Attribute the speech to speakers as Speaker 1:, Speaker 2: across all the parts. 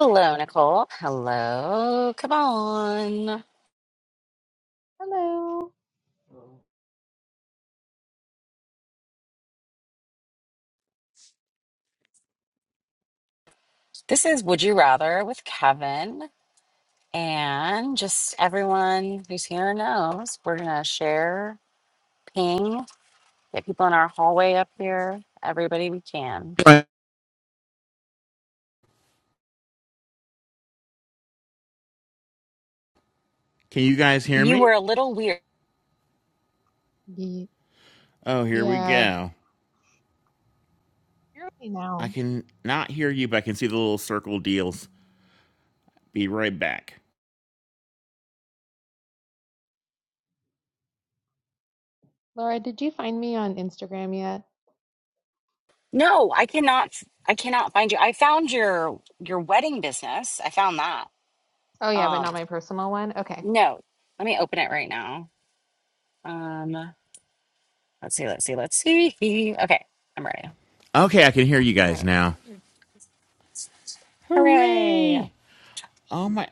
Speaker 1: Hello, Nicole. Hello. Come on.
Speaker 2: Hello.
Speaker 1: This is Would You Rather with Kevin. And just everyone who's here knows we're going to share, ping, get people in our hallway up here, everybody we can.
Speaker 3: Can you guys hear
Speaker 1: You
Speaker 3: me?
Speaker 1: were a little weird.
Speaker 2: Ye-
Speaker 3: Oh, here we
Speaker 2: Yeah.
Speaker 3: go.
Speaker 2: You're okay
Speaker 3: I
Speaker 2: now.
Speaker 3: can not hear you, but I can see the little circle deals. Be right back.
Speaker 2: Laura, did you find me on Instagram yet?
Speaker 1: No, I cannot. I cannot find you. I found your your wedding business. I found that.
Speaker 2: Oh yeah, but
Speaker 1: Um,
Speaker 2: not my personal one. Okay.
Speaker 1: no, let me open it right now. Um, let's see. Let's see. Let's see. Okay, I'm ready.
Speaker 3: Okay, I can hear you
Speaker 2: All
Speaker 3: guys
Speaker 2: right.
Speaker 3: now.
Speaker 2: Mm.
Speaker 1: Hooray!
Speaker 3: Hooray! Oh my.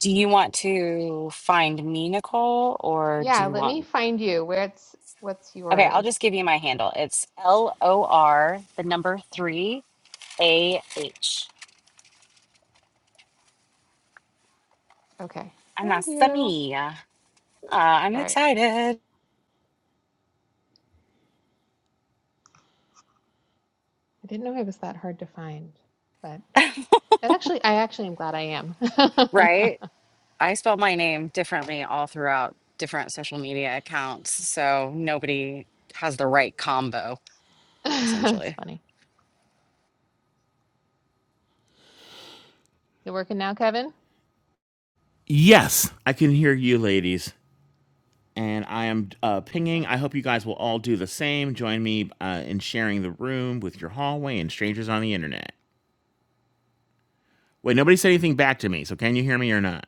Speaker 1: Do you want to find me, Nicole, or do
Speaker 2: Yeah,
Speaker 1: you
Speaker 2: let me
Speaker 1: want?
Speaker 2: find you. Where's what's
Speaker 1: Okay, I'll
Speaker 2: yours?
Speaker 1: just give you my handle. It's L O R, the number three, A H.
Speaker 2: Okay. Found you.
Speaker 1: Anasami. Uh, I'm
Speaker 2: All right.
Speaker 1: excited,
Speaker 2: I didn't know I was that hard to find, but but actually I actually am glad I am.
Speaker 1: right? I spell my name differently all throughout different social media accounts. So nobody has the right combo,
Speaker 2: That's
Speaker 1: essentially.
Speaker 2: funny. You working now, Kevin?
Speaker 3: Yes, I can hear you, ladies. And I am uh, pinging.
Speaker 2: Awesome.
Speaker 3: I hope you guys will all do the same. Join me uh, in sharing the room with your hallway and strangers on the internet. Wait, nobody said anything back to me, so can you hear me or not?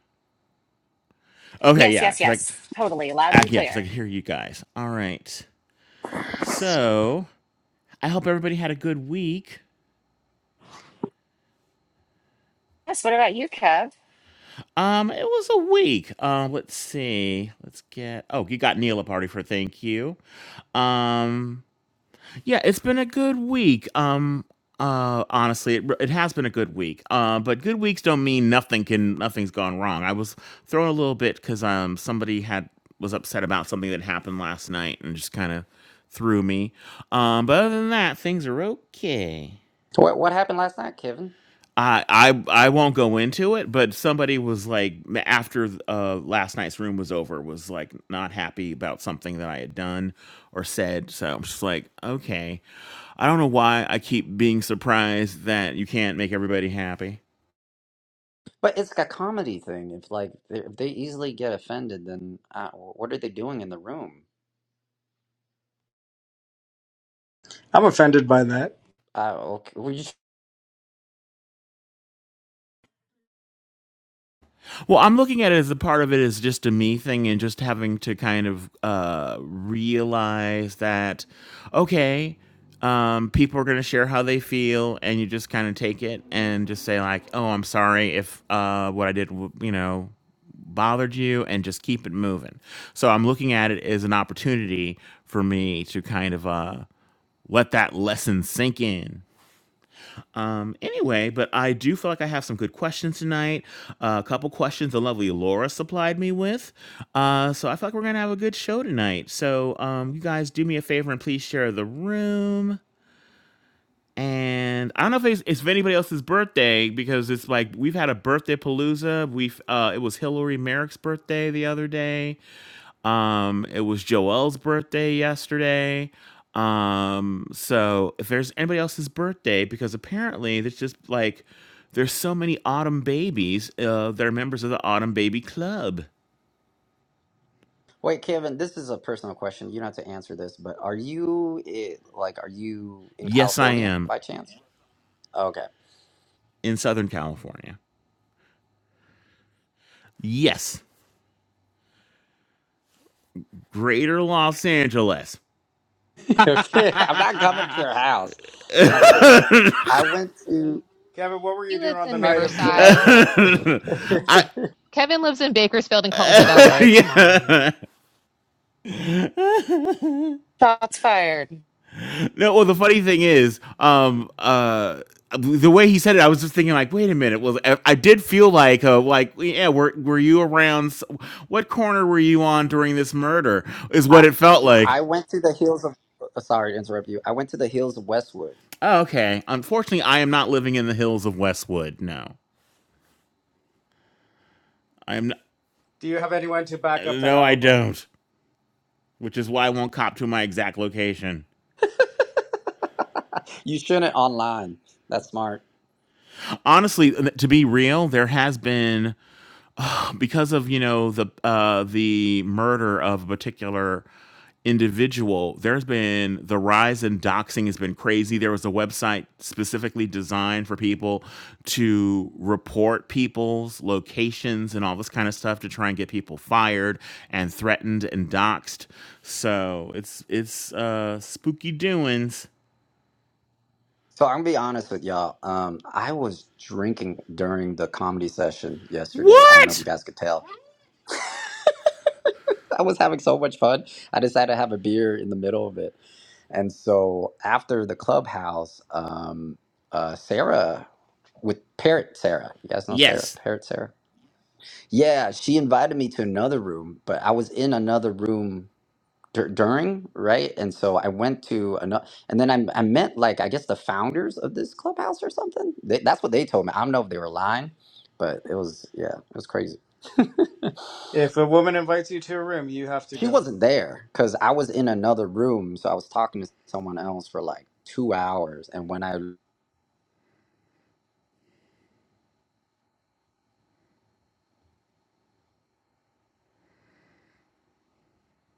Speaker 3: Okay,
Speaker 1: Yes,
Speaker 3: yeah,
Speaker 1: yes,
Speaker 3: because
Speaker 1: yes. Totally.
Speaker 3: I,
Speaker 1: Loud
Speaker 3: I,
Speaker 1: and
Speaker 3: yeah, because I
Speaker 1: clear.
Speaker 3: can hear you guys. All right. So I hope everybody had a good week.
Speaker 1: Yes. What about you, Kev?
Speaker 3: Um, it was a week. Uh, let's see. Let's get. Oh, you got Neil a party for thank you. Um, yeah, it's been a good week. Um, uh, honestly, it, it has been a good week. Uh, but good weeks don't mean nothing can nothing's gone wrong. I was thrown a little bit because um somebody had was upset about something that happened last night and just kind of threw me. Um, but other than that, things are okay.
Speaker 4: What what happened last night, Kevin?
Speaker 3: I I I won't go into it, but somebody was like m- after uh, last night's room was over was like not happy about something that I had done or said. So I'm just like, okay, I don't know why I keep being surprised that you can't make everybody happy.
Speaker 4: But it's like a comedy thing. If like they- if they easily get offended, then uh, what are they doing in the room?
Speaker 5: I'm offended by that.
Speaker 4: Uh, okay, we just-
Speaker 3: Well, I'm looking at it as a part of it is just a me thing and just having to kind of uh, realize that, okay, um, people are going to share how they feel, and you just kind of take it and just say, like, oh, I'm sorry if uh, what I did, w- you know, bothered you, and just keep it moving. So I'm looking at it as an opportunity for me to kind of uh, let that lesson sink in. Um, anyway, but I do feel like I have some good questions tonight. Uh, a couple questions the lovely Laura supplied me with. Uh, so I feel like we're going to have a good show tonight. So um, you guys do me a favor and please share the room. And I don't know if it's, it's anybody else's birthday because it's like we've had a birthday palooza. We've uh, it was Hillary Merrick's birthday the other day. Um, it was Joel's birthday yesterday. Um, so if there's anybody else's birthday, because apparently there's just like there's so many autumn babies uh, that are members of the Autumn Baby Club.
Speaker 4: wait, Kevin. This is a personal question. You don't have to answer this, but are you eh, like are you in
Speaker 3: Yes, I
Speaker 4: California
Speaker 3: am
Speaker 4: by chance? Okay,
Speaker 3: in Southern California. Yes, Greater Los Angeles.
Speaker 4: okay. I'm not coming to your house. I'm not coming. I went to
Speaker 5: Kevin, what were you
Speaker 2: He
Speaker 5: doing
Speaker 2: lives
Speaker 5: on the
Speaker 2: in
Speaker 5: night of July
Speaker 2: Riverside.
Speaker 5: 4th?
Speaker 3: I
Speaker 2: Kevin lives in Bakersfield and calls it LA. Come
Speaker 3: yeah.
Speaker 2: on.
Speaker 1: Shots fired.
Speaker 3: No, well, the funny thing is, um, uh, the way he said it, I was just thinking, like, wait a minute. Well, I I did feel like, uh, like, yeah, were were you around? s- What corner were you on during this murder? Is
Speaker 4: I
Speaker 3: what it felt like.
Speaker 4: I went to the hills of. uh, Sorry to interrupt you. I went to the hills of Westwood.
Speaker 3: Oh, okay. Unfortunately, I am not living in the hills of Westwood. No, I am. Not,
Speaker 5: Do you have anyone to back up that
Speaker 3: no, I
Speaker 5: alibi?
Speaker 3: don't. Which is why I won't cop to my exact location.
Speaker 4: You shouldn't online. That's smart.
Speaker 3: Honestly, to be real, there has been because of you know the uh, the murder of a particular individual there's been the rise in doxing has been crazy there was a website specifically designed for people to report people's locations and all this kind of stuff to try and get people fired and threatened and doxed so it's it's uh spooky doings
Speaker 4: So I'm gonna be honest with y'all. Um, I was drinking during the comedy session yesterday. I don't know if you
Speaker 3: what
Speaker 4: guys could tell. I was having so much fun. I decided to have a beer in the middle of it. And so after the clubhouse, um, uh, Sarah with Parrot Sarah, you guys know Sarah
Speaker 3: yes
Speaker 4: Parrot Sarah. Yeah, she invited me to another room, but I was in another room dur- during right and so i went to another and then I, I met like i guess the founders of this clubhouse or something they, that's what they told me i don't know if they were lying but it was yeah it was crazy
Speaker 5: If a woman invites you to a room, you have to
Speaker 4: she
Speaker 5: go.
Speaker 4: wasn't there because i was in another room so i was talking to someone else for like two hours and when i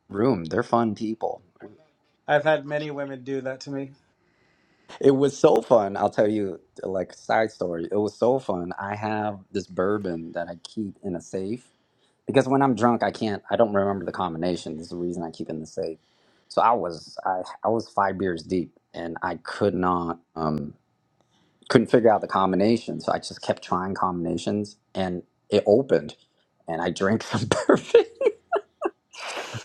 Speaker 4: room they're fun people
Speaker 5: I've had many women do that to me.
Speaker 4: it was so fun i'll tell you like side story it was so fun i have this bourbon that i keep in a safe because when I'm drunk, I can't. I don't remember the combination. This is the reason I keep it in the safe. So I was I I was five beers deep, and I could not um couldn't figure out the combination. So I just kept trying combinations, and it opened, and I drank some perfect.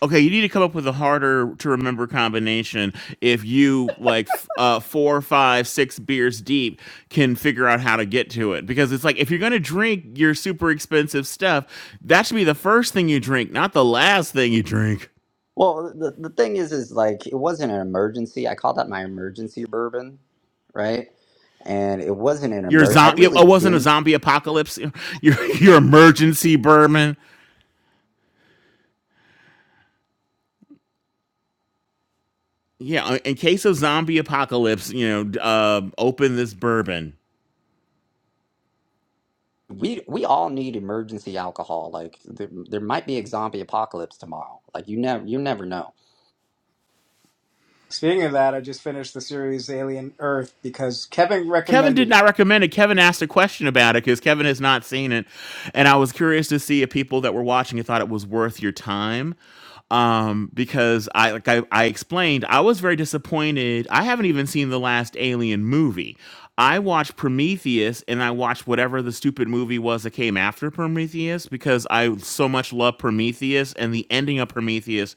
Speaker 3: Okay, you need to come up with a harder to remember combination. If you like f- uh, four, five, six beers deep, can figure out how to get to it because it's like if you're gonna drink your super expensive stuff, that should be the first thing you drink, not the last thing you drink.
Speaker 4: Well, the, the thing is, is like it wasn't an emergency. I called that my emergency bourbon, right? And it wasn't an
Speaker 3: Your
Speaker 4: emer. I
Speaker 3: zombie, it
Speaker 4: really
Speaker 3: wasn't a
Speaker 4: didn't.
Speaker 3: zombie apocalypse. Your your emergency bourbon. Yeah, in case of zombie apocalypse, you know, d- uh, open this bourbon.
Speaker 4: we we all need emergency alcohol. Like there, there might be a zombie apocalypse tomorrow. Like you never you never know.
Speaker 5: Speaking of that, I just finished the series Alien Earth because Kevin
Speaker 3: Kevin did
Speaker 5: recommended it.
Speaker 3: not recommend it. Kevin asked a question about it because Kevin has not seen it, and I was curious to see if people that were watching it thought it was worth your time. Um, because I like I, I explained, I was very disappointed. I haven't even seen the last Alien movie. I watched Prometheus and I watched whatever the stupid movie was that came after Prometheus because I so much love Prometheus and the ending of Prometheus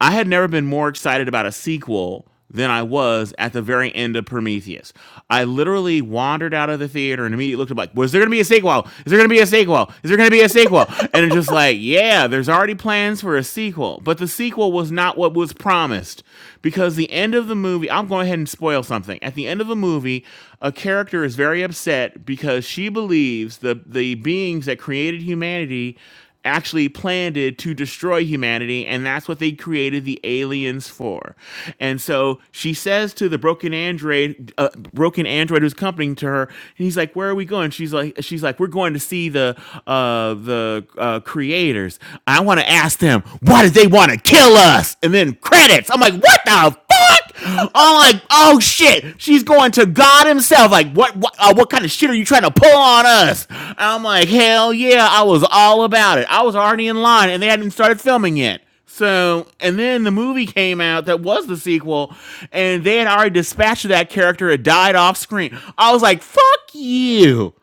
Speaker 3: I had never been more excited about a sequel than I was at the very end of Prometheus. I literally wandered out of the theater and immediately looked up like, was there gonna be a sequel? Is there gonna be a sequel? Is there gonna be a sequel? And it's just like, yeah, there's already plans for a sequel. But the sequel was not what was promised. Because the end of the movie, I'm going ahead and spoil something. At the end of the movie, a character is very upset because she believes the the beings that created humanity actually planned it to destroy humanity and that's what they created the aliens for and so she says to the broken android uh, broken android who's accompanying to her and he's like where are we going she's like she's like we're going to see the uh the uh creators i want to ask them why did they want to kill us and then credits i'm like what the fuck fuck? I'm like, oh shit, she's going to God Himself. Like, what, what, uh, what kind of shit are you trying to pull on us? I'm like, hell yeah, I was all about it. I was already in line, and they hadn't even started filming yet. So, and then the movie came out that was the sequel, and they had already dispatched that character. It died off screen. I was like, fuck you.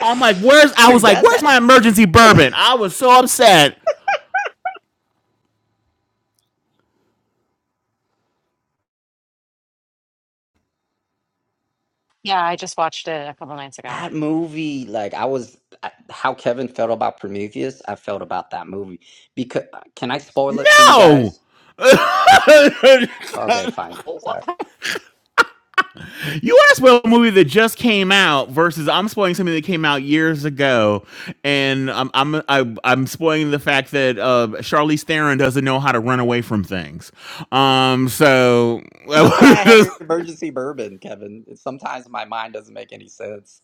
Speaker 3: I'm like, where's? I was
Speaker 4: Dude,
Speaker 3: like,
Speaker 4: that
Speaker 3: where's
Speaker 4: that
Speaker 3: my emergency bourbon? I was so upset.
Speaker 1: Yeah, I just watched it a couple nights ago.
Speaker 4: that movie. Like I was I, how Kevin felt about Prometheus. I felt about that movie because uh, can I spoil it for you
Speaker 3: No.
Speaker 4: guys? Okay, fine.
Speaker 1: Wha-
Speaker 4: Sorry.
Speaker 3: You asked about a movie that just came out versus I'm spoiling something that came out years ago, and I'm I'm I, I'm spoiling the fact that uh, Charlize Theron doesn't know how to run away from things. Um, so well,
Speaker 4: That's why I have emergency bourbon, Kevin. Sometimes my mind doesn't make any sense.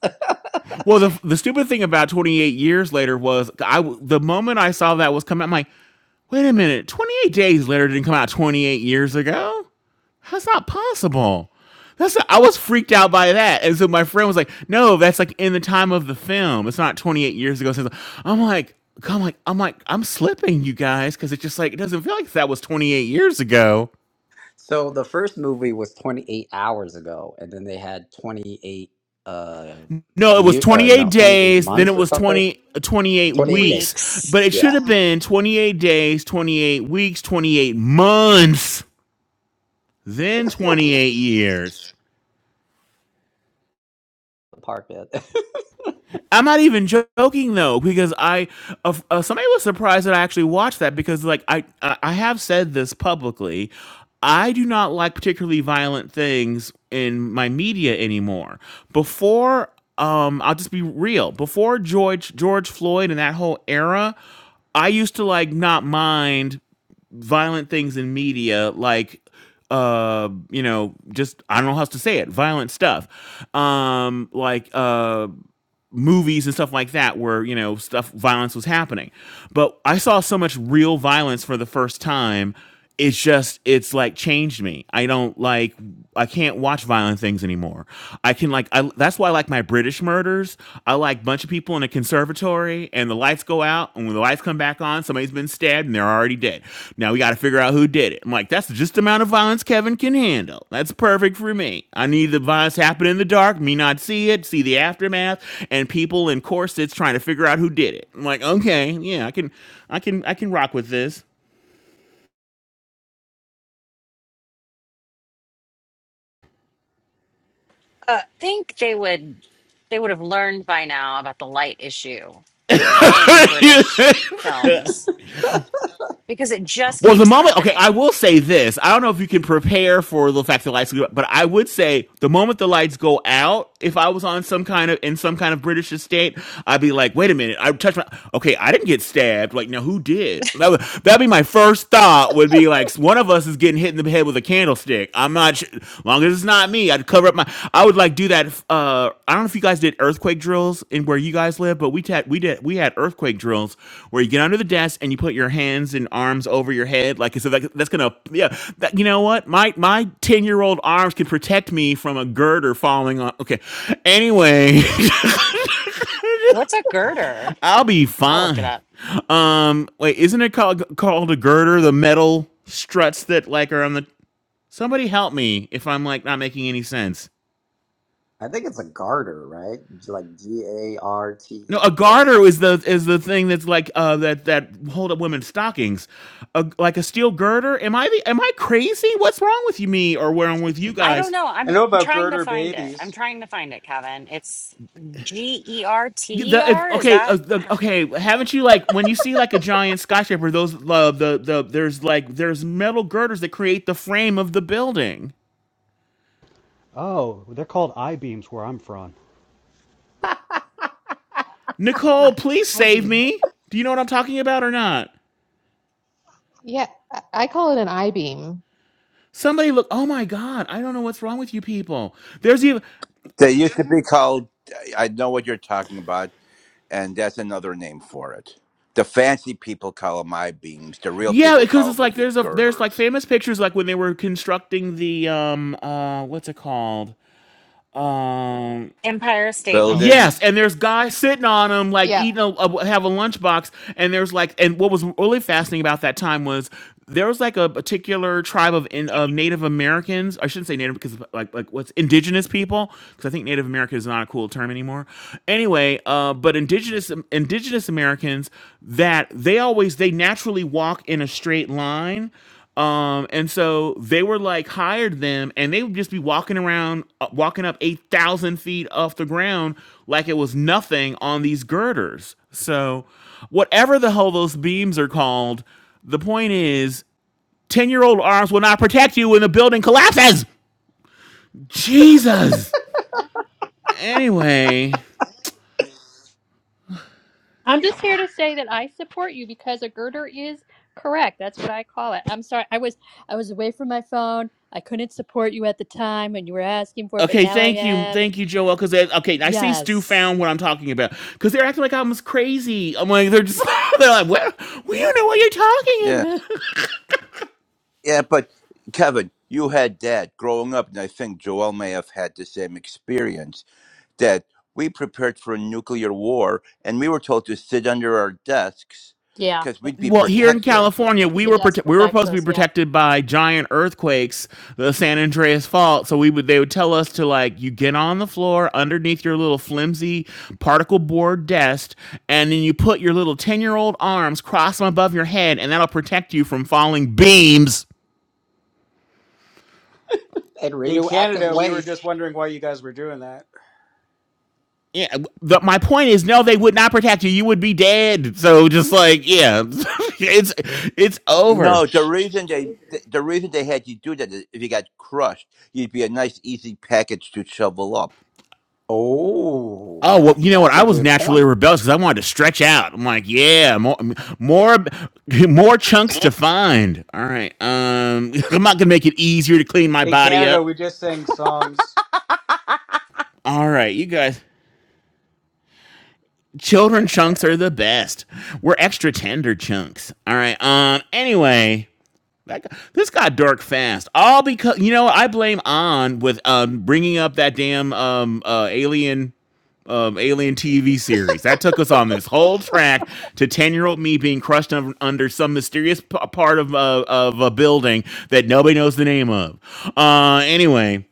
Speaker 3: the the stupid thing about 28 years later was I the moment I saw that was coming, I'm like, wait a minute, 28 days later didn't come out 28 years ago. That's not possible. That's not, I was freaked out by that, and so my friend was like, "No, that's like in the time of the film. It's not 28 years ago." Since I'm like, I'm like, I'm like, I'm slipping, you guys, because it's just like it doesn't feel like that was 28 years ago.
Speaker 4: so the first movie was 28 hours ago, and then they had 28 uh
Speaker 3: No, it was
Speaker 4: year uh
Speaker 3: 28
Speaker 4: no 28
Speaker 3: days, then it
Speaker 4: months or
Speaker 3: was
Speaker 4: something
Speaker 3: 20, 28
Speaker 4: 28 days.
Speaker 3: weeks,
Speaker 1: Weeks.
Speaker 3: but it
Speaker 4: Yeah.
Speaker 3: should have been 28 days, 28 weeks, 28 months, then 28 years.
Speaker 4: The park bed.
Speaker 3: I'm not even joking though, because I uh, uh, somebody was surprised that I actually watched that because like I I I have said this publicly. I do not like particularly violent things in my media anymore. Before um I'll just be real. Before George George Floyd and that whole era, I used to like not mind violent things in media like uh you know just i don't know how else to say it violent stuff um like uh movies and stuff like that where you know stuff violence was happening but i saw so much real violence for the first time it's just it's like changed me i don't like i can't watch violent things anymore i can like I, that's why i like my british murders i like bunch of people in a conservatory and the lights go out and when the lights come back on somebody's been stabbed and they're already dead now we got to figure out who did it i'm like that's just the amount of violence kevin can handle that's perfect for me i need the violence to happen in the dark me not see it see the aftermath and people in corsets trying to figure out who did it i'm like okay yeah i can i can i can rock with this
Speaker 1: Uh, think they would they would have learned by now about the light issue in
Speaker 3: You
Speaker 1: British films because it just
Speaker 3: Well, the
Speaker 1: keeps
Speaker 3: moment, okay, I
Speaker 1: happening.
Speaker 3: will say this. I don't know if you can prepare for the fact that the lights go, but I would say the moment the lights go out, if I was on some kind of in some kind of British estate, I'd be like, wait a minute, I touched my okay, I didn't get stabbed. Like, now who did? That would that'd be my first thought. Would be like, one of us is getting hit in the head with a candlestick. I'm not. Sure long as it's not me, I'd cover up my. I would like do that. Uh, I don't know if you guys did earthquake drills in where you guys live, but we had we did we had earthquake drills where you get under the desk and you put your hands and arms over your head, like so that, that's gonna yeah. That, you know what? My my ten year old arms can protect me from a girder falling on. Okay, anyway,
Speaker 1: What's a girder?
Speaker 3: I'll be
Speaker 1: I'll look it
Speaker 3: fine.
Speaker 1: up.
Speaker 3: Um, wait, isn't it called called a girder? The metal struts that like are on the. Somebody help me if I'm like not making any sense.
Speaker 4: I think it's a garter, right? Like G A R T
Speaker 3: No, a
Speaker 4: E or
Speaker 3: garter
Speaker 4: something.
Speaker 3: is the is the thing that's like uh that that hold up women's stockings, a, like a steel girder. Am I the, am I crazy? What's wrong with you, me, or wrong with you
Speaker 1: I don't
Speaker 3: guys?
Speaker 1: know.
Speaker 5: I
Speaker 1: I'm
Speaker 5: know about
Speaker 1: trying to
Speaker 5: girder
Speaker 1: find it. I'm
Speaker 5: babies.
Speaker 1: trying to find it, Kevin. It's G E R T E
Speaker 3: The,
Speaker 1: R.
Speaker 3: if,
Speaker 1: Is
Speaker 3: okay, uh,
Speaker 1: that
Speaker 3: the, okay. Haven't you like when you see like a giant skyscraper? Those uh, the the there's like there's metal girders that create the frame of the building.
Speaker 6: Oh, they're called I beams where I'm from.
Speaker 3: Nicole,
Speaker 2: Yeah.
Speaker 3: please
Speaker 2: I
Speaker 3: save
Speaker 2: beam.
Speaker 3: me. Do you know what I'm talking about or not?
Speaker 2: Yeah, I I call it an I beam.
Speaker 3: Somebody look. Oh my God! I don't know what's wrong with you people. There's even.
Speaker 7: They used to be called. I know what you're talking about, and that's another name for it. The fancy people call them I beams. The real
Speaker 3: Yeah,
Speaker 7: people
Speaker 3: because
Speaker 7: call them
Speaker 3: it's
Speaker 7: what
Speaker 3: like
Speaker 7: you
Speaker 3: there's a there's like
Speaker 7: girders,
Speaker 3: famous pictures like when they were constructing the um uh what's it called? Um
Speaker 1: Empire State Building?
Speaker 3: Yes,
Speaker 7: buildings.
Speaker 3: and there's guys sitting on them, like
Speaker 2: Yeah,
Speaker 3: eating a, a- have a lunchbox, and there's like, and what was really fascinating about that time was there was like a particular tribe of in, of Native Americans. I shouldn't say Native because like like what's indigenous people because I think Native American is not a cool term anymore. Anyway, uh, but indigenous indigenous Americans that they always they naturally walk in a straight line um, and so they were like hired them, and they would just be walking around, uh, walking up eight thousand feet off the ground like it was nothing on these girders. So, whatever the hell those beams are called, the point is, ten-year-old arms will not protect you when the building collapses. Jesus. Anyway.
Speaker 8: I'm just here to say that I support you because a girder is correct. That's what I call it. I'm sorry. I was I was away from my phone. I couldn't support you at the time when you were asking for it, but
Speaker 3: Okay,
Speaker 8: now I
Speaker 3: thank you,
Speaker 8: am.
Speaker 3: thank you, Joel. Because okay, I see Stu
Speaker 8: Yes.
Speaker 3: found what I'm talking about. Because they're acting like I'm crazy. I'm like they're just they're like, well, we don't know what you're talking
Speaker 7: Yeah,
Speaker 3: about.
Speaker 7: yeah. But Kevin, you had that growing up, and I think Joel may have had the same experience. That we prepared for a nuclear war, and we were told to sit under our desks
Speaker 8: Yeah.
Speaker 7: because we'd be
Speaker 3: Well, here in
Speaker 7: protected.
Speaker 3: California,
Speaker 8: Because
Speaker 3: we
Speaker 8: the
Speaker 3: were
Speaker 8: desk
Speaker 3: prote- we were
Speaker 8: protects
Speaker 3: supposed to be
Speaker 8: us. Yeah.
Speaker 3: protected by giant earthquakes, the San Andreas Fault. So we would they would tell us to like you get on the floor underneath your little flimsy particle board desk, and then you put your little ten year old arms, cross them above your head, and that'll protect you from falling beams.
Speaker 4: And
Speaker 5: In
Speaker 4: radioactive
Speaker 5: Canada, we were
Speaker 4: waste.
Speaker 5: just wondering why you guys were doing that.
Speaker 3: Yeah, the, my point is, no, they would not protect you. You would be dead. So just like yeah, it's it's
Speaker 7: No,
Speaker 3: over.
Speaker 7: the reason they the reason they had you do that is if you got crushed, you'd be a nice easy package to shovel up.
Speaker 4: Oh,
Speaker 3: Oh well,
Speaker 4: that's
Speaker 3: you know what?
Speaker 4: that's a
Speaker 3: I was
Speaker 4: good
Speaker 3: naturally
Speaker 4: point.
Speaker 3: rebellious because I wanted to stretch out. I'm like, yeah, more, more, more chunks to find. All right, um, I'm not gonna make it easier to clean my
Speaker 5: In
Speaker 3: body
Speaker 5: Canada,
Speaker 3: up.
Speaker 5: we just sang songs.
Speaker 3: All right, you guys, children chunks are the best. We're extra tender chunks. All right, um, anyway, that got, this got dark fast. All because you know I blame on with um bringing up that damn um uh alien. um, alien TV series. That took us on this whole track to 10 year old me being crushed un- under some mysterious p- part of, uh, of a building that nobody knows the name of. Uh, anyway.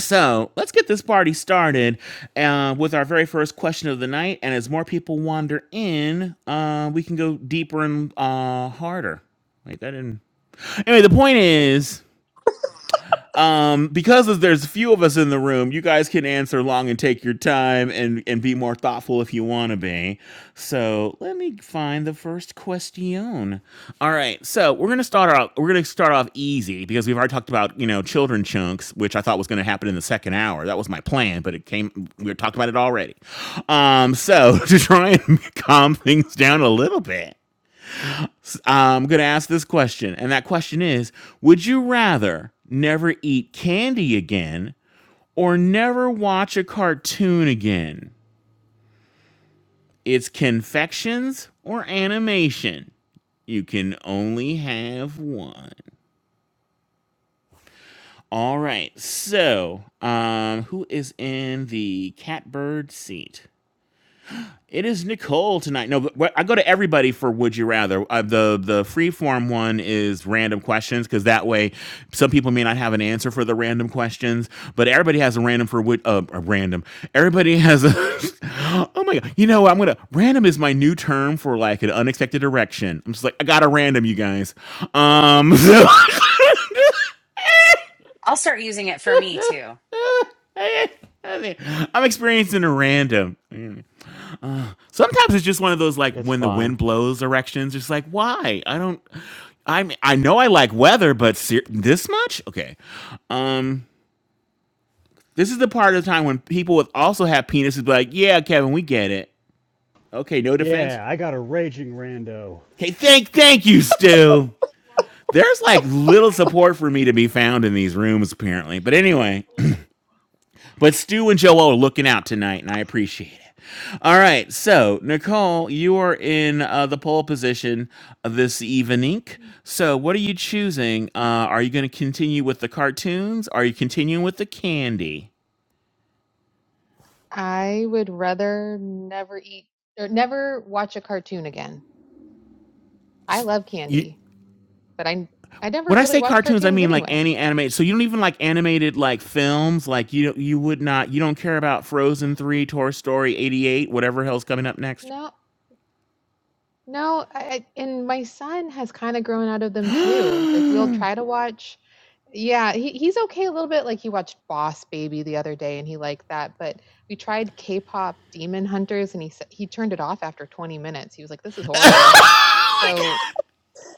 Speaker 3: So let's get this party started uh, with our very first question of the night. And as more people wander in, uh, we can go deeper and uh, harder. Wait, that didn't. Anyway, the point is um, because there's a few of us in the room, you guys can answer long and take your time and and be more thoughtful if you want to be. So let me find the first question. All right, so we're gonna start off. We're gonna start off easy because we've already talked about you know children chunks, which I thought was gonna happen in the second hour. That was my plan, but it came. We were talking about it already. Um, so to try and calm things down a little bit. I'm going to ask this question. And that question is Would you rather never eat candy again or never watch a cartoon again? It's confections or animation. You can only have one. All right. So, um, who is in the catbird seat? It is Nicole tonight. No, but I go to everybody for Would You Rather. Uh, the the free form one is random questions because that way some people may not have an answer for the random questions, but everybody has a random for would uh, a random. Everybody has a oh my god. You know what? I'm gonna random is my new term for like an unexpected erection. I'm just like I got a random, you guys. Um. So-
Speaker 1: I'll start using it for me too.
Speaker 3: I'm experiencing a random. Sometimes it's just one of those like
Speaker 6: It's
Speaker 3: when the
Speaker 6: fine.
Speaker 3: wind blows directions. It's like why I don't. I mean, I know I like weather, but ser- this much okay. Um, this is the part of the time when people with also have penises be like, yeah, Kevin, we get it. Okay, no defense.
Speaker 6: Yeah, I got a raging rando.
Speaker 3: Okay, thank thank you, Stu. There's like little support for me to be found in these rooms apparently. But anyway, But Stu and Joel are looking out tonight, and I appreciate it. All right, so Nicole, you are in uh, the pole position this evening. So, what are you choosing? Uh, are you going to continue with the cartoons? Are you continuing with the candy?
Speaker 2: I would rather never eat or never watch a cartoon again. I love
Speaker 3: You,
Speaker 2: candy, but I I never
Speaker 3: when I
Speaker 2: really
Speaker 3: say
Speaker 2: watch
Speaker 3: cartoons, I
Speaker 2: cartoons
Speaker 3: mean like
Speaker 2: anyway.
Speaker 3: any animated. So you don't even like animated like films. Like you, don't- you would not. You don't care about Frozen three, Toy Story eighty eight, whatever hell's coming up next.
Speaker 2: No, no, I, I- and my son has kind of grown out of them too. Like we'll try to watch. Yeah, he, he's okay a little bit. Like he watched Boss Baby the other day and he liked that, but we tried K-pop Demon Hunters and he s- he turned it off after 20 minutes. He was like, "This is horrible."
Speaker 3: Oh my
Speaker 2: So
Speaker 3: God.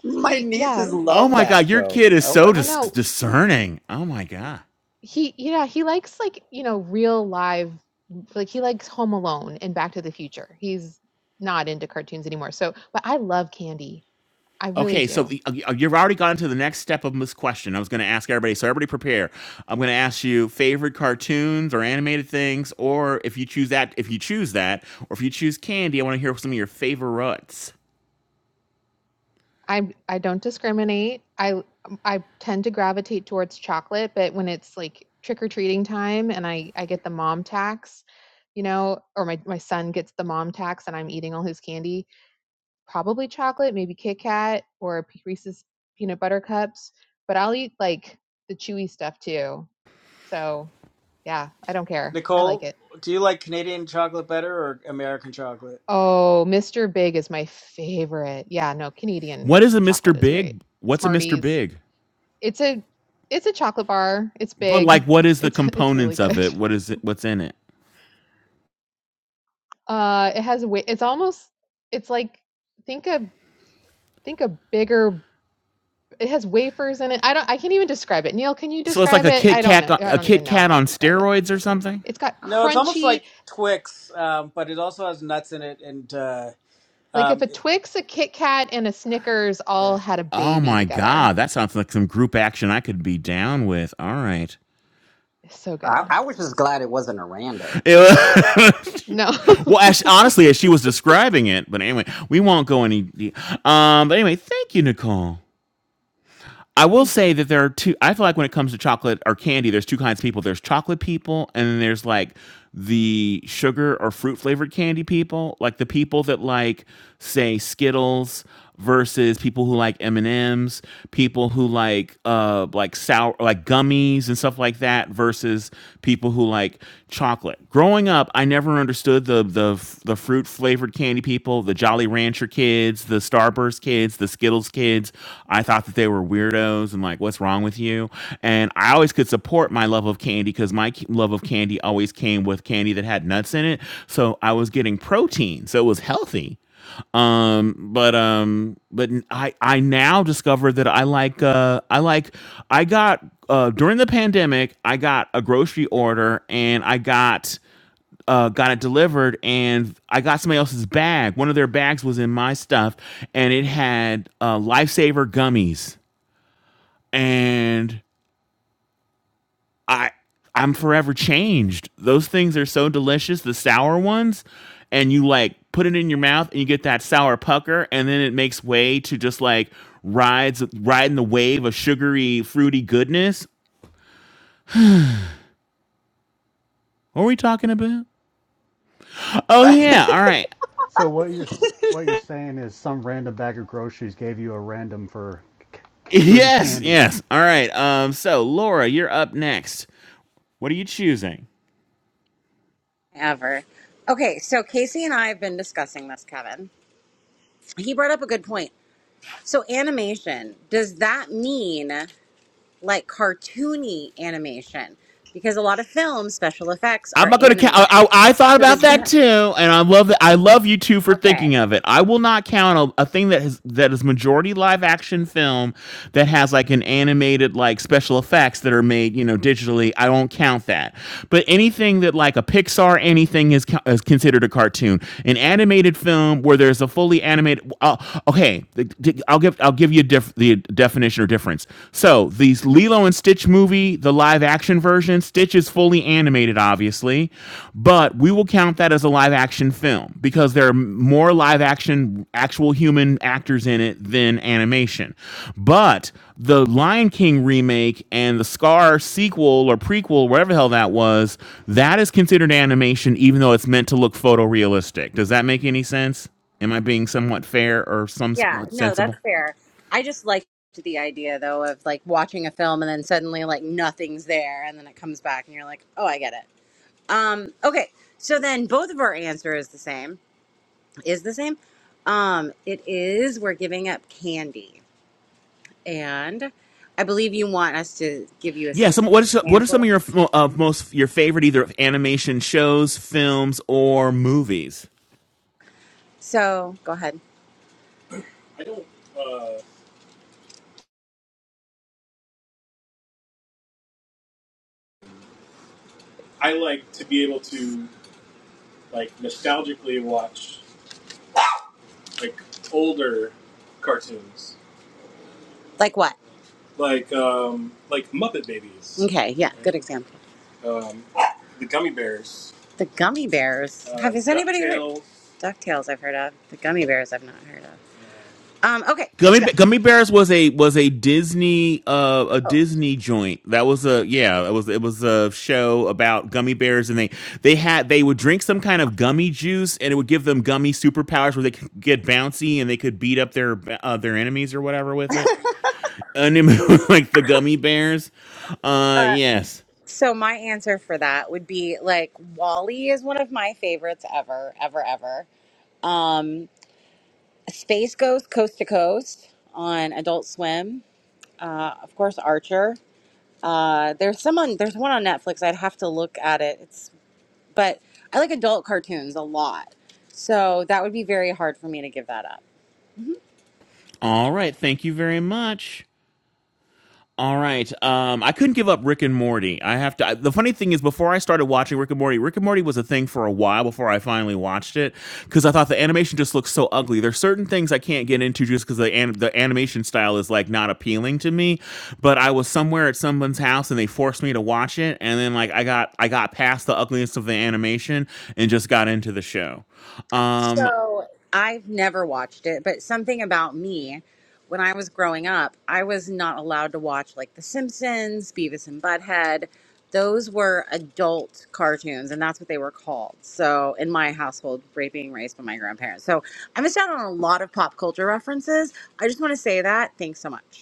Speaker 4: My
Speaker 2: he, yeah.
Speaker 4: nieces
Speaker 3: Oh
Speaker 4: love
Speaker 3: my
Speaker 4: that
Speaker 3: God, your
Speaker 4: show.
Speaker 3: kid is
Speaker 4: Oh
Speaker 3: so
Speaker 4: my!
Speaker 2: I
Speaker 3: dis-
Speaker 2: know.
Speaker 3: discerning. Oh my God.
Speaker 2: He yeah, he likes like, you know, real live like he likes Home Alone and Back to the Future. He's not into cartoons anymore. So, but I love candy. I really
Speaker 3: Okay, so
Speaker 2: do.
Speaker 3: the- uh, you've already gone to the next step of this question. I was going to ask everybody, so everybody prepare. I'm going to ask you favorite cartoons or animated things, or if you choose that, if you choose that, or if you choose candy, I want to hear some of your favorites.
Speaker 2: I I don't discriminate. I I tend to gravitate towards chocolate, but when it's like trick or treating time and I I get the mom tax, you know, or my my son gets the mom tax and I'm eating all his candy, probably chocolate, maybe Kit Kat or Reese's peanut butter cups, but I'll eat like the chewy stuff too. So, yeah, I don't care. I like
Speaker 5: Nicole,
Speaker 2: it.
Speaker 5: do you like Canadian chocolate better or American chocolate?
Speaker 2: Oh, Mr. Big is my favorite. Yeah, no, Canadian
Speaker 3: What is a
Speaker 2: chocolate
Speaker 3: Mr.
Speaker 2: is great.
Speaker 3: Big? What's a Mr.
Speaker 2: Smarties.
Speaker 3: Big?
Speaker 2: It's a it's a chocolate bar. It's
Speaker 3: But like,
Speaker 2: big.
Speaker 3: what is the
Speaker 2: It's it's really
Speaker 3: components of
Speaker 2: good.
Speaker 3: it? What is it? What's in it?
Speaker 2: Uh it has wi- it's almost it's like think a think a bigger It has wafers in it. I don't I can't even describe it. Neil, can you
Speaker 3: So it's like
Speaker 2: describe
Speaker 3: a
Speaker 2: it?
Speaker 3: Kit
Speaker 2: I don't
Speaker 3: Kat,
Speaker 2: know. I
Speaker 3: a
Speaker 2: don't even
Speaker 3: Kit
Speaker 2: know
Speaker 3: Kat
Speaker 2: how to
Speaker 3: on
Speaker 2: describe it.
Speaker 3: steroids or something.
Speaker 2: It's got
Speaker 5: No, it's almost
Speaker 2: crunchy,
Speaker 5: like Twix, um, but it also has nuts in it. And uh,
Speaker 2: like if
Speaker 5: um,
Speaker 2: a
Speaker 5: it,
Speaker 2: Twix, a Kit Kat, and a Snickers all
Speaker 5: yeah.
Speaker 2: had a
Speaker 3: Oh
Speaker 2: baby
Speaker 3: my
Speaker 2: together.
Speaker 3: god, that sounds like some group action I could be down with. All right.
Speaker 2: It's so
Speaker 4: I,
Speaker 2: good.
Speaker 4: I was just glad it wasn't a rando.
Speaker 3: well,
Speaker 2: No.
Speaker 3: as, honestly, as she was describing it, but anyway, we won't go any. de- Um, but anyway, thank you, Nicole. I will
Speaker 2: Thank you.
Speaker 3: say that there are two. I feel like when it comes to chocolate or candy, there's two kinds of people. There's chocolate people, and then there's like the sugar or fruit flavored candy people, like the people that like say Skittles versus people who like M and M's, people who like uh like sour like gummies and stuff like that versus people who like like chocolate. Growing up, I never understood the the the fruit flavored candy people, the Jolly Rancher kids, the Starburst kids, the Skittles kids. I thought that they were weirdos and like, what's wrong with you? And I always could support my love of candy because my c- love of candy always came with candy that had nuts in it. So I was getting protein, so it was healthy um but um but I I now discovered that i like uh i like i got uh during the pandemic i got a grocery order and i got uh got it delivered and i got somebody else's bag one of their bags was in my stuff and it had uh lifesaver gummies and I I'm forever changed. Those things are so delicious, the sour ones, and you like put it in your mouth and you get that sour pucker, and then it makes way to just like rides riding the wave of sugary, fruity goodness. What are we talking about? Oh yeah, all right.
Speaker 6: So what you're what you're saying is some random bag of groceries gave you a random for c- c- fruity
Speaker 3: Yes,
Speaker 6: candy.
Speaker 3: yes. All right. Um so Laura, you're up next. What are you choosing?
Speaker 1: Ever. Okay, so Casey and I have been discussing this, Kevin. He brought up a good point. So animation, does that mean like cartoony animation? Because a lot of film special effects
Speaker 3: I'm
Speaker 1: are
Speaker 3: not going to count.
Speaker 1: animated.
Speaker 3: I, I, I thought
Speaker 1: So does
Speaker 3: about that
Speaker 1: that
Speaker 3: too, and I love that. I love you too for
Speaker 1: Okay.
Speaker 3: thinking of it. I will not count a, a thing that has that is majority live action film that has like an animated like special effects that are made you know digitally. I won't count that. But anything that like a Pixar anything is co- is considered a cartoon. An animated film where there's a fully animated. Uh, okay, the- the- I'll give I'll give you def, the definition or difference. So these Lilo and Stitch movie, the live action version, Stitch is fully animated, obviously, but we will count that as a live action film because there are more live action, actual human actors in it than animation. But the Lion King remake and the Scar sequel or prequel, whatever the hell that was, that is considered animation, even though it's meant to look photorealistic. Does that make any sense? Am I being somewhat fair or
Speaker 1: Yeah,
Speaker 3: somewhat
Speaker 1: no,
Speaker 3: sensible?
Speaker 1: that's fair. I just liked the idea though of like watching a film and then suddenly like nothing's there and then it comes back and you're like, "Oh, I get it." Um okay. So then both of our answer is the same. Is the same. Um it is we're giving up candy. And I believe you want us to give you a
Speaker 3: Yeah, some what
Speaker 1: specific
Speaker 3: is what are
Speaker 1: example.
Speaker 3: some of your uh, most your favorite either animation shows, films, or movies?
Speaker 1: So go ahead. I don't. Uh, I like to be able to like nostalgically watch like older cartoons, Like what? like um, like Muppet Babies, Okay, yeah, good right? example. um, the Gummy Bears, The gummy bears. uh, Have has anybody heard Ducktales. Ducktales? I've heard of the gummy bears. I've not heard of. Um, okay,
Speaker 3: Gummy
Speaker 1: so
Speaker 3: Gummy Bears was a was a Disney uh, a Disney joint. That was a yeah, it was it was a show about gummy bears and they they had they would drink some kind of gummy juice and it would give them gummy superpowers where they could get bouncy and they could beat up their uh, their enemies or whatever with it. And it- like the gummy bears. Uh yes.
Speaker 1: so my answer for that would be like Wally is one of my favorites ever, ever, ever. Um. Space Ghost Coast to Coast on Adult Swim. Uh, of course, Archer. Uh, there's some on. There's one on Netflix. I'd have to look at it. It's but I like adult cartoons a lot, so that would be very hard for me to give that up.
Speaker 3: All right, thank you very much. All right. Um, I couldn't give up Rick and Morty. I have to. I, the funny thing is, before I started watching Rick and Morty, Rick and Morty was a thing for a while before I finally watched it because I thought the animation just looks so ugly. There's certain things I can't get into just because the an, the animation style is like not appealing to me. But I was somewhere at someone's house and they forced me to watch it, and then like I got I got past the ugliness of the animation and just got into the show. Um,
Speaker 1: So I've never watched it, but something about me when I was growing up, I was not allowed to watch like The Simpsons, Beavis and Butthead. Those were adult cartoons, and that's what they were called. So, in my household, ra- being raised by my grandparents. So, I missed out on a lot of pop culture references. I just want to say that. Thanks so much.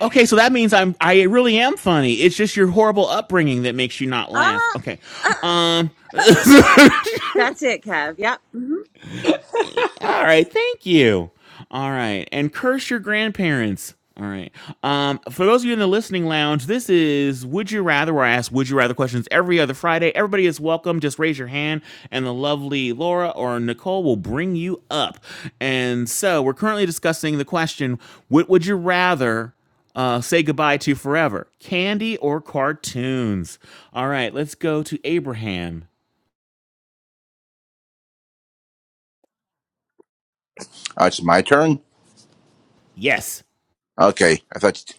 Speaker 3: Okay, so that means I'm I really am funny. It's just your horrible upbringing that makes you not laugh.
Speaker 1: Ah,
Speaker 3: Okay. Um
Speaker 1: that's it, Kev. Yep. hmm
Speaker 3: All right, thank you. All right, and curse your grandparents. All right. Um, for those of you in the listening lounge, this is Would You Rather, where I ask Would You Rather questions every other Friday. Everybody is welcome. Just raise your hand, and the lovely Laura or Nicole will bring you up. And so we're currently discussing the question What would you rather uh, say goodbye to forever? Candy or cartoons? All right, let's go to Abraham.
Speaker 7: Oh, it's my turn.
Speaker 3: Yes.
Speaker 7: Okay, I thought.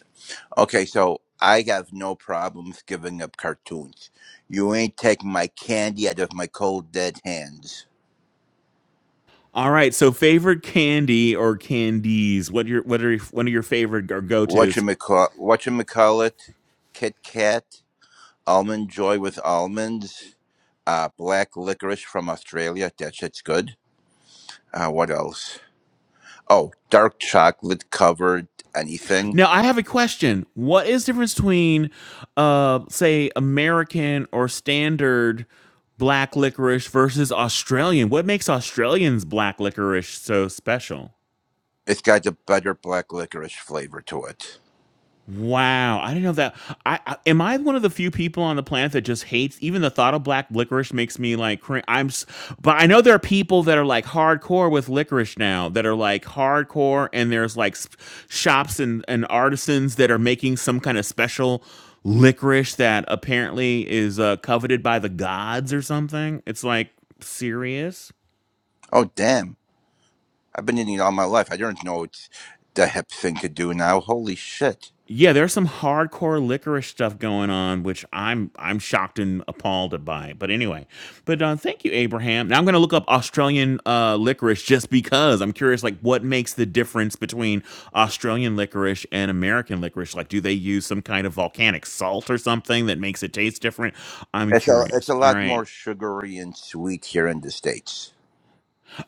Speaker 7: Okay, so I have no problems giving up cartoons. You ain't taking my candy out of my cold dead hands.
Speaker 3: All right. So, favorite candy or candies? What are your what are your, one of your favorite or go tos?
Speaker 7: Whatchamacall- Whatchamacallit, Kit Kat, Almond Joy with almonds, uh, black licorice from Australia. That shit's good. Uh, what else? Oh, dark chocolate covered anything.
Speaker 3: Now, I have a question. What is the difference between, uh, say, American or standard black licorice versus Australian? What makes Australians black licorice so special?
Speaker 7: It's got a better black licorice flavor to it.
Speaker 3: Wow, I didn't know that. I, I am I one of the few people on the planet that just hates even the thought of black licorice makes me like cring- I'm s- but I know there are people that are like hardcore with licorice now that are like hardcore and there's like s- shops and and artisans that are making some kind of special licorice that apparently is uh, coveted by the gods or something. It's like serious.
Speaker 7: Oh, damn. I've been eating it all my life. I don't know it's the hip thing to do now. Holy shit.
Speaker 3: Yeah, there's some hardcore licorice stuff going on, which I'm I'm shocked and appalled by. But anyway, but uh, thank you, Abraham. Now I'm going to look up Australian uh, licorice just because I'm curious, like what makes the difference between Australian licorice and American licorice? Like, do they use some kind of volcanic salt or something that makes it taste different? I'm
Speaker 7: It's a, it's
Speaker 3: curious.
Speaker 7: a
Speaker 3: All
Speaker 7: lot
Speaker 3: right,
Speaker 7: more sugary and sweet here in the States.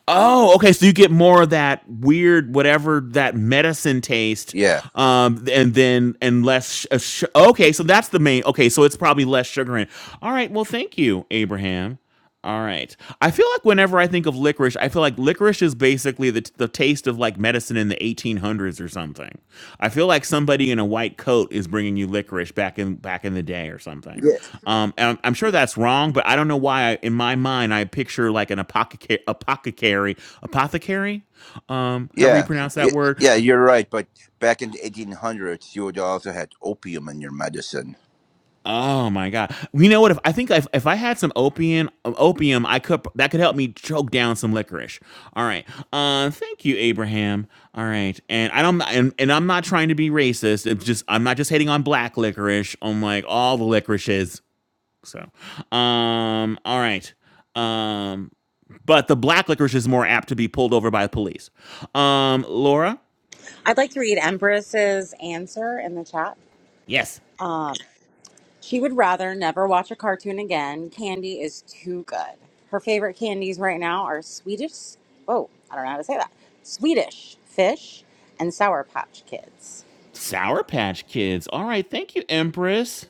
Speaker 3: Oh, okay. So you get more of that weird, whatever that medicine taste,
Speaker 7: Yeah.
Speaker 3: um, and then and less. Sh- uh, sh- okay, so that's the main. Okay, so it's probably less sugar in. it. All right. Well, thank you, Abraham. All right. I feel like whenever I think of licorice, I feel like licorice is basically the the a taste of like medicine in the 1800s or something. I feel like somebody in a white coat is bringing you licorice back in back in the day or something.
Speaker 7: Yeah.
Speaker 3: Um, and I'm, I'm sure that's wrong, but I don't know why. I, in my mind, I picture like an apothecary, apothecary, apothecary, um, however you
Speaker 7: Yeah.
Speaker 3: pronounce
Speaker 7: Y-
Speaker 3: that word,
Speaker 7: Yeah, you're right. But back in the 1800s, you would also had opium in your medicine.
Speaker 3: Oh my god! You know what? If I think if, if I had some opium, um, opium, I could that could help me choke down some licorice. All right. Uh, thank you, Abraham. All right, and I don't, and, and I'm not trying to be racist. It's just I'm not just hating on black licorice. on like all the licorices. So, um, all right, um, but the black licorice is more apt to be pulled over by the police. Um, Laura.
Speaker 1: I'd like to read Empress's answer in the chat.
Speaker 3: Yes.
Speaker 1: Um, She would rather never watch a cartoon again. Candy is too good. Her favorite candies right now are Swedish. Oh, I don't know how to say that. Swedish fish and Sour Patch Kids.
Speaker 3: Sour Patch Kids. All right. Thank you, Empress.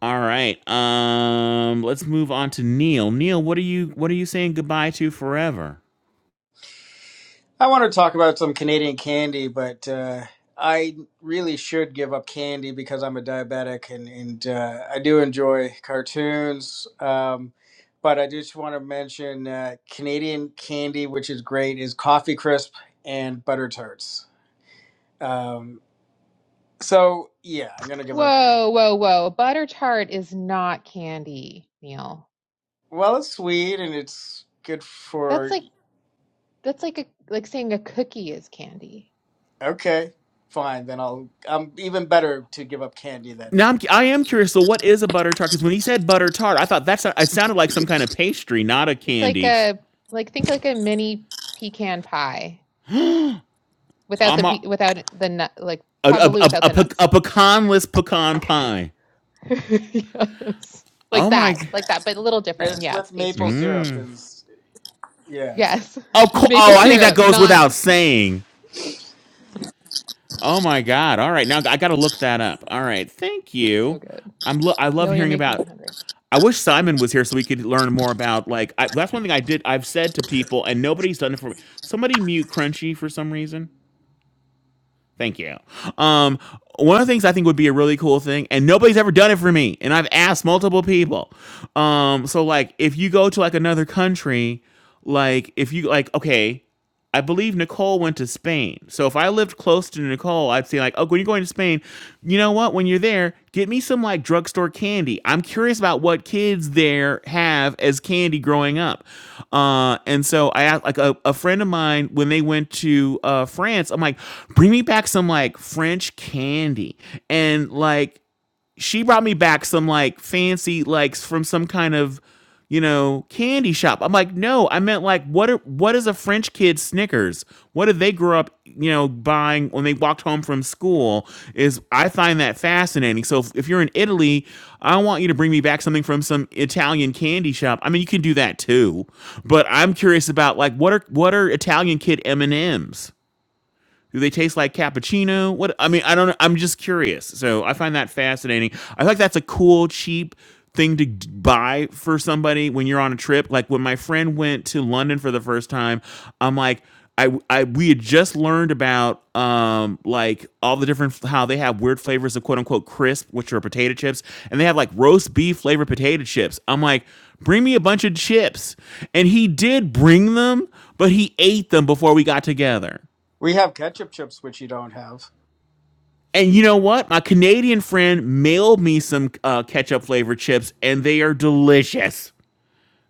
Speaker 3: All right. Um, let's move on to Neil. Neil, what are you what are you saying goodbye to forever?
Speaker 5: I want to talk about some Canadian candy, but uh, I really should give up candy because I'm a diabetic, and and uh, I do enjoy cartoons. Um, but I just want to mention uh, Canadian candy, which is great, is coffee crisp and butter tarts. Um, so yeah, I'm gonna give up.
Speaker 2: Whoa, whoa, whoa. Butter tart is not candy, Neil.
Speaker 5: Well, it's sweet and it's good
Speaker 2: That's
Speaker 5: for
Speaker 2: like that's like a like saying a cookie is candy.
Speaker 5: Okay, fine. Then I'll. I'm even better to give up candy then.
Speaker 3: Now I'm, I am curious. So, what is a butter tart? Because when he said butter tart, I thought that's it sounded like some kind of pastry, not a
Speaker 2: It's like
Speaker 3: candy.
Speaker 2: a like think like a mini pecan pie without the
Speaker 3: I'm a
Speaker 2: pe- without the nut like
Speaker 3: a, a,
Speaker 2: probably
Speaker 3: a,
Speaker 2: without
Speaker 3: a,
Speaker 2: the
Speaker 3: pe-
Speaker 2: nuts.
Speaker 3: a pecanless pecan pie.
Speaker 2: Yes. Like
Speaker 3: Oh my!
Speaker 2: that,
Speaker 3: g-
Speaker 2: like that, but a little
Speaker 5: And
Speaker 2: different.
Speaker 5: it's
Speaker 2: Yeah, it's
Speaker 5: with maple
Speaker 2: pastry.
Speaker 5: syrup, and s- yeah,
Speaker 2: Yes.
Speaker 3: Of course.
Speaker 2: Maple
Speaker 3: Oh, I think that
Speaker 2: syrup,
Speaker 3: goes
Speaker 2: not
Speaker 3: without saying. Oh my God! All right, now I got to look that up. All right, thank
Speaker 2: so
Speaker 3: you.
Speaker 2: good.
Speaker 3: I'm lo- I love
Speaker 2: Neil, you're
Speaker 3: hearing
Speaker 2: making me
Speaker 3: about
Speaker 2: hungry.
Speaker 3: I wish Simon was here so we could learn more about like I, that's one thing I did I've said to people and nobody's done it for me. Somebody mute Crunchy for some reason. Thank you. Um, one of the things I think would be a really cool thing, and nobody's ever done it for me, and I've asked multiple people. Um, so like if you go to like another country, like if you like okay, I believe Nicole went to Spain. So if I lived close to Nicole, I'd say like, "Oh, when you're going to Spain, you know what? When you're there, get me some like drugstore candy. I'm curious about what kids there have as candy growing up." Uh, and so I asked like a, a friend of mine when they went to uh, France. I'm like, "Bring me back some like French candy," and like she brought me back some like fancy likes from some kind of you know candy shop i'm like no i meant like what are what is a french kid snickers what did they grow up you know buying when they walked home from school is i find that fascinating so if, if you're in italy i want you to bring me back something from some italian candy shop i mean you can do that too but i'm curious about like what are what are italian kid m&ms do they taste like cappuccino? What I mean, I don't. know. I'm just curious. So I find that fascinating. I think that's a cool, cheap thing to d- buy for somebody when you're on a trip. Like when my friend went to London for the first time, I'm like. I, I we had just learned about um like all the different how they have weird flavors of quote unquote crisp which are potato chips and they have like roast beef flavored potato chips. I'm like, bring me a bunch of chips, and he did bring them, but he ate them before we got together.
Speaker 5: we have ketchup chips, which you don't have.
Speaker 3: And you know what? My Canadian friend mailed me some uh, ketchup flavored chips, and they are delicious.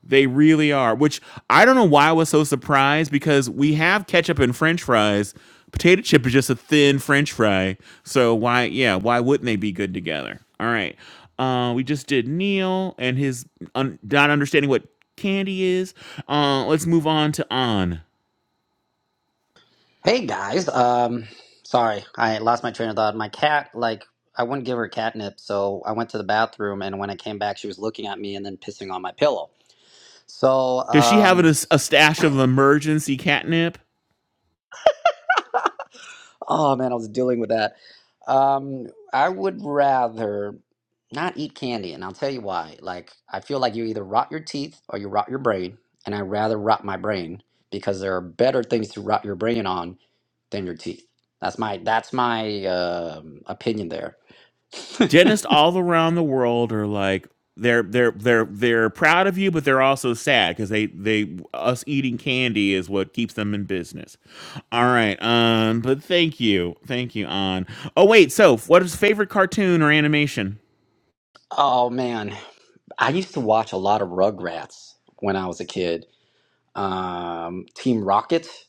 Speaker 3: They really are. Which I don't know why I was so surprised because we have ketchup and French fries. Potato chip is just a thin French fry. So why, yeah, why wouldn't they be good together? All right. Uh, we just did Neil and his un- not understanding what candy is. Uh, let's move on to On.
Speaker 4: hey guys, um, sorry, I lost my train of thought. My cat, like, I wouldn't give her catnip, so I went to the bathroom, and when I came back, she was looking at me and then pissing on my pillow. So,
Speaker 3: Does she have
Speaker 4: um,
Speaker 3: a, a stash of emergency catnip?
Speaker 4: oh man, I was dealing with that. Um, I would rather not eat candy, and I'll tell you why. Like, I feel like you either rot your teeth or you rot your brain, and I'd rather rot my brain because there are better things to rot your brain on than your teeth. That's my that's my um opinion there.
Speaker 3: dentists all around the world are like they're they're they're they're proud of you, but they're also sad because they they us eating candy is what keeps them in business. All right, um, but thank you, thank you, on. Oh wait, so what is favorite cartoon or animation?
Speaker 4: Oh man, I used to watch a lot of Rugrats when I was a kid. Um, Team Rocket.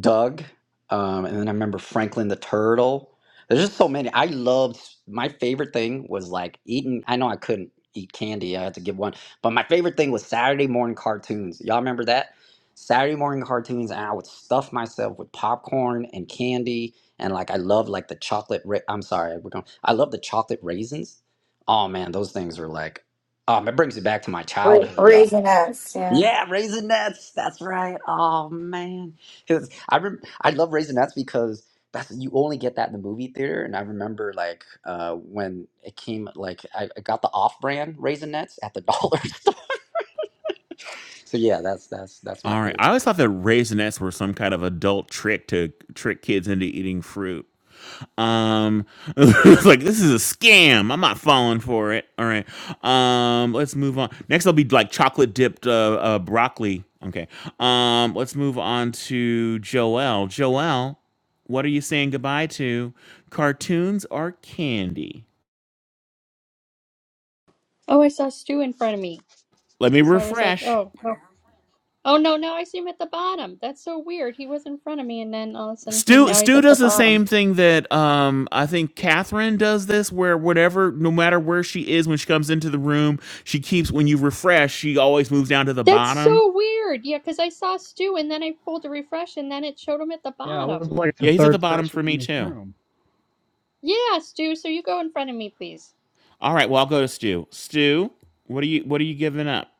Speaker 4: Doug, um, and then I remember Franklin the Turtle. There's just so many. I loved my favorite thing was like eating. I know I couldn't eat candy. I had to give one, but my favorite thing was Saturday morning cartoons. Y'all remember that? Saturday morning cartoons, and I would stuff myself with popcorn and candy, and like I love like the chocolate. Ra- I'm sorry, we're going. I love the chocolate raisins. Oh man, those things were like, um, it brings you back to my
Speaker 9: Ra-
Speaker 4: childhood, y'all.
Speaker 9: raising us. Yeah.
Speaker 4: Yeah, Raisinets. That's right. Oh man, 'Cause I rem- I love Raisinets because that's you only get that in the movie theater. And I remember like uh, when it came, like I, I got the off-brand Raisinets at the dollar store. So yeah, that's that's that's my
Speaker 3: All right.
Speaker 4: favorite.
Speaker 3: I always thought that raisinets were some kind of adult trick to trick kids into eating fruit. Um, it's like this is a scam. I'm not falling for it. All right. Um, let's move on. Next, I'll be like chocolate dipped uh, uh, broccoli. Okay. Um, let's move on to Joel. Joel, what are you saying goodbye to? Cartoons or candy?
Speaker 8: Oh, I saw Stu in front of me.
Speaker 3: Let me
Speaker 8: So I was like,
Speaker 3: refresh.
Speaker 8: oh, oh, oh no, now I see him at the bottom. That's so weird. He was in front of me, and then all of a sudden he
Speaker 3: Stu
Speaker 8: now he's
Speaker 3: Stu
Speaker 8: at the
Speaker 3: does the
Speaker 8: bottom.
Speaker 3: same thing that um I think Catherine does this where whatever no matter where she is when she comes into the room she keeps when you refresh she always moves down to the
Speaker 8: That's
Speaker 3: bottom.
Speaker 8: so weird. Yeah, because I saw Stu, and then I pulled the refresh, and then it showed him at the
Speaker 6: Yeah, I
Speaker 8: bottom.
Speaker 6: was like the
Speaker 3: Yeah, he's at the
Speaker 6: third
Speaker 3: bottom for
Speaker 6: person in
Speaker 3: me
Speaker 6: this
Speaker 3: too.
Speaker 6: room
Speaker 8: Yeah, Stu, so you go in front of me, please.
Speaker 3: All right, well I'll go to Stu. Stu, what are you what are you giving up?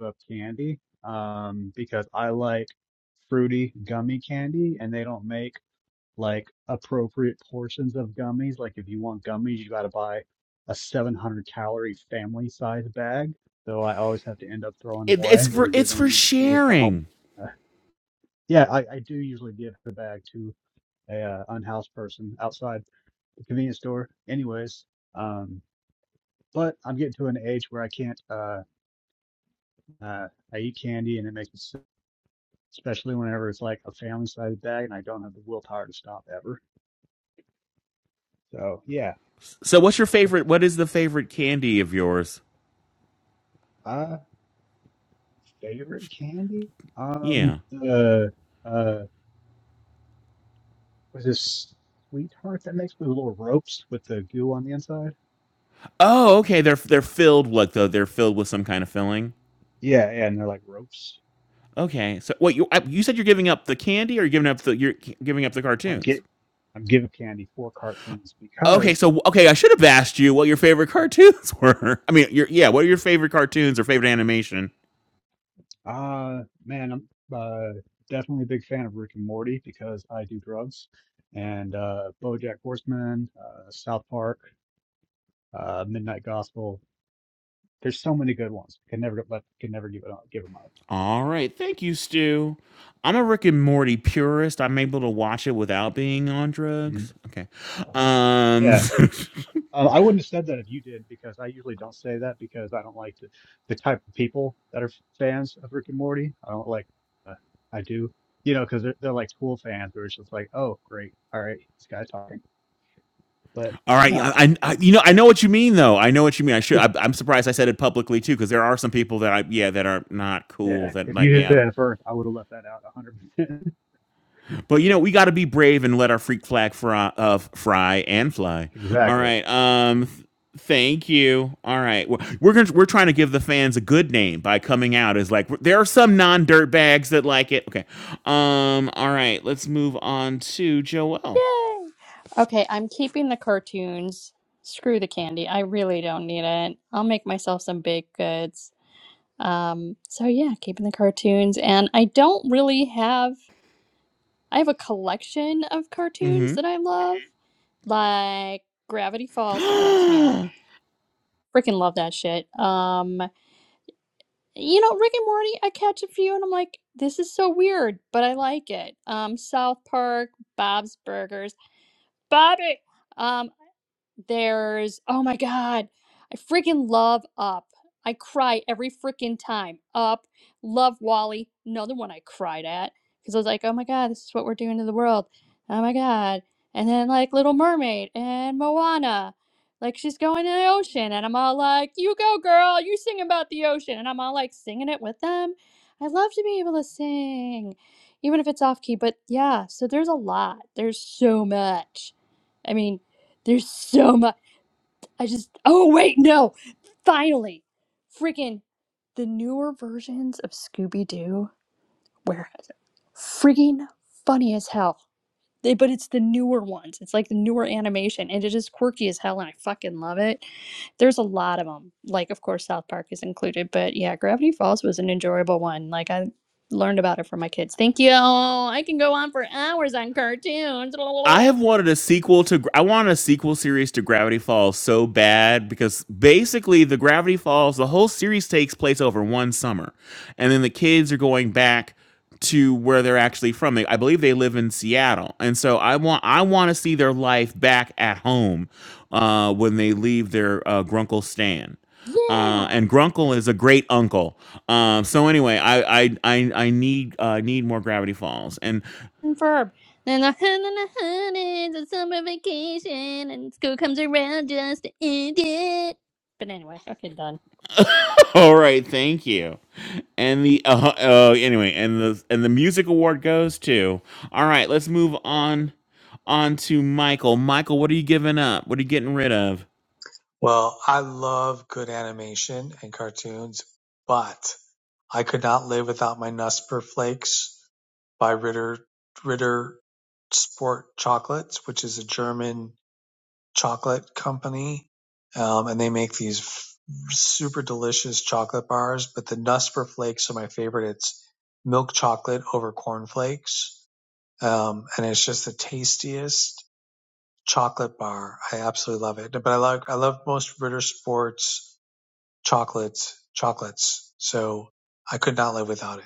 Speaker 6: of candy, um, because I like fruity gummy candy, and they don't make like appropriate portions of gummies. Like if you want gummies, you got to buy a 700 calorie family size bag. Though I always have to end up throwing them
Speaker 3: It, it's
Speaker 6: away
Speaker 3: for
Speaker 6: or
Speaker 3: it's
Speaker 6: giving
Speaker 3: for
Speaker 6: them to a home.
Speaker 3: sharing.
Speaker 6: Uh, yeah, I, I do usually give the bag to a uh, unhoused person outside the convenience store. Anyways, um, but I'm getting to an age where I can't. Uh, uh, I eat candy and it makes me sick, especially whenever it's like a family size bag and I don't have the willpower to stop ever. So yeah,
Speaker 3: So what's your
Speaker 6: that's.
Speaker 3: favorite? What is the favorite candy of yours?
Speaker 6: uh, Favorite candy? Um,
Speaker 3: Yeah.
Speaker 6: the uh, was this sweetheart that makes with little ropes with the goo on the inside?
Speaker 3: Oh, okay. They're they're filled like though they're filled with some kind of filling.
Speaker 6: Yeah, yeah, and they're like ropes.
Speaker 3: Okay. So wait, you I- you said you're giving up the candy, or you're giving up the you're g- giving up the
Speaker 6: I'm
Speaker 3: cartoons?
Speaker 6: get, I'm giving candy for cartoons
Speaker 3: Okay.
Speaker 6: because,
Speaker 3: So okay, I should have asked you what your favorite cartoons were. I mean, your yeah, what are your favorite cartoons or favorite animation?
Speaker 6: uh, man, I'm uh, definitely a big fan of Rick and Morty because I do drugs, and uh, BoJack Horseman, uh, South Park, uh, Midnight Gospel. There's so many good ones. Can never, but can never give it up, give them up.
Speaker 3: All right. Thank you, Stu. I'm a Rick and Morty purist. I'm able to watch it without being on
Speaker 6: Mm.
Speaker 3: drugs. Okay. Um.
Speaker 6: Yeah. Uh, I wouldn't have said that if you did, because I usually don't say that because I don't like the, the type of people that are fans of Rick and Morty. I don't like, uh, I do, you know, because they're, they're like cool fans where it's just like, oh, great, all right, this guy's talking. But
Speaker 3: all right.
Speaker 6: no,
Speaker 3: I, I, I- you know I know what you mean though. I know what you mean. I should. I, I'm surprised I said it publicly too because there are some people that I yeah that are not cool
Speaker 6: yeah,
Speaker 3: that
Speaker 6: if
Speaker 3: like
Speaker 6: you did
Speaker 3: yeah
Speaker 6: that first, I would have left that out 100%.
Speaker 3: But you know, we got to be brave and let our freak flag fry, uh, fry and fly. All
Speaker 6: Exactly.
Speaker 3: right. Um, th- thank you. All right. We're we're, gonna, we're trying to give the fans a good name by coming out as like there are some non dirt bags that like it. Okay. Um. All right. Let's move on to Joelle.
Speaker 8: Yay! Okay, I'm keeping the cartoons. Screw the candy. I really don't need it. I'll make myself some baked goods. Um, so yeah, keeping the cartoons. And I don't really have, I have a collection of cartoons
Speaker 3: Mm-hmm.
Speaker 8: that I love. Like Gravity Falls cracks me up. Freaking love that shit. Um, you know, Rick and Morty, I catch a few and I'm like, this is so weird, but I like it. Um, South Park, Bob's Burgers. Bobby, um, there's, oh my God, I freaking love Up. I cry every freaking time. Up, love Wally, another one I cried at because I was like, oh my God, this is what we're doing to the world. Oh my God. And then like Little Mermaid and Moana. Like she's going to the ocean, and I'm all like, "You go, girl! You sing about the ocean!" And I'm all like singing it with them. I love to be able to sing, even if it's off key. But yeah, so there's a lot. There's so much. I mean, there's so much. I just. Oh wait, no. Finally, freaking the newer versions of Scooby Doo were freaking funny as hell. They, but it's the newer ones. It's like the newer animation, and it is quirky as hell, and I fucking love it. There's a lot of them. Like, of course, South Park is included, but yeah, Gravity Falls was an enjoyable one. Like, I learned about it from my kids. Thank you. I can go on for hours on cartoons.
Speaker 3: I have wanted a sequel to. I want a sequel series to Gravity Falls so bad because basically the Gravity Falls, the whole series takes place over one summer, and then the kids are going back to where they're actually from. They- I believe they live in Seattle, and so I want I want to see their life back at home uh, when they leave their uh, Grunkle Stan. Uh,
Speaker 8: Yeah.
Speaker 3: and Grunkle is a great uncle. Um, so anyway, I I I, I need uh, need more Gravity Falls. And
Speaker 8: verb. Then a hundred and a hundred, the summer vacation, and school comes around just to end it. But anyway, okay, done.
Speaker 3: all right, thank you. And the uh, uh anyway, and the and the music award goes to. All right, let's move on on to Michael. Michael, what are you giving up? What are you getting rid of?
Speaker 10: Well, I love good animation and cartoons, but I could not live without my Nusper Flakes by Ritter Ritter Sport Chocolates, which is a German chocolate company, um, and they make these f- super delicious chocolate bars. But the Nusper Flakes are my favorite. It's milk chocolate over cornflakes, um, and it's just the tastiest chocolate bar. I absolutely love it. But I like I love most Ritter Sports chocolates, chocolates. So I could not live without it.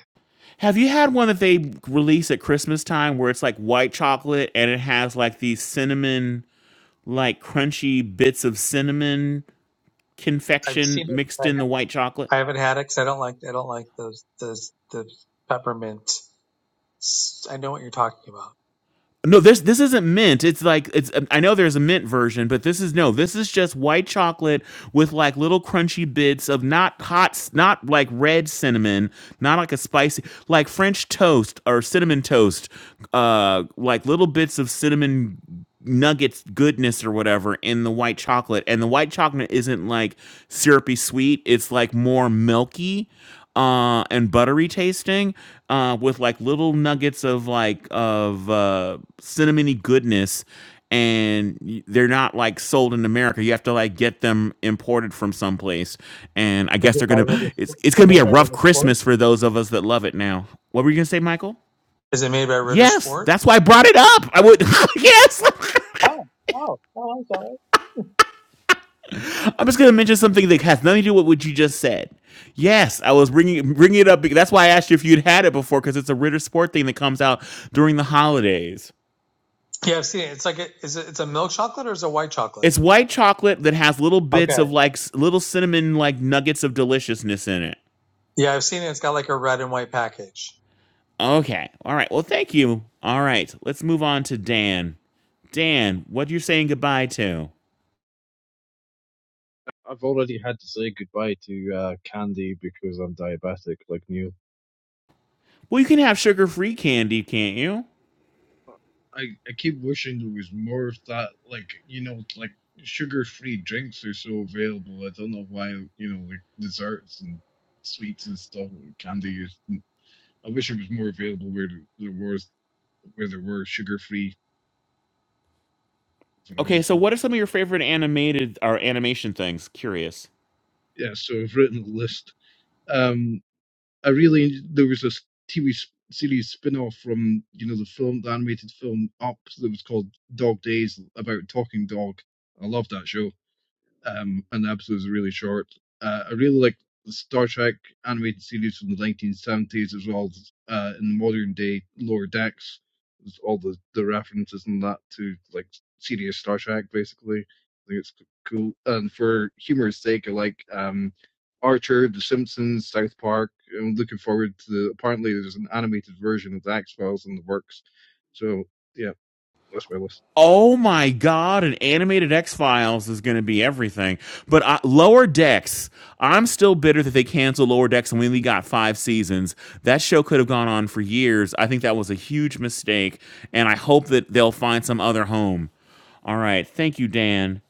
Speaker 3: Have you had one that they release at Christmas time where it's like white chocolate and it has like these cinnamon like crunchy bits of cinnamon
Speaker 10: I've
Speaker 3: confection
Speaker 10: seen it.
Speaker 3: mixed in the white chocolate?
Speaker 10: I haven't had it because I don't like I don't like those those the peppermint. I know what you're talking about.
Speaker 3: No, this this isn't mint. It's like it's. I know there's a mint version, but this is no. This is just white chocolate with like little crunchy bits of not hot, s- not like red cinnamon, not like a spicy, like French toast or cinnamon toast. Uh, like little bits of cinnamon nuggets goodness or whatever in the white chocolate and the white chocolate isn't like syrupy sweet it's like more milky uh and buttery tasting uh with like little nuggets of like of uh cinnamony goodness and they're not like sold in America. You have to like get them imported from someplace. And I
Speaker 10: Is
Speaker 3: guess
Speaker 10: it
Speaker 3: they're
Speaker 10: by
Speaker 3: gonna
Speaker 10: Ritter?
Speaker 3: it's
Speaker 10: Is
Speaker 3: it's
Speaker 10: it
Speaker 3: gonna be
Speaker 10: made
Speaker 3: a
Speaker 10: by
Speaker 3: rough
Speaker 10: Ritter Sport?
Speaker 3: Christmas for those of us that love it now. What were you gonna say, Michael?
Speaker 10: Is it made by Ritter
Speaker 3: Yes,
Speaker 10: Sport?
Speaker 3: that's why I brought it up. I would yes.
Speaker 10: Oh, oh, oh! I saw it.
Speaker 3: I'm just going to mention something that has nothing to do with what you just said. Yes, I was bringing bringing it up because that's why I asked you if you'd had it before because it's a Ritter Sport thing that comes out during the holidays.
Speaker 10: Yeah, I've seen it. It's like a, is it, it's a milk chocolate or is it white chocolate?
Speaker 3: It's white chocolate that has little bits
Speaker 10: Okay.
Speaker 3: of like s- little cinnamon like nuggets of deliciousness in it.
Speaker 10: Yeah, I've seen it. It's got like a red and white package.
Speaker 3: Okay. All right. Well, thank you. All right. Let's move on to Dan. Dan, what are you saying goodbye to?
Speaker 11: I've already had to say goodbye to uh, candy because I'm diabetic, like Neil.
Speaker 3: Well, you can have sugar-free candy, can't you?
Speaker 11: I, I keep wishing there was more of that, like, you know, like sugar free drinks are so available. I don't know why, you know, like desserts and sweets and stuff, candy. Is, I wish it was more available where there was, where there were sugar free
Speaker 3: Okay, so
Speaker 11: varieties.
Speaker 3: what are some of your favorite animated or animation things? Curious.
Speaker 11: Yeah, so I've written a list. Um. I really there was this TV series spin-off from you know the film, the animated film Up that was called Dog Days about talking dog. I loved that show um, and the episodes are really short. Uh, I really like the Star Trek animated series from the 1970s as well as uh, in modern day lower decks. There's all the, the references and that to like serious Star Trek, basically. I think it's cool. And for humor's sake, I like um, Archer, The Simpsons, South Park. I'm looking forward to the. Apparently, there's an animated version of the X Files in the works. So, yeah, that's my list.
Speaker 3: oh my god, an animated X Files is going to be everything. But uh, Lower Decks, I'm still bitter that they canceled Lower Decks and we only got five seasons. That show could have gone on for years. I think that was a huge mistake, and I hope that they'll find some other home. All right, thank you, Dan.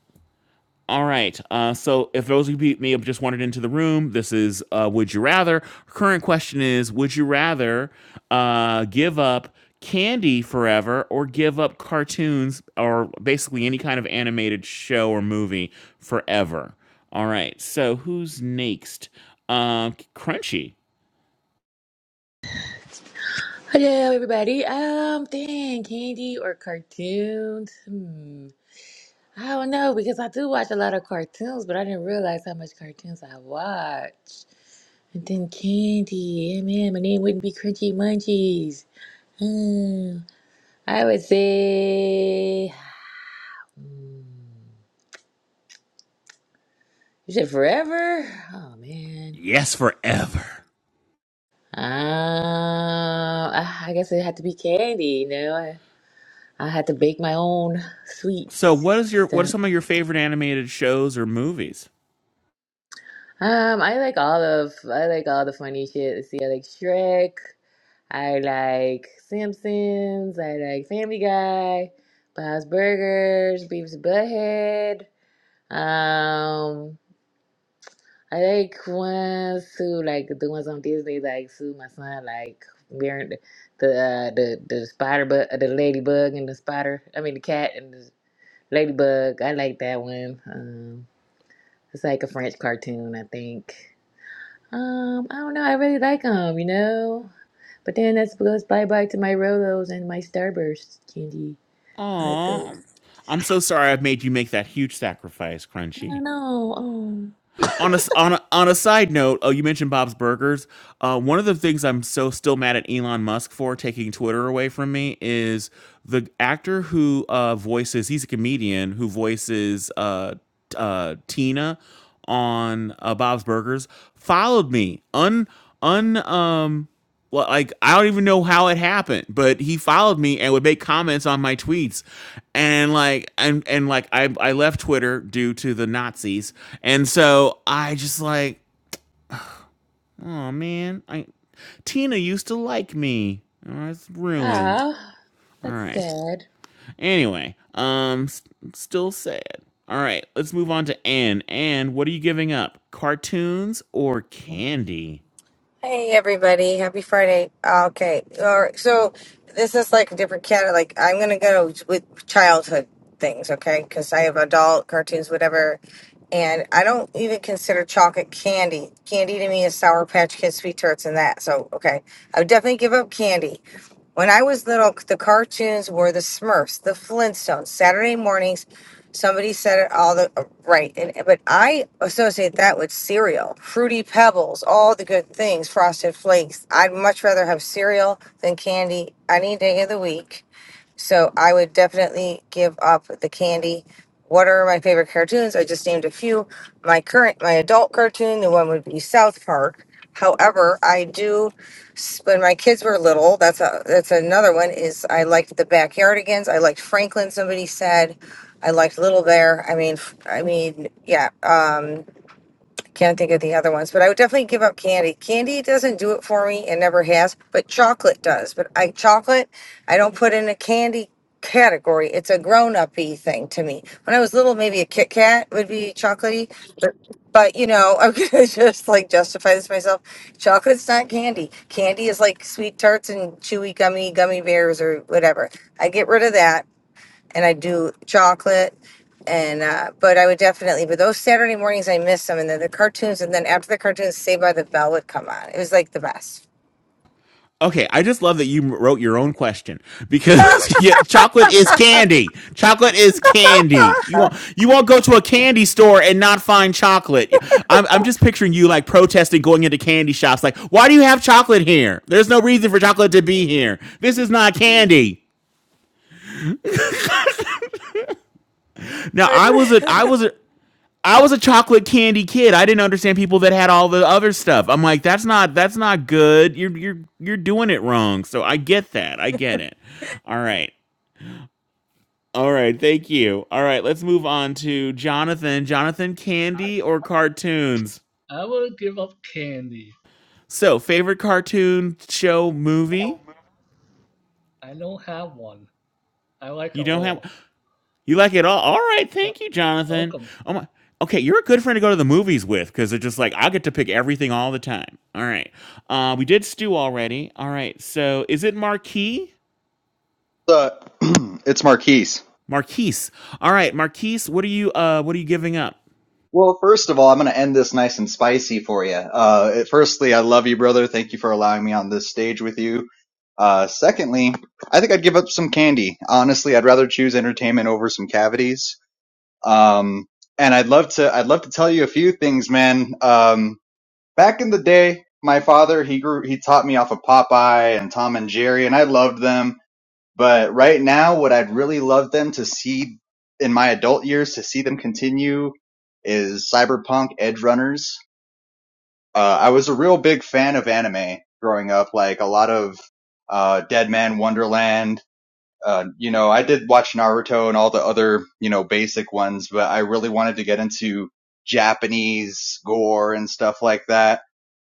Speaker 3: All right. Uh, so, if those who beat me have just wandered into the room, this is uh, Would You Rather? Current question is Would you rather uh, give up candy forever or give up cartoons or basically any kind of animated show or movie forever? All right. So, who's next? Um, Crunchy.
Speaker 12: Hello, everybody. Um, dang, candy or cartoons? Hmm. I don't know because I do watch a lot of cartoons, but I didn't realize how much cartoons I watch. And then candy. Yeah, man, my name wouldn't be Crunchy Munchies. Hmm. I would say. Hmm. You said forever? Oh, man.
Speaker 3: Yes, forever.
Speaker 12: Um, I I guess it had to be candy, you know? I, I had to bake my own
Speaker 3: So, what
Speaker 12: sweets.
Speaker 3: is your what are
Speaker 12: stuff.
Speaker 3: some of your favorite animated shows or movies?
Speaker 12: Um, I like all of I like all the funny shit. Let's see, I like Shrek. I like Simpsons. I like Family Guy, Bob's Burgers, Beavis and Butthead. Um, I like ones too, like the ones on Disney, like Sue, my son, like Baron, the the uh, the the spider, but the ladybug and the spider. I mean the cat and the ladybug. I like that one. Um, it's like a French cartoon, I think. Um, I don't know. I really like them, you know. But then that's because bye bye to my Rolos and my Starburst candy. I like
Speaker 3: Aw,
Speaker 12: those.
Speaker 3: I'm so sorry I've made you make that huge sacrifice, Crunchy.
Speaker 12: I know. Oh,
Speaker 3: on a on a, on a side note, oh, you mentioned Bob's Burgers. Uh, one of the things I'm so still mad at Elon Musk for taking Twitter away from me is the actor who uh, voices. He's a comedian who voices uh, uh, Tina on uh, Bob's Burgers. Followed me un un um well, like I don't even know how it happened, but he followed me and would make comments on my tweets, and like and and like I I left Twitter due to the Nazis, and so I just like oh man, I Tina used to like me, oh, it's ruined.
Speaker 12: ah,
Speaker 3: All
Speaker 12: that's
Speaker 3: right.
Speaker 12: sad.
Speaker 3: Anyway, um, s- still sad. All right, let's move on to Anne. Anne, what are you giving up? Cartoons or candy?
Speaker 9: Hey everybody, happy Friday. Ah, Okay, all right. So this is like a different cat. Like I'm gonna go with childhood things, okay? Because I have adult cartoons, whatever, and I don't even consider chocolate candy. Candy to me is Sour Patch Kids, Sweet Tarts, and that. So okay, I would definitely give up candy When I was little, the cartoons were the Smurfs, the Flintstones, Saturday mornings. Somebody said it all the right, and but I associate that with cereal, fruity pebbles, all the good things, frosted flakes. I'd much rather have cereal than candy any day of the week so I would definitely give up the candy. What are my favorite cartoons? I just named a few. My current, my adult cartoon, the one would be South Park. However, I do when my kids were little. That's a that's another one. Is I liked the Backyardigans. I liked Franklin. Somebody said, I liked Little Bear. I mean, f- I mean, yeah. Um, can't think of the other ones, but I would definitely give up candy. Candy doesn't do it for me and never has, but chocolate does. But I chocolate, I don't put in a candy category. It's a grown up thing to me. When I was little, maybe a Kit Kat would be chocolatey, but but you know, I'm gonna just like justify this myself. Chocolate's not candy. Candy is like sweet tarts and chewy gummy gummy bears or whatever. I get rid of that and I do chocolate. And uh, but I would definitely, but those Saturday mornings I miss them, and then the cartoons, and then after the cartoons, Saved by the Bell would come on. It was like the best.
Speaker 3: Okay, I just love that you wrote your own question because yeah, chocolate is candy. Chocolate is candy.
Speaker 9: Ah,
Speaker 3: You won't you won't go to a candy store and not find chocolate. I'm I'm just picturing you like protesting going into candy shops like, "Why do you have chocolate here? There's no reason for chocolate to be here. This is not candy." Now, I was a
Speaker 9: good.
Speaker 3: I was a I was a chocolate candy kid. I didn't understand people that had all the other stuff. I'm like, that's not that's not good. You're you're you're doing it wrong. So I get that. I get it. All right. All right, thank you. All right, let's move on to Jonathan. Jonathan, candy or cartoons?
Speaker 13: I will give up candy.
Speaker 3: So, favorite cartoon show movie?
Speaker 13: I don't have one. I like it
Speaker 3: You don't
Speaker 13: all.
Speaker 3: have you like it all? All right,
Speaker 13: Yep.
Speaker 3: thank you, Jonathan.
Speaker 13: Welcome.
Speaker 3: Oh my okay, you're a good friend to go to the movies with because it's just like I get to pick everything all the time. All right. Uh, we did stew already. All right, so is it Marquis?
Speaker 14: Uh, it's Marquise.
Speaker 3: Marquise. All right, Marquise, what are you uh what are you giving up?
Speaker 14: Well, first of all, I'm going to end this nice and spicy for you. Uh, firstly, I love you, brother. Thank you for allowing me on this stage with you. Uh, secondly, I think I'd give up some candy. Honestly, I'd rather choose entertainment over some cavities. Um, and I'd love to, I'd love to tell you a few things, man. Um, back in the day, my father, he grew, he taught me off of Popeye and Tom and Jerry, and I loved them But right now, what I'd really love them to see in my adult years to see them continue is Cyberpunk Edge Runners. Uh, I was a real big fan of anime growing up, like a lot of uh, Dead Man Wonderland. Uh, you know, I did watch Naruto and all the other you know basic ones, but I really wanted to get into Japanese gore and stuff like that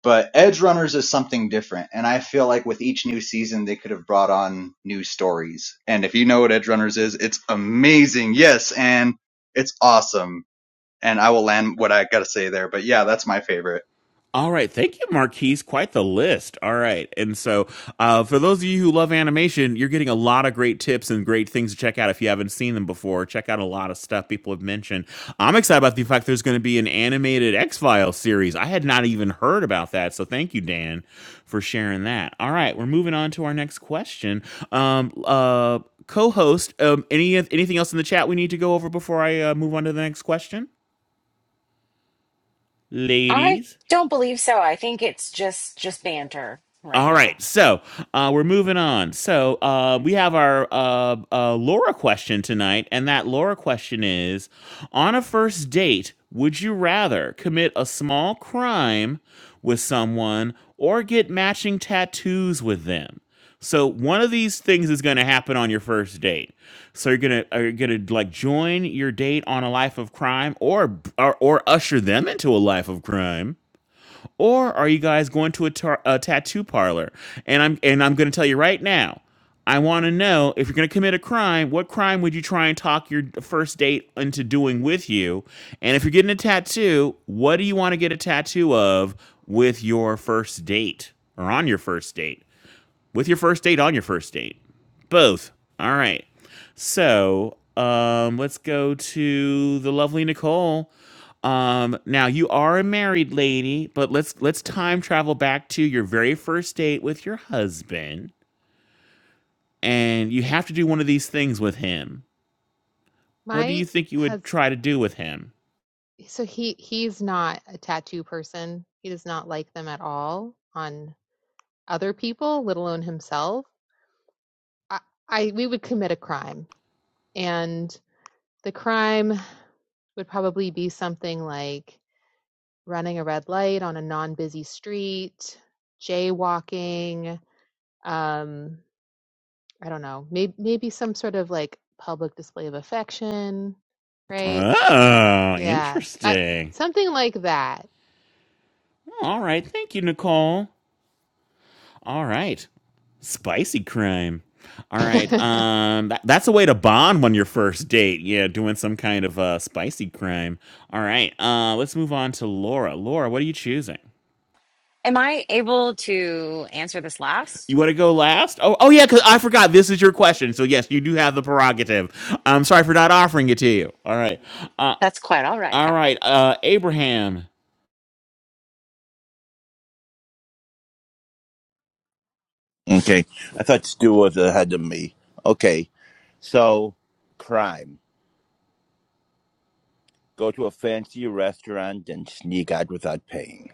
Speaker 14: but Edge Runners is something different, and I feel like with each new season they could have brought on new stories. And if you know what Edge Runners is, it's amazing. Yes, and it's awesome. And I will land what I got to say there. But yeah, that's my favorite.
Speaker 3: All right, thank you, Marquise. Quite the list. All right, and so uh, for those of you who love animation, you're getting a lot of great tips and great things to check out if you haven't seen them before. Check out a lot of stuff people have mentioned. I'm excited about the fact there's going to be an animated X Files series. I had not even heard about that, so thank you, Dan, for sharing that. All right, we're moving on to our next question. Um, uh, co-host, um, any anything else in the chat we need to go over before I uh, move on to the next question,
Speaker 1: I
Speaker 3: ladies?
Speaker 1: don't believe so. I think it's just just banter right
Speaker 3: All
Speaker 1: now.
Speaker 3: right, so uh, we're moving on. So uh, we have our uh, uh, Laura question tonight, and that Laura question is: On a first date, would you rather commit a small crime with someone or get matching tattoos with them? So one of these things is going to happen on your first date. So you're gonna are you gonna like join your date on a life of crime, or or, or usher them into a life of crime? or are you guys going to a, tar- a tattoo parlor? And I'm and I'm going to tell you right now. I want to know if you're going to commit a crime, what crime would you try and talk your first date into doing with you? And if you're getting a tattoo, what do you want to get a tattoo of with your first date or on your first date? with your first date on your first date both all right so um let's go to the lovely nicole um now you are a married lady but let's let's time travel back to your very first date with your husband and you have to do one of these things with him what do you
Speaker 2: My
Speaker 3: think you would
Speaker 2: husband,
Speaker 3: try to do with him
Speaker 2: so he he's not a tattoo person. He does not like them at all on other people, let alone himself. I, I we would commit a crime, and the crime would probably be something like running a red light on a non-busy street, jaywalking, um I don't know, maybe maybe some sort of like public display of affection, right?
Speaker 3: oh
Speaker 2: Yeah, I,
Speaker 3: interesting
Speaker 2: something like that.
Speaker 3: all right thank you nicole all right Spicy crime. All right.
Speaker 2: I'm
Speaker 3: Um that, that's a way to bond on your first date. Yeah, doing some kind of uh spicy crime. All right. Uh let's move on to Laura. Laura, what are you choosing?
Speaker 1: Am I able to answer this last?
Speaker 3: You want to go last? Oh, oh yeah, cuz I forgot this is your question. So yes, you do have the prerogative. I'm sorry for not offering it to you. All right. Uh
Speaker 1: That's quite all right,
Speaker 3: all
Speaker 1: Kevin.
Speaker 3: right. Uh Abraham,
Speaker 7: Okay. I thought Stu was ahead of me. Okay. So, crime. go to a fancy restaurant and sneak out without paying.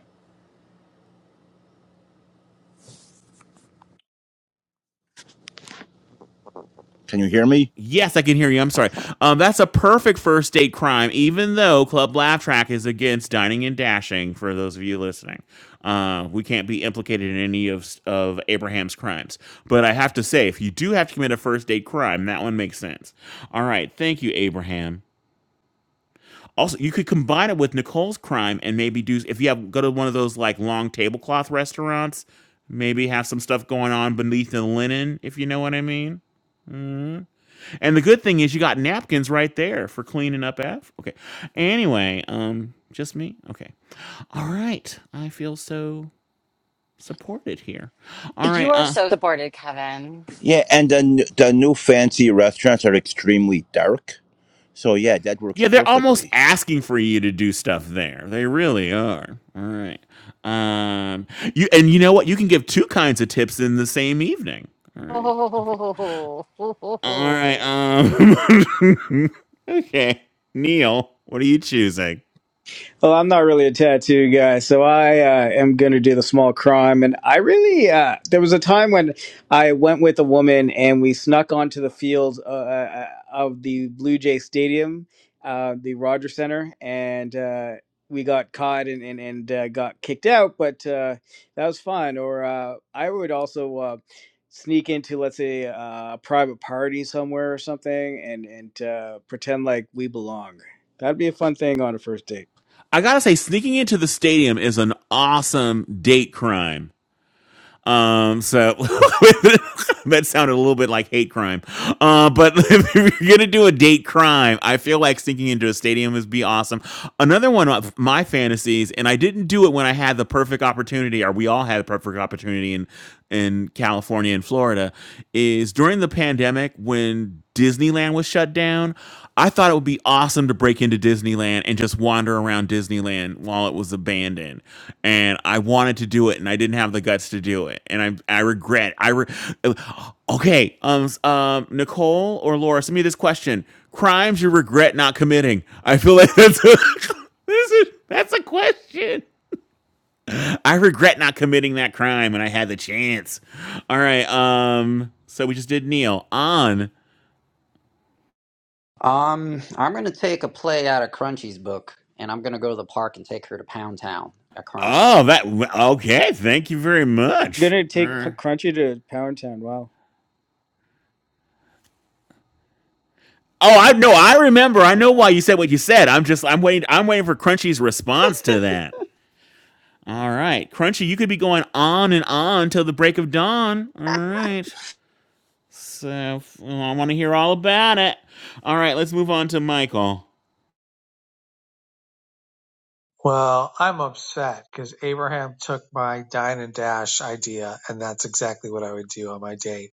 Speaker 7: Can you hear me?
Speaker 3: Yes, I can hear you. I'm sorry. Um, that's a perfect first date crime, even though Club Laugh Track is against dining and dashing. For those of you listening, uh, we can't be implicated in any of of Abraham's crimes. But I have to say, if you do have to commit a first date crime, that one makes sense. All right, thank you, Abraham. Also, you could combine it with Nicole's crime and maybe do if you have go to one of those like long tablecloth restaurants. Maybe have some stuff going on beneath the linen, if you know what I mean. Mm-hmm. And the good thing is you got napkins right there for cleaning up after. Okay. Anyway, um, just me. Okay. All right. I feel so supported here. All right.
Speaker 1: You are
Speaker 3: Uh,
Speaker 1: so supported, Kevin.
Speaker 7: Yeah, and then the new fancy restaurants are extremely dark. So yeah, that works
Speaker 3: yeah, they're almost
Speaker 7: perfectly.
Speaker 3: asking for you to do stuff there. They really are. All right. Um, you and you know what? You can give two kinds of tips in the same evening. All right. Okay. All right. Um. okay. Neil, what are you choosing?
Speaker 5: Well, I'm not really a tattoo guy, so I uh, am going to do the small crime. And I really, uh, there was a time when I went with a woman and we snuck onto the field uh, uh, of the Blue Jay Stadium, uh, the Rogers Center, and uh, we got caught and, and, and uh, got kicked out, but uh, that was fun. Or uh, I would also. Uh, sneak into let's say uh, a private party somewhere or something and and uh, pretend like we belong that'd be a fun thing on a first date
Speaker 3: I gotta say, sneaking into the stadium is an awesome date crime. Um, so that sounded a little bit like hate crime. Um, Uh, but if you're gonna do a date crime, I feel like sneaking into a stadium would be awesome. Another one of my fantasies, and I didn't do it when I had the perfect opportunity, or we all had the perfect opportunity in in California and Florida, is during the pandemic when Disneyland was shut down. I thought it would be awesome to break into Disneyland and just wander around Disneyland while it was abandoned. And I wanted to do it and I didn't have the guts to do it. And I I regret. I re- Okay, um s- um Nicole or Laura, send me this question. Crimes you regret not committing. I feel like that's a, this is, that's a question. I regret not committing that crime when I had the chance. All right, um so we just did Neil on
Speaker 4: Um, I'm gonna take a play out of Crunchy's book, and I'm gonna go to the park and take her to Pound Town, a crime.
Speaker 3: Oh, that okay. Thank you very much.
Speaker 5: Gonna take P-
Speaker 3: Uh,
Speaker 5: Crunchy to Pound Town. Wow,
Speaker 3: oh, I know. I remember. I know why you said what you said. I'm just. I'm waiting. I'm waiting for Crunchy's response to that. All right, Crunchy, you could be going on and on till the break of dawn. All right. So well, I want to hear all about it. All right, let's move on to Michael.
Speaker 10: Well, I'm upset because Abraham took my dine and dash idea, and that's exactly what I would do on my date.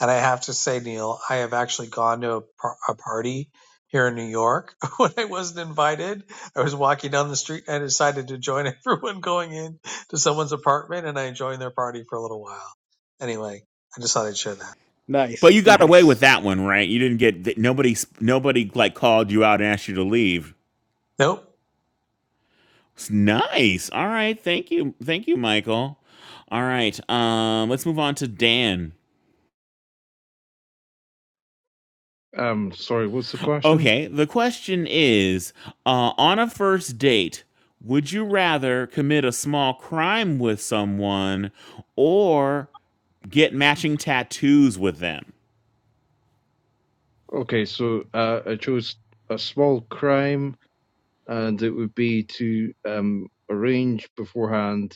Speaker 10: And I have to say, Neil, I have actually gone to a, par- a party here in New York when I wasn't invited. I was walking down the street and I decided to join everyone going in to someone's apartment, and I joined their party for a little while. Anyway, I just thought I'd share that.
Speaker 3: But
Speaker 5: nice,
Speaker 3: you got away with
Speaker 5: nice.
Speaker 3: that one, right? You didn't get nobody. Nobody like called you out and asked you to leave.
Speaker 10: Nope.
Speaker 3: It's nice. All right. Thank you. Thank you, Michael. All right. Um, let's move on to Dan.
Speaker 11: Um, sorry, what's the question?
Speaker 3: Okay. The question is uh, on a first date, would you rather commit a small crime with someone or get matching tattoos with them?
Speaker 11: Okay, so uh, I chose a small crime, and it would be to um, arrange beforehand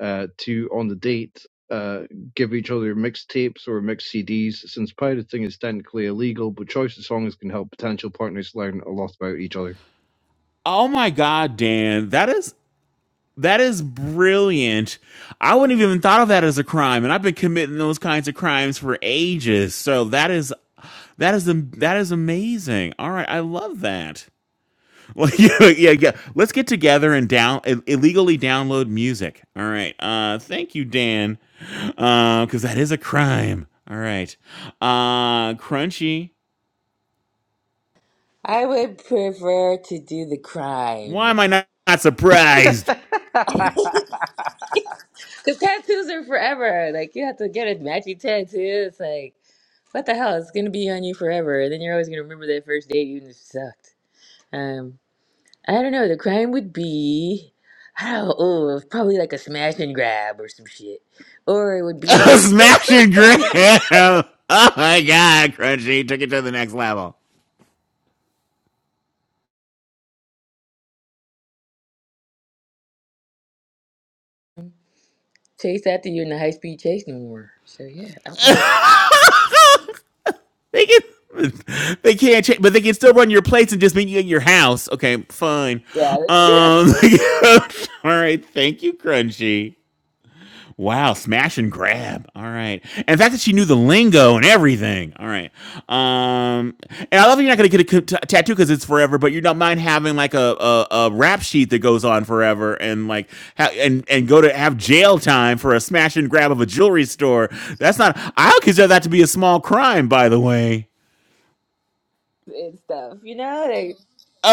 Speaker 11: uh, to, on the date, uh, give each other mixtapes or mixed CDs. Since pirating is technically illegal, but choice of songs can help potential partners learn a lot about each other.
Speaker 3: Oh my god, Dan, that is that is brilliant. I wouldn't have even thought of that as a crime, and I've been committing those kinds of crimes for ages. So that is That is am- that is amazing. All right, I love that. Well, yeah, yeah, yeah. Let's get together and down ill- illegally download music. All right. Uh, thank you, Dan, because that is a crime. All right. Uh, Crunchy,
Speaker 12: I would prefer to do the
Speaker 3: why
Speaker 12: crime.
Speaker 3: am I not, not
Speaker 4: that's
Speaker 3: surprised?
Speaker 12: Cause tattoos are forever. Like you have to get a matchy tattoo. It's like what the hell? It's gonna be on you forever. And then you're always gonna remember that first date you just sucked. Um. I don't know. The crime would be, I don't know, probably like a smash and grab or some shit, or it would be
Speaker 3: Smashing Graham. Oh my God, Crunchy took it to the next level.
Speaker 12: chase after you in the high speed chase no more. So yeah, outrun the cop.
Speaker 3: They can. They can't change, but they can still run your plates and just meet you in your house. Okay, fine. Um,
Speaker 12: Yeah, that's true.
Speaker 3: all right. Thank you, Crunchy. Wow, smash and grab. All right, and the fact that she knew the lingo and everything. All right. Um, and I love that you're not gonna get a c- t- tattoo because it's forever, but you don't mind having like a, a a rap sheet that goes on forever and like ha- and and go to have jail time for a smash and grab of a jewelry store. That's not. I would consider that to be a small crime, by the way.
Speaker 12: And stuff, you know, they,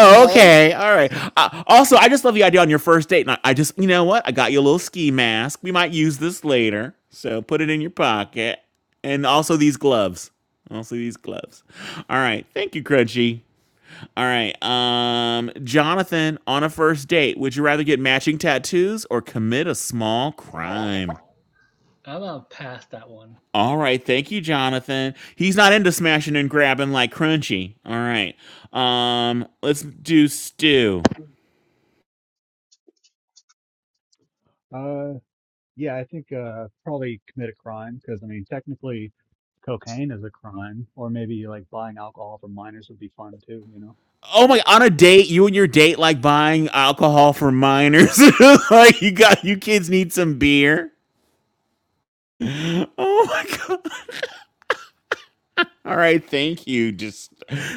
Speaker 12: you know,
Speaker 3: okay. All right. Uh, also, I just love the idea on your first date. And I, I just, you know what? I got you a little ski mask. We might use this later. So put it in your pocket. And also these gloves. Also these gloves. All right. Thank you, Crunchy. All right. Um, Jonathan, on a first date, would you rather get matching tattoos or commit a small crime?
Speaker 13: I'm gonna pass that one.
Speaker 3: All right, thank you, Jonathan. He's not into smashing and grabbing like Crunchy. All right, um, let's do Stew.
Speaker 6: Uh, yeah, I think uh, probably commit a crime because I mean, technically, cocaine is a crime, or maybe like buying alcohol from minors would be fun too, you know.
Speaker 3: Oh my! On a date, you and your date like buying alcohol for minors. like you got you kids need some beer. Oh my god! All right, thank you. Just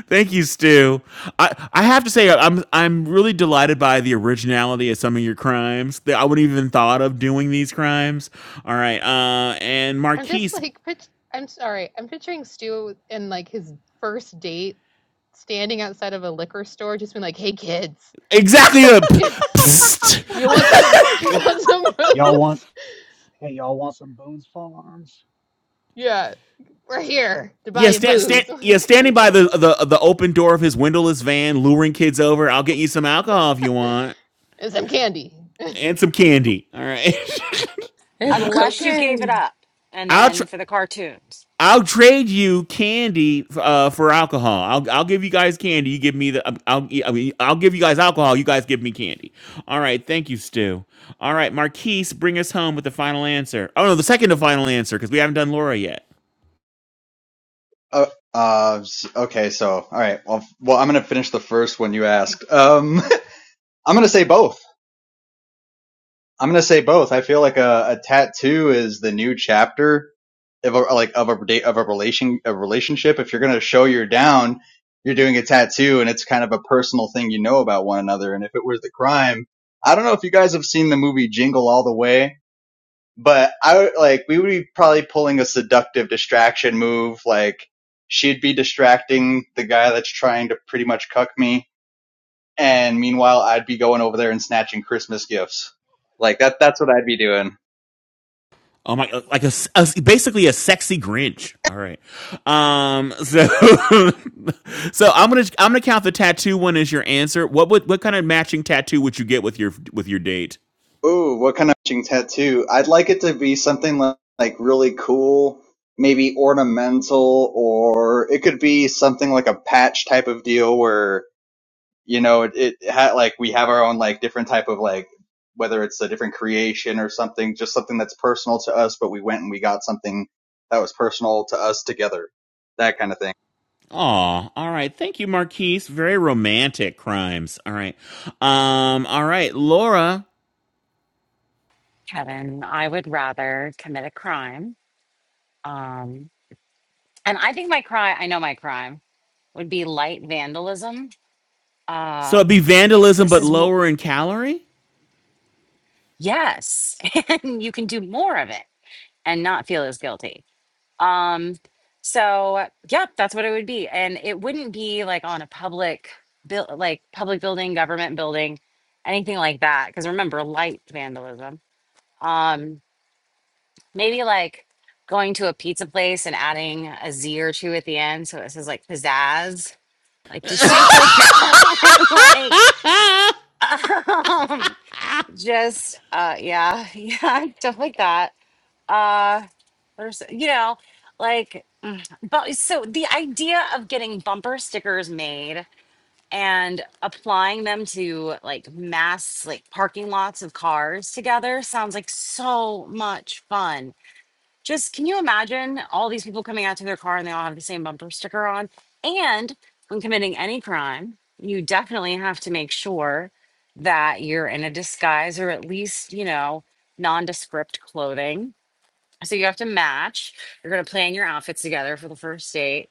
Speaker 3: thank you, Stu. I I have to say I'm I'm really delighted by the originality of some of your crimes. That I wouldn't even thought of doing these crimes. All right, uh, and
Speaker 2: just
Speaker 3: Marquise,
Speaker 2: like, pict- I'm sorry, I'm picturing Stu in like his first date standing outside of a liquor store, just being like, "Hey kids,
Speaker 3: exactly. A, p-
Speaker 2: you
Speaker 3: psst.
Speaker 2: want some? You want some
Speaker 6: Y'all want,
Speaker 2: booze?
Speaker 6: hey, y'all want some Boone's Farms?
Speaker 2: Yeah, we're here to buy
Speaker 3: Yeah,
Speaker 2: you
Speaker 3: stand, stand,
Speaker 2: booze
Speaker 3: yeah, standing by the, the the open door of his windowless van, luring kids over. I'll get you some alcohol if you want,
Speaker 2: and some candy."
Speaker 3: and some candy. All right,
Speaker 12: and some
Speaker 1: Unless you gave it
Speaker 12: cocaine.
Speaker 1: up and
Speaker 3: I'll tr-
Speaker 1: then for the cartoons.
Speaker 3: I'll trade you candy uh, for alcohol. I'll I'll give you guys candy. You give me the um, I'll yeah, I mean, I'll give you guys alcohol. You guys give me candy. All right, thank you, Stu. All right, Marquise, bring us home with the final answer. Oh no, the second to final answer because we haven't done Laura yet.
Speaker 14: Uh, uh, okay, so all right. Well, well, I'm gonna finish the first one you asked. Um, I'm gonna say both. I'm gonna say both. I feel like a, a tattoo is the new chapter of a, like of a date of a relation of a relationship. If you're gonna show you're down, you're doing a tattoo, and it's kind of a personal thing you know about one another. And if it was the crime, I don't know if you guys have seen the movie Jingle All the Way, but I like we would be probably pulling a seductive distraction move, like she'd be distracting the guy that's trying to pretty much cuck me, and meanwhile I'd be going over there and snatching Christmas gifts. Like that that's what I'd be doing.
Speaker 3: Oh my, like a, a basically a sexy Grinch. All right. Um, so, so I'm going to, I'm going to count the tattoo one as your answer. What would, what kind of matching tattoo would you get with your, with your date?
Speaker 14: Ooh, what kind of matching tattoo? I'd like it to be something li- like really cool, maybe ornamental, or it could be something like a patch type of deal where, you know, it, it ha- like we have our own like different type of like, whether it's a different creation or something, just something that's personal to us, but we went and we got something that was personal to us together. That kind of thing.
Speaker 3: Oh, all right. Thank you, Marquise. Very romantic crimes. All right. Um, all right. Laura.
Speaker 1: Kevin, I would rather commit a crime. Um, and I think my crime, I know my crime, would be light vandalism.
Speaker 3: So
Speaker 1: Uh,
Speaker 3: it'd be vandalism,
Speaker 1: this
Speaker 3: but
Speaker 1: is, w-
Speaker 3: lower in calorie?
Speaker 1: yes, and you can do more of it and not feel as guilty. Um, so, yeah, that's what it would be. And it wouldn't be like on a public, build, like public building, government building, anything like that. Because remember, light vandalism. Um, Maybe like going to a pizza place and adding a Z or two at the end. So it says like pizzazz, like do stuff like that. like, um, just, uh, yeah, yeah, stuff like that. Uh, there's, you know, like, but so the idea of getting bumper stickers made and applying them to like mass, like parking lots of cars together sounds like so much fun just can you imagine all these people coming out to their car and they all have the same bumper sticker on? And when committing any crime, you definitely have to make sure that you're in a disguise or at least, you know, nondescript clothing. So you have to match. You're going to plan your outfits together for the first date,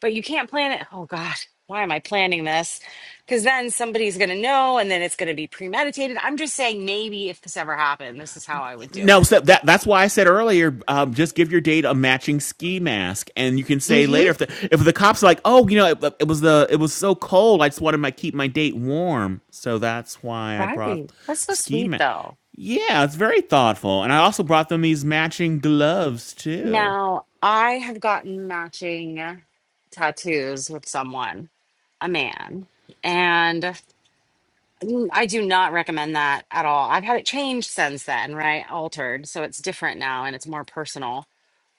Speaker 1: but you can't plan it. Oh, God, why am I planning this? Because then somebody's going to know and then it's going to be premeditated. I'm just saying, maybe if this ever happened, this is how I would do
Speaker 3: No, so
Speaker 1: it.
Speaker 3: that that's why I said earlier, um, just give your date a matching ski mask, and you can say later if the if the cops are like, oh, you know, it, it was the it was so cold, I just wanted my keep my date warm, so that's why I brought
Speaker 1: Right. That's so
Speaker 3: ski
Speaker 1: sweet,
Speaker 3: mask.
Speaker 1: though.
Speaker 3: Yeah, it's very thoughtful, and I also brought them these matching gloves too.
Speaker 1: Now, I have gotten matching tattoos with someone, a man, and mm, I do not recommend that at all. I've had it changed since then, right? Altered. So it's different now and it's more personal.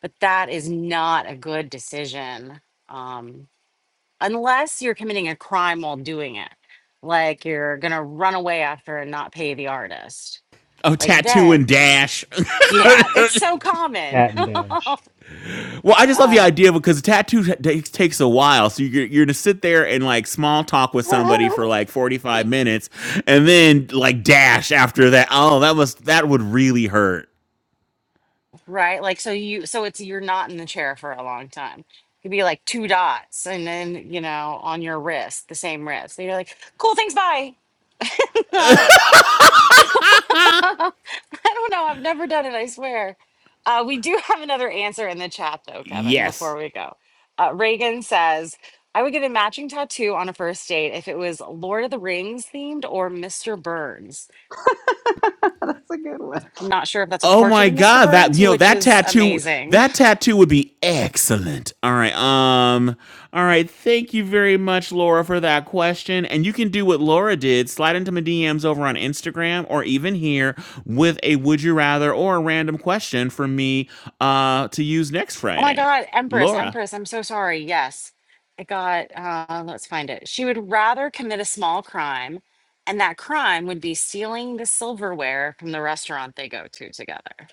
Speaker 1: But that is not a good decision um, unless you're committing a crime while doing it. Like you're going to run away after and not pay the artist.
Speaker 3: Oh,
Speaker 1: Like
Speaker 3: tattoo
Speaker 1: then,
Speaker 3: and dash.
Speaker 1: yeah, it's so common.
Speaker 6: Cat and Dash.
Speaker 3: Well, I just love the
Speaker 1: uh,
Speaker 3: idea because a tattoo t- takes takes a while. So you're, you're gonna sit there and like small talk with somebody for like 45 minutes, and then like dash after that. Oh, that was that would really hurt.
Speaker 1: right? Like so you so it's you're not in the chair for a long time. It could be like two dots and then, you know, on your wrist, the same wrist. And you're like, cool, thanks, bye. I don't know. I've never done it, I swear. Uh, we do have another answer in the chat though, Kevin, before
Speaker 3: Yes.
Speaker 1: we go. Uh, Reagan says, I would get a matching tattoo on a first date if it was Lord of the Rings themed or Mr. Burns.
Speaker 4: a good one.
Speaker 1: I'm not sure if that's a
Speaker 3: Oh
Speaker 1: portrait
Speaker 3: my
Speaker 1: of Mr.
Speaker 3: god, that
Speaker 1: Burns,
Speaker 3: you know
Speaker 1: which
Speaker 3: that
Speaker 1: is
Speaker 3: tattoo
Speaker 1: amazing.
Speaker 3: that tattoo would be excellent. All right. Um all right, thank you very much Laura for that question and you can do what Laura did, slide into my DMs over on Instagram or even here with a would you rather or a random question for me uh to use next
Speaker 1: Oh my
Speaker 3: Friday.
Speaker 1: God, Empress,
Speaker 3: Laura
Speaker 1: Empress, I'm so sorry. Yes. I got, uh, let's find it. She would rather commit a small crime, and that crime would be stealing the silverware from the restaurant they go to together.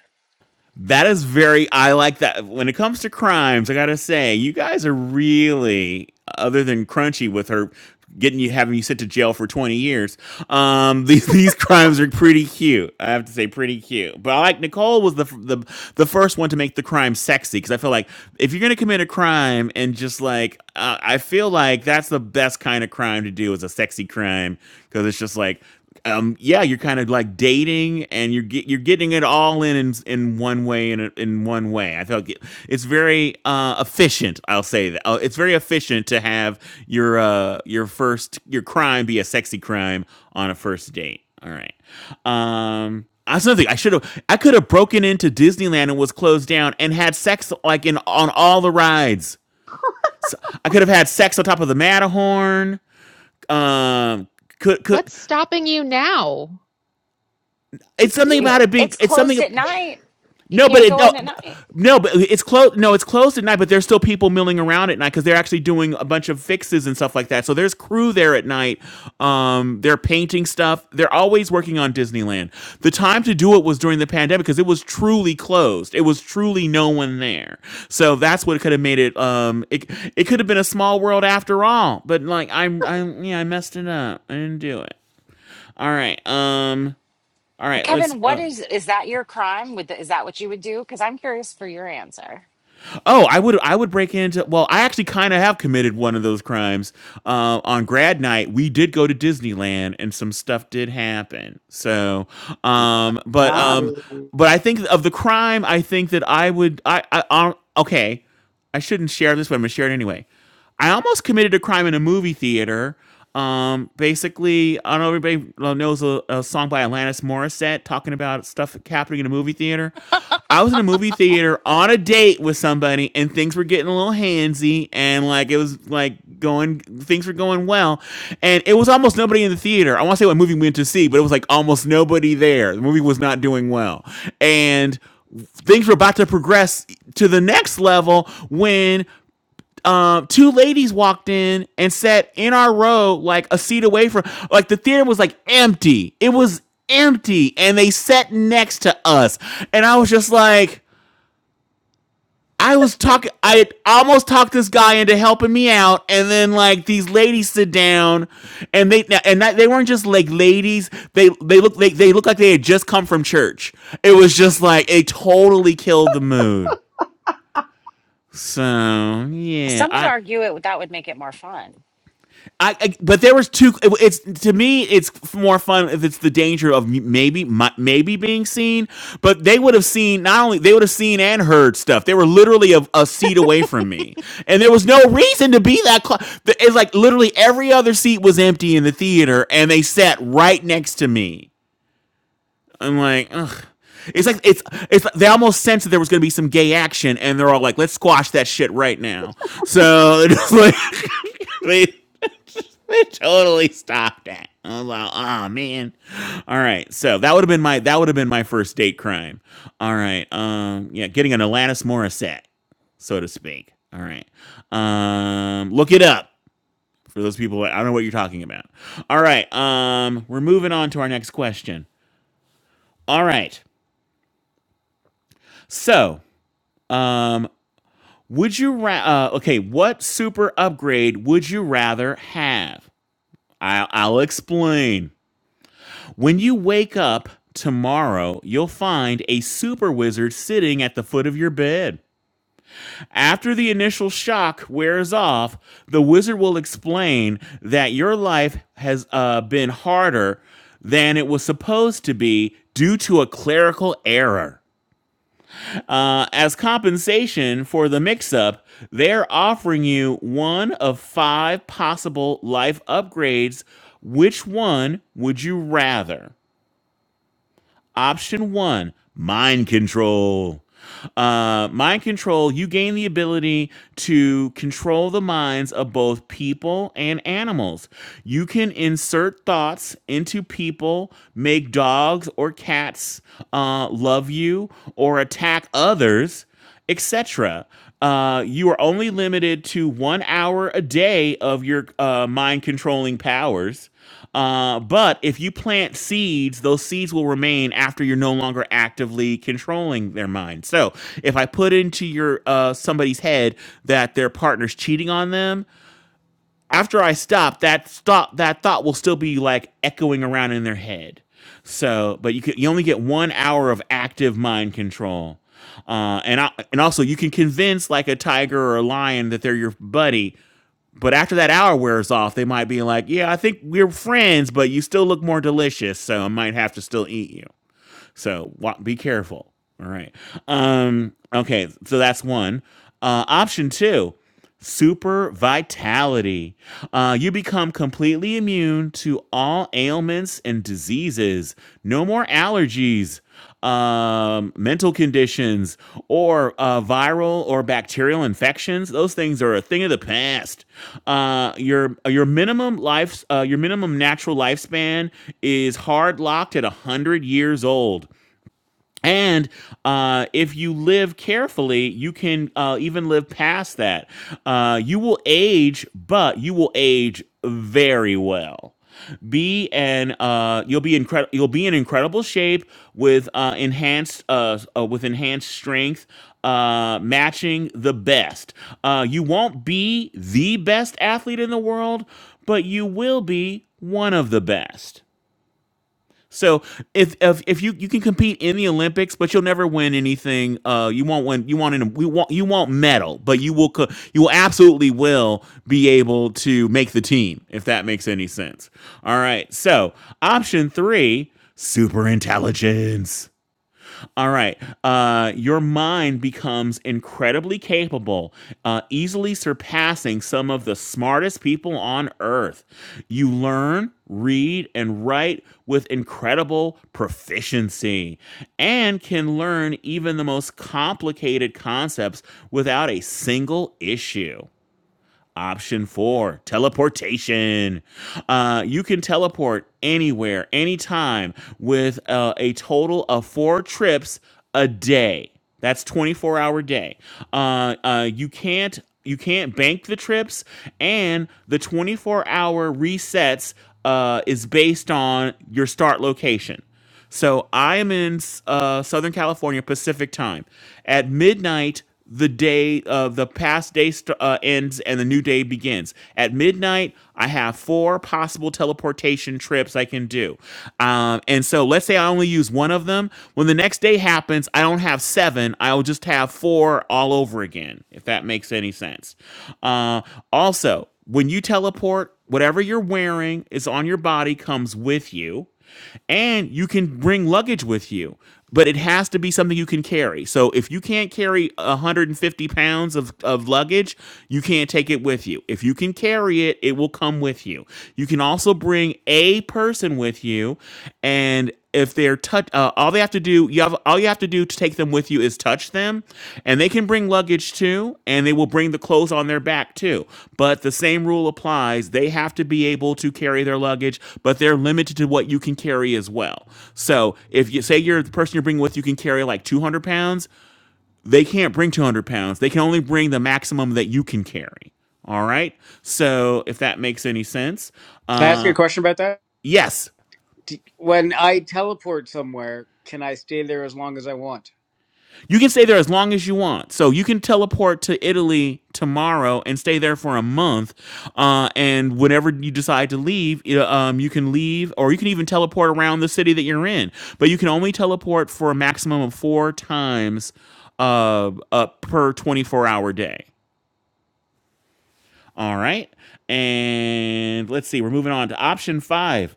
Speaker 3: That is very. I like that. When it comes to crimes, I gotta say, you guys are really other than crunchy with her getting you having you sent to jail for 20 years. Um, these these crimes are pretty cute. I have to say, pretty cute. But I like Nicole was the the the first one to make the crime sexy because I feel like if you're gonna commit a crime and just like uh, I feel like that's the best kind of crime to do is a sexy crime because it's just like um yeah you're kind of like dating and you're get, you're getting it all in in, in one way in a- in one way i felt it- it's very uh efficient i'll say that uh, it's very efficient to have your uh your first your crime be a sexy crime on a first date all right um that's another thing. I should have. I could have broken into Disneyland and was closed down and had sex like in on all the rides. I could have had sex on top of the Matterhorn. Um, could could
Speaker 2: What's stopping you now?
Speaker 3: it's
Speaker 2: Just
Speaker 3: something
Speaker 2: do
Speaker 1: You,
Speaker 3: about
Speaker 2: it.
Speaker 3: it being.
Speaker 1: it's
Speaker 3: It's
Speaker 1: closed
Speaker 3: something.
Speaker 1: at night. You
Speaker 3: No, but
Speaker 1: can't
Speaker 3: it,
Speaker 1: go
Speaker 3: no,
Speaker 1: in at night.
Speaker 3: no, but it's closed. No, it's closed at night. But there's still people milling around at night because they're actually doing a bunch of fixes and stuff like that. So there's crew there at night. Um, they're painting stuff. They're always working on Disneyland. The time to do it was during the pandemic because it was truly closed. It was truly no one there. So that's what could have made it. Um, it it could have been a small world after all. But like I'm, I'm yeah, I messed it up. I didn't do it. All right. Um. All right. Let's.
Speaker 1: Kevin, what
Speaker 3: Uh,
Speaker 1: is is that your crime? Would the, is that what you would do? Because I'm curious for your answer.
Speaker 3: Oh, I would I would break into well, I actually kind of have committed one of those crimes. Uh, on grad night, we did go to Disneyland and some stuff did happen. So, um but um
Speaker 4: Naughty.
Speaker 3: but I think of the crime, I think that I would I I um, okay. I shouldn't share this, but I'm going to share it anyway. I almost committed a crime in a movie theater. Um, basically, I don't know if everybody knows a, a song by Alanis Morissette talking about stuff happening in a movie theater. I was in a movie theater on a date with somebody, and things were getting a little handsy, and like it was like going, things were going well, and it was almost nobody in the theater. I want to say what movie we went to see, but it was like almost nobody there. The movie was not doing well, and things were about to progress to the next level when um, two ladies walked in and sat in our row, like a seat away from, like the theater was like empty. It was empty, and they sat next to us, and I was just like. I was talking. I almost talked this guy into helping me out, and then like these ladies sit down, and they and that, they weren't just like ladies. They they look they they look like they had just come from church. It was just like it totally killed the mood. So yeah,
Speaker 1: Some would
Speaker 3: I
Speaker 1: argue it that would make it more fun.
Speaker 3: I, I but there was two. it- It's to me, it's more fun if it's the danger of m- maybe mi- maybe being seen. But they would have seen not only they would have seen and heard stuff. They were literally a, a seat away from me, and there was no reason to be that close. It's like literally every other seat was empty in the theater, and they sat right next to me. I'm like, ugh. It's like it's it's like they almost sensed that there was going to be some gay action, and they're all like, "Let's squash that shit right now." So it's like they totally stopped at. I was like, oh man. All right. So that would have been my that would have been my first date crime. All right. Um yeah, getting an Alanis Morissette, so to speak. All right. Um look it up for those people that I don't know what you're talking about. All right. Um we're moving on to our next question. All right. So, um would you ra- uh, okay, what super upgrade would you rather have? I I'll explain. When you wake up tomorrow, you'll find a super wizard sitting at the foot of your bed. After the initial shock wears off, the wizard will explain that your life has uh, been harder than it was supposed to be due to a clerical error. Uh, as compensation for the mix up, they're offering you one of five possible life upgrades. Which one would you rather? Option one, mind control. Uh, mind control, you gain the ability to control the minds of both people and animals. You can insert thoughts into people, make dogs or cats uh, love you or attack others etc. Uh, you are only limited to one hour a day of your uh, mind controlling powers. Uh, but if you plant seeds, those seeds will remain after you're no longer actively controlling their mind. So if I put into your uh, somebody's head that their partner's cheating on them, after I stop, that stop that thought will still be like echoing around in their head. So, but you can, you only get one hour of active mind control. Uh, and I, and also you can convince like a tiger or a lion that they're your buddy but after that hour wears off, they might be like, "Yeah, I think we're friends, but you still look more delicious, so I might have to still eat you." So wa- be careful. All right. Um, okay. So that's one. Uh, option two super vitality. Uh, you become completely immune to all ailments and diseases. No more allergies, um, mental conditions, or uh, viral or bacterial infections. Those things are a thing of the past. Uh, your your minimum life uh, your minimum natural lifespan is hard locked at hundred years old. And uh, if you live carefully, you can uh, even live past that. Uh, you will age, but you will age very well. Be an uh, you'll be incredible. You'll be in incredible shape with uh, enhanced uh, uh, with enhanced strength, uh, matching the best. Uh, you won't be the best athlete in the world, but you will be one of the best. So if if if you you can compete in the Olympics, but you'll never win anything. Uh, you won't win. You want an, we want you won't medal, but you will co- you will absolutely will be able to make the team if that makes any sense. All right. So option three, super intelligence. All right. Uh, your mind becomes incredibly capable, uh, easily surpassing some of the smartest people on earth. You learn, read, and write with incredible proficiency and can learn even the most complicated concepts without a single issue. Option four, teleportation. Uh, you can teleport anywhere, anytime, with uh, a total of four trips a day. That's 24 hour day. Uh, uh, you can't you can't bank the trips, and the 24 hour resets uh, is based on your start location. So I am in uh, Southern California Pacific time. At midnight, the day uh, the past day st- uh, ends and the new day begins. At midnight, I have four possible teleportation trips I can do. Um, and so let's say I only use one of them. When the next day happens, I don't have seven. I'll just have four all over again, if that makes any sense. Uh, also, when you teleport, whatever you're wearing is on your body comes with you and you can bring luggage with you but it has to be something you can carry so if you can't carry 150 pounds of, of luggage you can't take it with you if you can carry it it will come with you you can also bring a person with you and if they're touch uh, all you have to do you have all you have to do to take them with you is touch them and they can bring luggage too and they will bring the clothes on their back too but the same rule applies they have to be able to carry their luggage but they're limited to what you can carry as well so if you say you're the person you're bringing with you can carry like 200 pounds they can't bring 200 pounds they can only bring the maximum that you can carry all right so if that makes any sense
Speaker 5: Can I ask you
Speaker 3: uh
Speaker 5: a question about that?
Speaker 3: yes
Speaker 5: D when I teleport somewhere, can I stay there as long as I want?
Speaker 3: You can stay there as long as you want. So you can teleport to Italy tomorrow and stay there for a month. Uh, and whenever you decide to leave, you know, um, you can leave, or you can even teleport around the city that you're in. But you can only teleport for a maximum of four times uh, uh, per 24 hour day. All right. And let's see, we're moving on to option five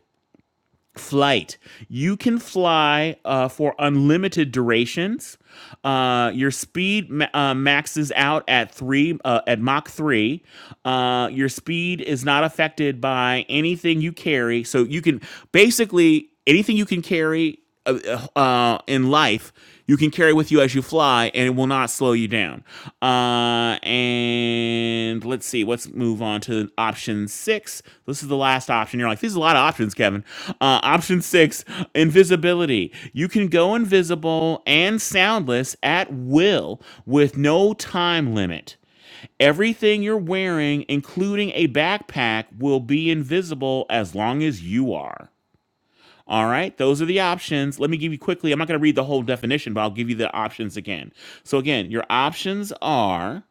Speaker 3: flight you can fly uh, for unlimited durations uh, your speed ma- uh, maxes out at three uh, at mach 3 uh, your speed is not affected by anything you carry so you can basically anything you can carry uh, uh, in life you can carry with you as you fly and it will not slow you down. Uh, and let's see, let's move on to option six. This is the last option. You're like, there's a lot of options, Kevin. Uh, option six invisibility. You can go invisible and soundless at will with no time limit. Everything you're wearing, including a backpack, will be invisible as long as you are. All right, those are the options. Let me give you quickly, I'm not going to read the whole definition, but I'll give you the options again. So, again, your options are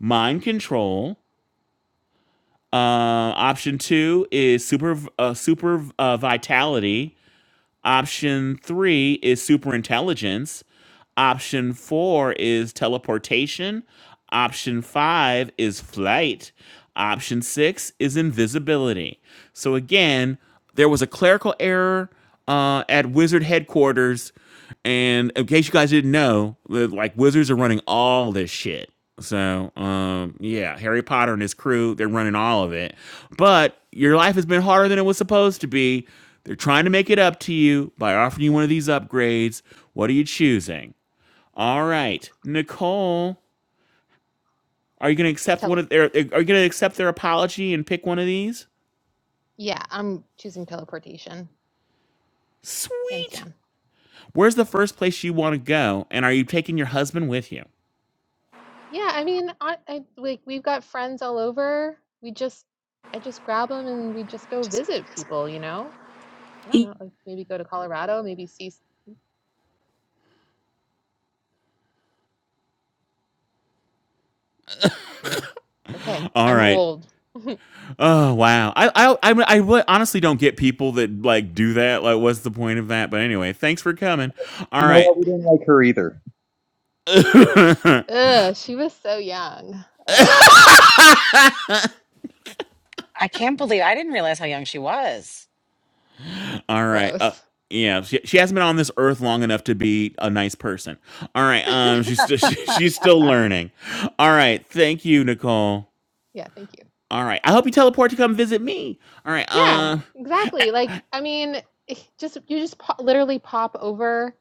Speaker 3: mind control. Uh, option two is super, uh, super uh, vitality. Option three is super intelligence. Option four is teleportation. Option five is flight. Option six is invisibility. So again, there was a clerical error uh, at Wizard headquarters, and in case you guys didn't know, like Wizards are running all this shit. So um, yeah, Harry Potter and his crew—they're running all of it. But your life has been harder than it was supposed to be. They're trying to make it up to you by offering you one of these upgrades. What are you choosing? All right, Nicole, are you going to accept one
Speaker 2: Tele-
Speaker 3: of their? Are you going to accept their apology and pick one of these?
Speaker 2: yeah, I'm choosing teleportation, hands
Speaker 3: Sweet.
Speaker 2: down.
Speaker 3: Where's the first place you want to go? And are you taking your husband with you?
Speaker 2: Yeah, I mean, I, I like we've got friends all over. We just, I just grab them and we just go visit people. You know, I don't know. like, Maybe go to Colorado. Maybe see. s- Weird. Okay,
Speaker 3: All
Speaker 2: I'm
Speaker 3: right.
Speaker 2: old.
Speaker 3: Oh wow. I I I, I really- honestly don't get people that like do that. Like, what's the point of that? But anyway, thanks for coming.
Speaker 14: You
Speaker 3: All
Speaker 14: know
Speaker 3: right.
Speaker 14: what? We didn't like her either.
Speaker 2: Ugh, she was so young. Ugh,
Speaker 1: I can't believe I didn't realize how young she was.
Speaker 3: All right. Uh,
Speaker 2: gross.
Speaker 3: yeah, she, she hasn't been on this earth long enough to be a nice person. All right, um, she's still she's still learning. All right, thank you, Nicole.
Speaker 2: yeah, thank you.
Speaker 3: All right. I hope you teleport to come visit me. All right.
Speaker 2: Yeah,
Speaker 3: Uh,
Speaker 2: exactly. Like, I mean, it just you just po- literally pop over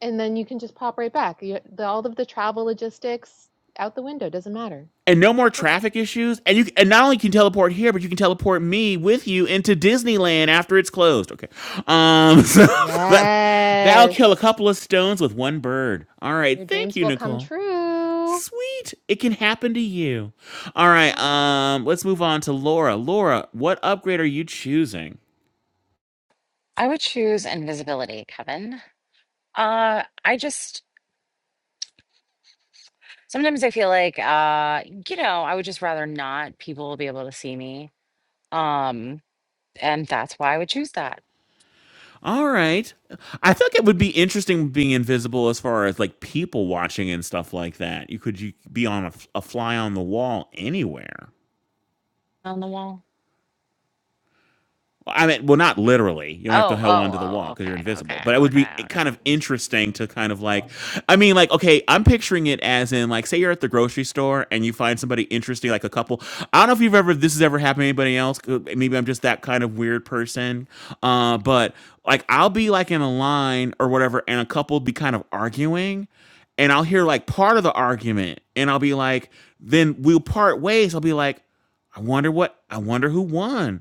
Speaker 2: and then you can just pop right back. You, the, all of the travel logistics out the window doesn't matter.
Speaker 3: and no more
Speaker 2: Perfect.
Speaker 3: traffic issues. And you and not only can you teleport here, but you can teleport me with you into Disneyland after it's closed. Okay. Um, so that that'll kill a
Speaker 2: Yes.
Speaker 3: couple of stones with one bird. All
Speaker 2: Your
Speaker 3: right. Thank
Speaker 2: dreams
Speaker 3: you,
Speaker 2: will come
Speaker 3: Nicole.
Speaker 2: true.
Speaker 3: Sweet. It can happen to you. All right.
Speaker 2: Yeah.
Speaker 3: Um, let's move on to Laura. Laura, what upgrade are you choosing?
Speaker 1: I would choose invisibility, Kevin. Uh, I just Sometimes I feel like, uh, you know, I would just rather not people be able to see me. Um, and that's why I would choose that
Speaker 3: All right. I think it would be interesting being invisible as far as like people watching and stuff like that. You could you could be on a, f- a fly on the wall anywhere.
Speaker 1: on the wall.
Speaker 3: I mean, well, not literally. You don't have to
Speaker 1: Oh,
Speaker 3: hold on
Speaker 1: oh,
Speaker 3: to the wall
Speaker 1: oh,
Speaker 3: because you're
Speaker 1: okay,
Speaker 3: invisible.
Speaker 1: okay,
Speaker 3: But it would be
Speaker 1: okay, okay.
Speaker 3: kind of interesting to kind of like, I mean, like, okay, I'm picturing it as in like, say you're at the grocery store and you find somebody interesting, like a couple. I don't know if you've ever this has ever happened to anybody else. 'cause Maybe I'm just that kind of weird person. Uh, but like, I'll be like in a line or whatever, and a couple would be kind of arguing, and I'll hear like part of the argument, and I'll be like, then we'll part ways. I'll be like, I wonder what, I wonder who won.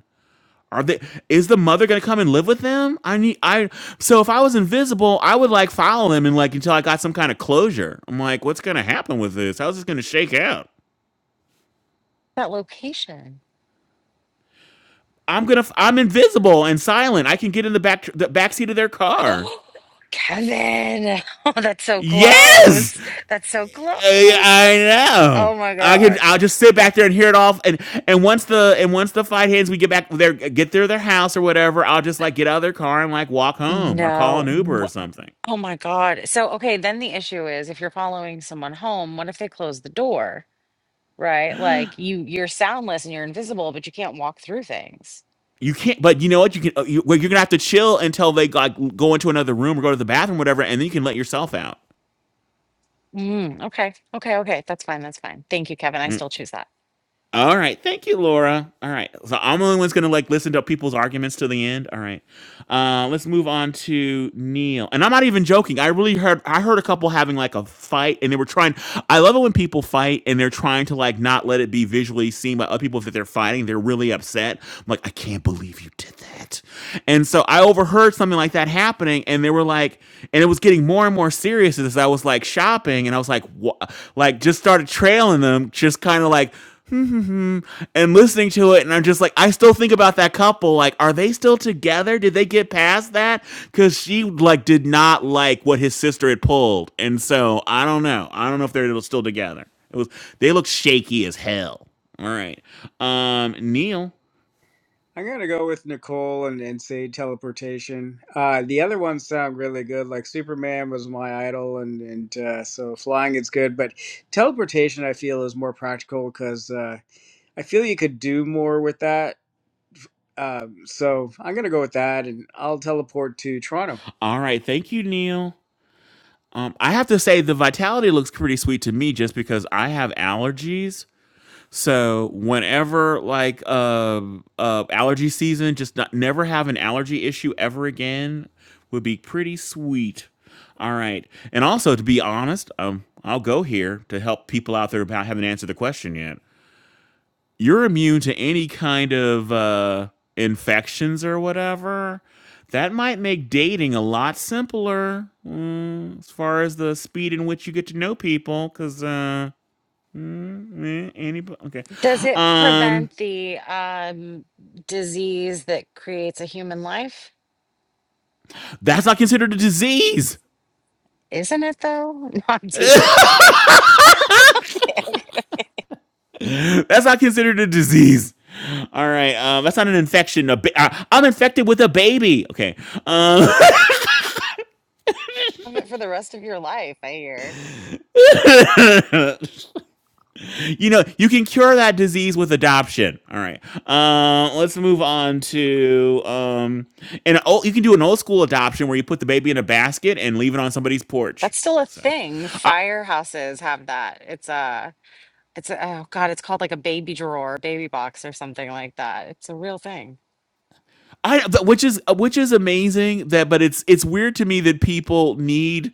Speaker 3: Are they? Is the mother gonna come and live with them? I need. I so if I was invisible, I would like follow them and like until I got some kind of closure. I'm like, what's gonna happen with this? How's this gonna shake out?
Speaker 1: That location.
Speaker 3: I'm gonna. f- I'm invisible and silent. I can get in the back the back seat of their car.
Speaker 1: Oh, Kevin. Oh, that's so
Speaker 3: Yes,
Speaker 1: close. That's so
Speaker 3: I, I
Speaker 1: close.
Speaker 3: know.
Speaker 1: Oh my
Speaker 3: I can.
Speaker 1: God.
Speaker 3: I'll just sit back there and hear it all. And and once the and once the fight ends, we get back there, get through their house or whatever. I'll just like get out of their car and like walk home or call an
Speaker 1: No.
Speaker 3: Uber or
Speaker 1: wh-
Speaker 3: something.
Speaker 1: Oh my God. So, okay, then the issue is if you're following someone home, what if they close the door? right? Like you you're soundless and you're invisible, but you can't walk through things.
Speaker 3: You can't, but you know what? You can. uh, You, well, you're gonna have to chill until they like go into another room or go to the bathroom, whatever, and then you can let yourself out.
Speaker 1: Mm, okay. Okay, okay. That's fine. That's fine. Thank you, Kevin. I
Speaker 3: Mm.
Speaker 1: still choose that.
Speaker 3: All right, thank you, Laura. All right, so I'm the only one's gonna like listen to people's arguments to the end. All right, uh, let's move on to Neil. And I'm not even joking. I really heard. I heard a couple having like a fight, and they were trying. I love it when people fight and they're trying to like not let it be visually seen by other people that they're fighting. They're really upset. I'm like, I can't believe you did that it. And so I overheard something like that happening, and they were like, and it was getting more and more serious as I was like shopping, and I was like, what? Like, just started trailing them, just kind of like, hmm, hmm, hmm, and listening to it. And I'm just like, I still think about that couple. Like, are they still together? Did they get past that? Because she like did not like what his sister had pulled, and so I don't know. I don't know if they're still together. It was they looked shaky as hell. All right, um, Neil.
Speaker 5: I'm gonna go with Nicole and, and say teleportation. Uh, the other ones sound really good. Like Superman was my idol, and and uh, so flying is good, but teleportation I feel is more practical because uh, I feel you could do more with that. Um, so I'm gonna go with that, and I'll teleport to Toronto.
Speaker 3: All right, thank you, Neil. Um, I have to say the vitality looks pretty sweet to me just because I have allergies. So whenever like uh, uh allergy season, just not never have an allergy issue ever again would be pretty sweet. All right. And also to be honest, um, I'll go here to help people out there who haven't answered the question yet you're immune to any kind of uh, infections or whatever. That might make dating a lot simpler mm, as far as the speed in which you get to know people. Because uh, mm, eh, any okay,
Speaker 1: Does it
Speaker 3: um,
Speaker 1: prevent the um disease that creates a human life?
Speaker 3: that's not considered a disease.
Speaker 1: Isn't it though? No, I'm teasing. Okay.
Speaker 3: That's not considered a disease. All right, um, that's not an infection. A ba- I- I'm infected with a baby. Okay, um,
Speaker 1: Have it for the rest of your life, I hear.
Speaker 3: you know, you can cure that disease with adoption. All right. Uh, let's move on to um, an old, you can do an old school adoption where you put the baby in a basket and leave it on somebody's porch.
Speaker 1: That's still a
Speaker 3: So,
Speaker 1: thing.
Speaker 3: I,
Speaker 1: Firehouses have that. It's a it's a, oh God, it's called like a baby drawer, baby box or something like that. It's a real thing.
Speaker 3: I which is which is amazing that but it's it's weird to me that people need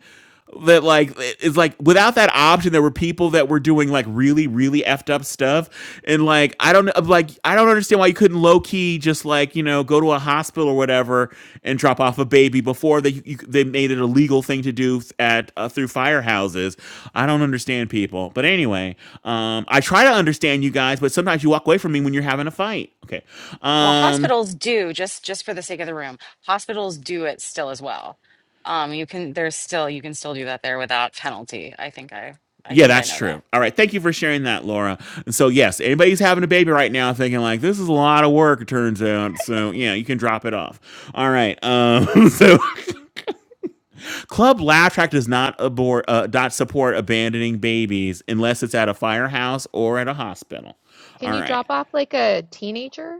Speaker 3: that like it's like without that option there were people that were doing like really really effed up stuff and like I don't like I don't understand why you couldn't low key just like you know go to a hospital or whatever and drop off a baby before they you, they made it a legal thing to do at uh, through firehouses I don't understand people but anyway um I try to understand you guys but sometimes you walk away from me when you're having a fight okay
Speaker 1: Well,
Speaker 3: um
Speaker 1: hospitals do just just for the sake of the room. Hospitals do it still as well. Um, you can there's still you can still do that there without penalty. I think I I
Speaker 3: Yeah,
Speaker 1: think I
Speaker 3: that's
Speaker 1: know that.
Speaker 3: true. All right. Thank you for sharing that, Laura. And so, yes, anybody's having a baby right now thinking, like, this is a lot of work, it turns out. So, yeah, you can drop it off. All right. Um, so, Club Laugh Track does not, abort, uh, not support abandoning babies unless it's at a firehouse or at a hospital.
Speaker 2: Can
Speaker 3: All
Speaker 2: you
Speaker 3: right.
Speaker 2: drop off like a teenager?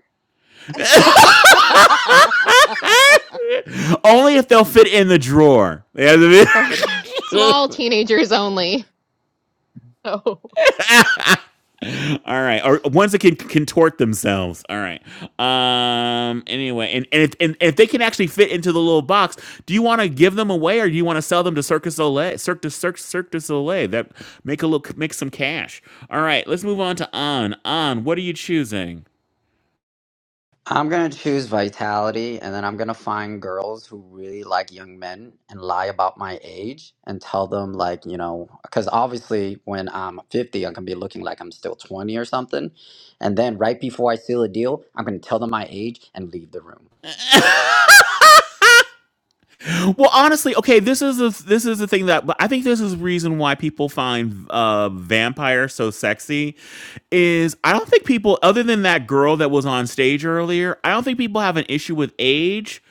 Speaker 3: Only if they'll fit in the drawer. They have to be-
Speaker 2: Okay. Small teenagers only. Oh.
Speaker 3: All right, or ones that can contort themselves. All right. Um. Anyway, and and if, and if they can actually fit into the little box, do you want to give them away or do you want to sell them to Circus Soleil? Cirque du Cirque Cirque du Soleil. That make a look make some cash. All right, let's move on to on on. What are you choosing?
Speaker 4: I'm gonna choose vitality, and then I'm gonna find girls who really like young men and lie about my age and tell them like you know, because obviously when I'm 50, I'm gonna be looking like I'm still 20 or something, and then right before I seal a deal, I'm gonna tell them my age and leave the room.
Speaker 3: Well, honestly, okay, this is the this is the thing that but I think this is the reason why people find uh vampire so sexy is I don't think people other than that girl that was on stage earlier, I don't think people have an issue with age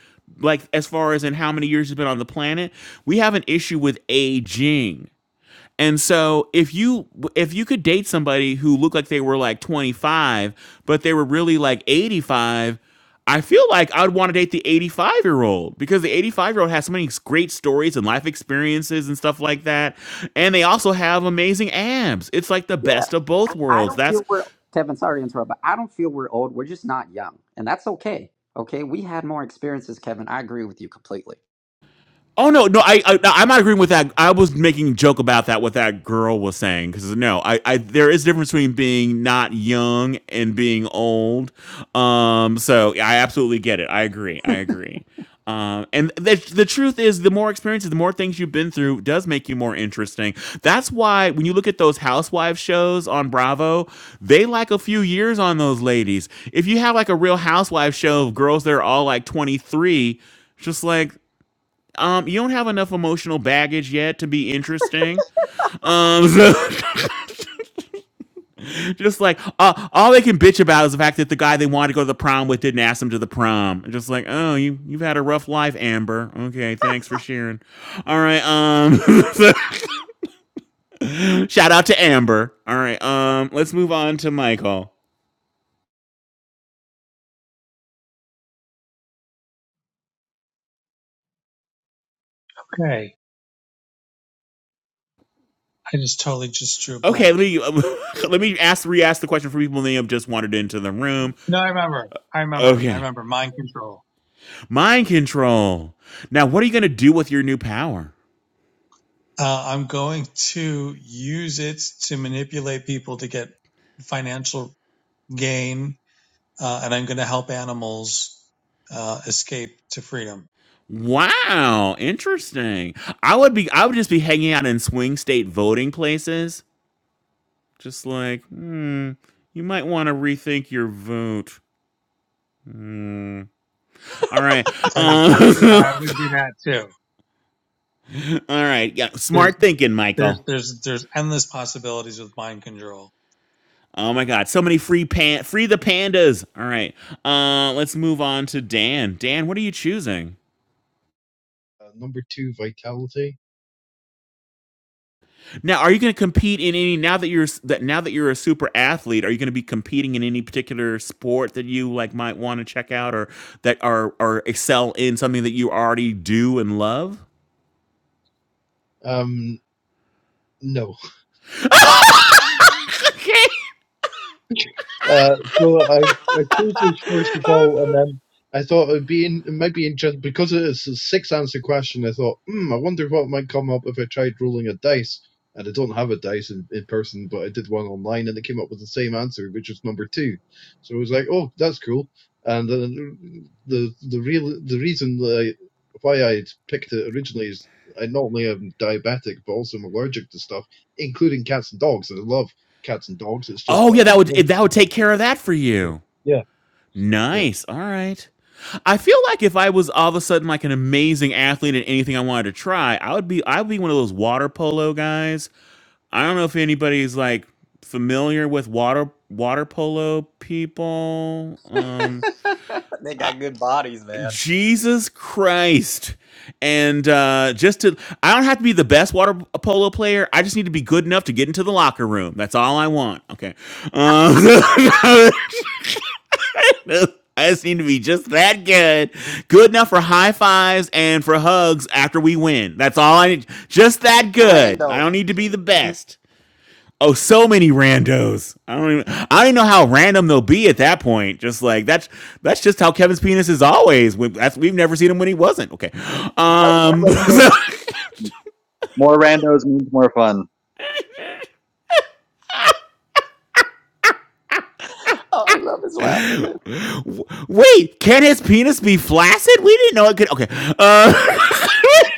Speaker 3: like as far as in how many years you've been on the planet. We have an issue with aging. And so if you if you could date somebody who looked like they were like 25, but they were really like 85, I feel like I'd want to date the 85 year old because the 85 year old has so many great stories and life experiences and stuff like that. And they also have amazing abs. It's like the
Speaker 4: Yeah,
Speaker 3: best of both
Speaker 4: I
Speaker 3: worlds.
Speaker 4: don't
Speaker 3: That's
Speaker 4: feel we're Kevin. Sorry to interrupt, but I don't feel we're old. We're just not young, and that's okay. Okay, we had more experiences, Kevin. I agree with you completely.
Speaker 3: Oh no, no, I, I I'm not agreeing with that. I was making a joke about that what that girl was saying because no, I, I there is a difference between being not young and being old. Um, so yeah, I absolutely get it. I agree. I agree. Um, and the the truth is, the more experiences, the more things you've been through, does make you more interesting. That's why when you look at those housewife shows on Bravo, they like a few years on those ladies. If you have like a Real Housewife show of girls that are all like 23, it's just like um, you don't have enough emotional baggage yet to be interesting. Um, so just like uh, all they can bitch about is the fact that the guy they wanted to go to the prom with didn't ask them to the prom. just like, oh, you you've had a rough life, Amber. Okay, thanks for sharing. All right, um, so, shout out to Amber. All right, um, let's move on to Michael.
Speaker 10: Okay. I just totally just drew a
Speaker 3: Okay, let
Speaker 10: blank.
Speaker 3: me let me ask re-ask the question for people that have just wandered into the room.
Speaker 10: No, I remember. I remember. I
Speaker 3: Okay,
Speaker 10: remember. Mind control.
Speaker 3: mind control. Now, what are you gonna do with your new power?
Speaker 10: Uh, I'm going to use it to manipulate people to get financial gain, uh, and I'm going to help animals uh, escape to freedom.
Speaker 3: Wow, interesting. I would be I would just be hanging out in swing state voting places. Just like, hmm, you might want to rethink your vote. Hmm. All right.
Speaker 10: I would,
Speaker 3: Uh,
Speaker 10: I would do that too.
Speaker 3: all right. Yeah,
Speaker 10: There's,
Speaker 3: smart thinking,
Speaker 10: there's,
Speaker 3: Michael.
Speaker 10: there's, there's endless possibilities with mind control.
Speaker 3: Oh my god, so many free pan free the pandas. All right. Uh let's move on to Dan. Dan, what are you choosing?
Speaker 11: Uh, number two, vitality.
Speaker 3: Now, are you going to compete in any now that you're that now that you're a super athlete? Are you going to be competing in any particular sport that you like might want to check out or that are or excel in something that you already do and love?
Speaker 11: Um, no,
Speaker 3: Okay.
Speaker 11: Uh, so I, I chose this first
Speaker 4: I'm
Speaker 11: of all, and
Speaker 4: so
Speaker 11: then I thought it would be in, it might be interesting because it is a six answer question. I thought, hmm, I wonder what might come up if I tried rolling a dice. And I don't have a dice in, in person, but I did one online, and it came up with the same answer, which was number two. So I was like, oh, that's cool. And then the the real the reason that I, why I picked it originally is I not only am diabetic, but also I'm allergic to stuff, including cats and dogs. And I love cats and dogs. It's just
Speaker 3: Oh
Speaker 11: that
Speaker 3: yeah, that
Speaker 11: I'm
Speaker 3: would eh,
Speaker 11: allergic
Speaker 3: that
Speaker 11: to
Speaker 3: would
Speaker 11: them.
Speaker 3: take care of that for
Speaker 11: Yeah.
Speaker 3: you.
Speaker 11: Yeah.
Speaker 3: Nice. All right. I feel like if I was all of a sudden like an amazing athlete in anything I wanted to try, I would be I would be one of those water polo guys I don't know if anybody's like familiar with water water polo people. Um,
Speaker 4: they got good bodies, man.
Speaker 3: Jesus Christ. And uh, just to, I don't have to be the best water polo player. I just need to be good enough to get into the locker room. That's all I want. Okay. Um, I just need to be just that good, good enough for high fives and for hugs after we win. That's all I need. Just that good. I don't
Speaker 4: Randos.
Speaker 3: need to be the best. Oh, so many randos. I don't even I don't even know how random they'll be at that point. Just like that's that's just how Kevin's penis is always. We, that's, we've never seen him when he wasn't. Okay.
Speaker 14: More,
Speaker 3: Um
Speaker 14: more randos.
Speaker 3: so-
Speaker 14: More randos means more fun.
Speaker 4: Oh, I love his laughter. dude.
Speaker 3: wait, can his penis be flaccid? We didn't know it could okay. Uh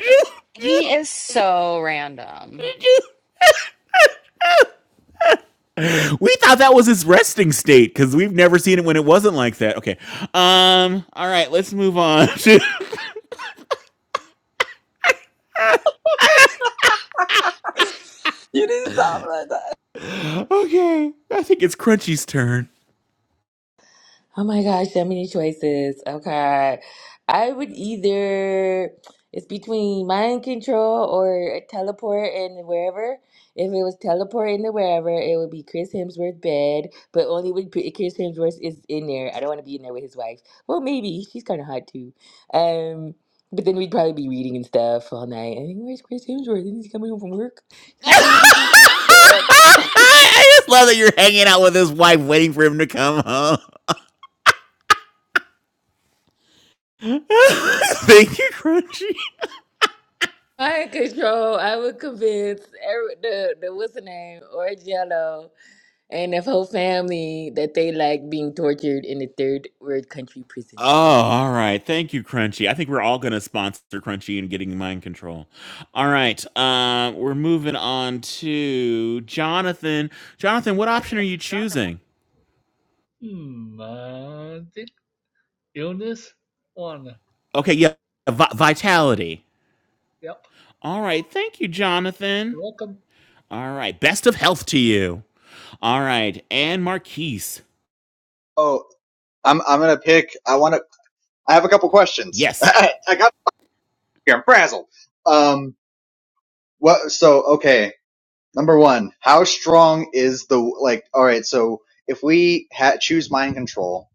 Speaker 1: He is so random.
Speaker 3: we thought that was his resting state because we've never seen it when it wasn't like that. Okay. Um, all right, let's move on. okay.
Speaker 4: You didn't sound like that.
Speaker 3: I think it's Crunchy's turn.
Speaker 12: Oh my gosh, so many choices. Okay. I would either, it's between mind control or teleport and wherever. If it was teleport into wherever, it would be Chris Hemsworth's bed, but only when P- Chris Hemsworth is in there. I don't want to be in there with his wife. Well, maybe. She's kind of hot too. Um, but then we'd probably be reading and stuff all night. I think, where's Chris Hemsworth? Is he coming home from work? Like, no, he's not coming. But uh,
Speaker 3: I just love that you're hanging out with his wife, waiting for him to come home. Thank you, Crunchy.
Speaker 12: Mind control, I would convince every, the the what's the name or Jello and the whole family that they like being tortured in the third world country
Speaker 3: Oh,
Speaker 12: prison. Eh,
Speaker 3: all
Speaker 12: Yes.
Speaker 3: right. Thank you, Crunchy. I think we're all going to sponsor Crunchy and getting mind control. All right. Uh, we're moving on to Jonathan. Jonathan, what option are you choosing?
Speaker 13: Hmm. Uh, think illness one. So,
Speaker 3: Okay, yeah, vi- vitality.
Speaker 13: yep.
Speaker 3: All right. Thank you, Jonathan.
Speaker 13: You're welcome.
Speaker 3: All right. Best of health to you. All right. And Marquise.
Speaker 14: Oh, I'm I'm gonna pick. I want to I have a couple questions.
Speaker 3: Yes.
Speaker 14: I got here. I'm frazzled. Um, what? So, okay. Number one, how strong is the like? All right. So, if we ha- choose mind control,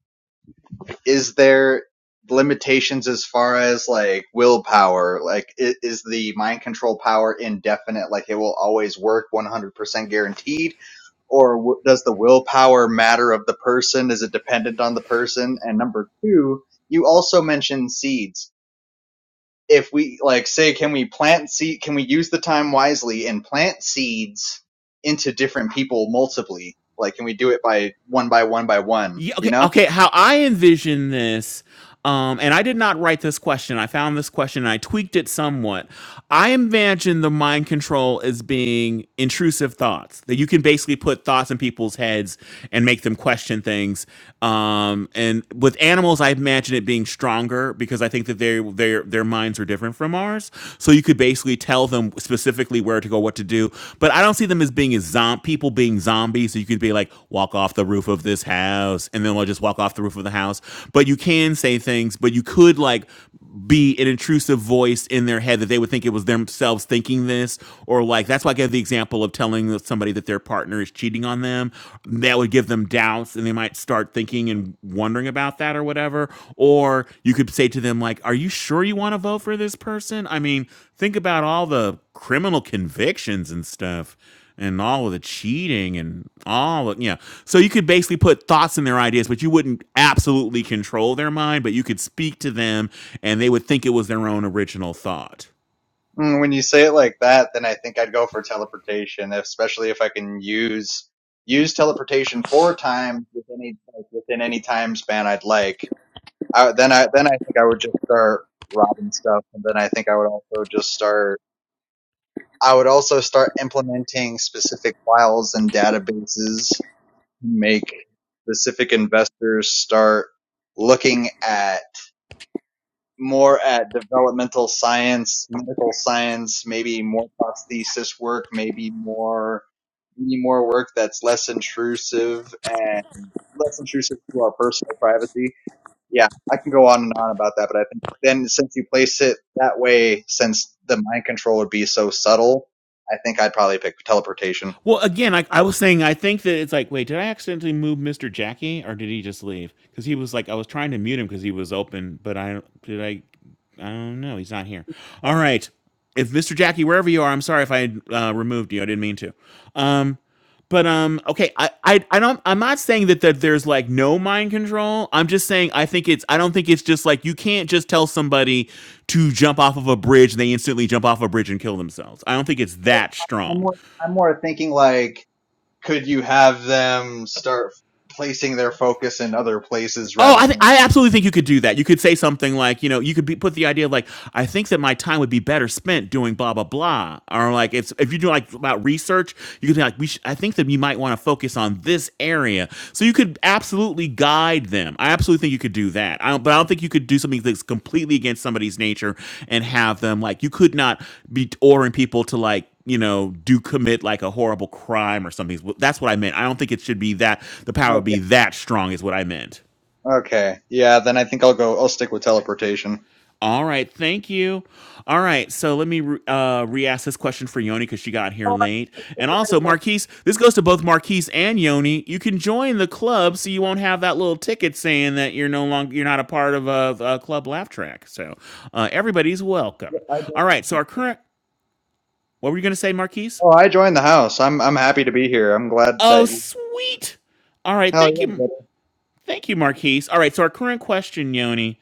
Speaker 14: is there limitations as far as like willpower? Like, i is the mind control power indefinite? Like, it will always work 100% guaranteed, or w- does the willpower matter of the person? Is it dependent on the person? And number two, you also mentioned seeds if we like say can we plant seed can we use the time wisely and plant seeds into different people multiply like can we do it by one by one by one
Speaker 3: Yeah,
Speaker 14: you
Speaker 3: okay,
Speaker 14: know
Speaker 3: okay. How I envision this, um, and I did not write this question. I found this question and I tweaked it somewhat. I imagine the mind control as being intrusive thoughts that you can basically put thoughts in people's heads and make them question things. Um, and with animals, I imagine it being stronger because I think that their their their minds are different from ours. So you could basically tell them specifically where to go, what to do. But I don't see them as being as zom- people being zombies. So you could be like, walk off the roof of this house, and then we'll just walk off the roof of the house. But you can say things, but you could like be an intrusive voice in their head that they would think it was themselves thinking this, or like that's why I gave the example of telling somebody that their partner is cheating on them. That would give them doubts else and they might start thinking and wondering about that or whatever or you could say to them like are you sure you want to vote for this person i mean think about all the criminal convictions and stuff and all of the cheating and all of, yeah so you could basically put thoughts in their ideas but you wouldn't absolutely control their mind but you could speak to them and they would think it was their own original thought
Speaker 14: Mm, when you say it like that then i think i'd go for teleportation especially if i can use use teleportation for time within any like, within any time span i'd like I, then i then i think i would just start robbing stuff and then i think i would also just start I would also start implementing specific files and databases make specific investors start looking at more at developmental science, medical science, maybe more prosthesis work, maybe more maybe more work that's less intrusive and less intrusive to our personal privacy. Yeah, I can go on and on about that, but I think then since you place it that way, since the mind control would be so subtle, I think I'd probably pick teleportation.
Speaker 3: Well, again, like I was saying, I think that it's like, wait, did I accidentally move Mr. Jackie, or did he just leave? Because he was like, I was trying to mute him because he was open, but I did I. I don't know. He's not here. All right. If Mr. Jackie, wherever you are, I'm sorry if I uh, removed you. I didn't mean to. Um, but um, okay. I, I I don't. I'm not saying that that there's like no mind control. I'm just saying I think it's. I don't think it's just like you can't just tell somebody to jump off of a bridge and they instantly jump off a bridge and kill themselves. I don't think it's that
Speaker 14: I'm
Speaker 3: strong.
Speaker 14: more, I'm more thinking like could you have them start placing their focus in other places
Speaker 3: Oh,
Speaker 14: rather
Speaker 3: I, th-
Speaker 14: than
Speaker 3: I absolutely think you could do that. You could say something like, you know, you could be, put the idea of like, I think that my time would be better spent doing blah blah blah, or like if if you do like about research, you could be like, we sh- I think that you might want to focus on this area. So you could absolutely guide them. I absolutely think you could do that. I don't, but I don't think you could do something that's completely against somebody's nature and have them like you could not be ordering people to like you know, do commit like a horrible crime or something. That's what I meant. I don't think it should be that the power would be
Speaker 14: okay
Speaker 3: that strong, is what I meant.
Speaker 14: okay yeah then i think i'll go i'll stick with teleportation
Speaker 3: All right, thank you. All right, so let me re- uh, re-ask this question for Yoni because she got here
Speaker 15: Oh,
Speaker 3: late,
Speaker 15: I
Speaker 3: and also
Speaker 15: remember.
Speaker 3: Marquise. This goes to both Marquise and Yoni. You can join the club, so you won't have that little ticket saying that you're no longer you're not a part of a, a club laugh track. So uh, everybody's
Speaker 14: Yeah,
Speaker 3: welcome.
Speaker 14: I
Speaker 3: All
Speaker 14: joined,
Speaker 3: right, so our current. What were you going to say, Marquise?
Speaker 14: oh i joined the house i'm i'm happy to be here i'm glad
Speaker 3: Oh,
Speaker 14: that you
Speaker 3: sweet. All right,
Speaker 14: hell
Speaker 3: thank
Speaker 14: yeah
Speaker 3: you,
Speaker 14: buddy.
Speaker 3: thank you, Marquise. All right, so our current question, Yoni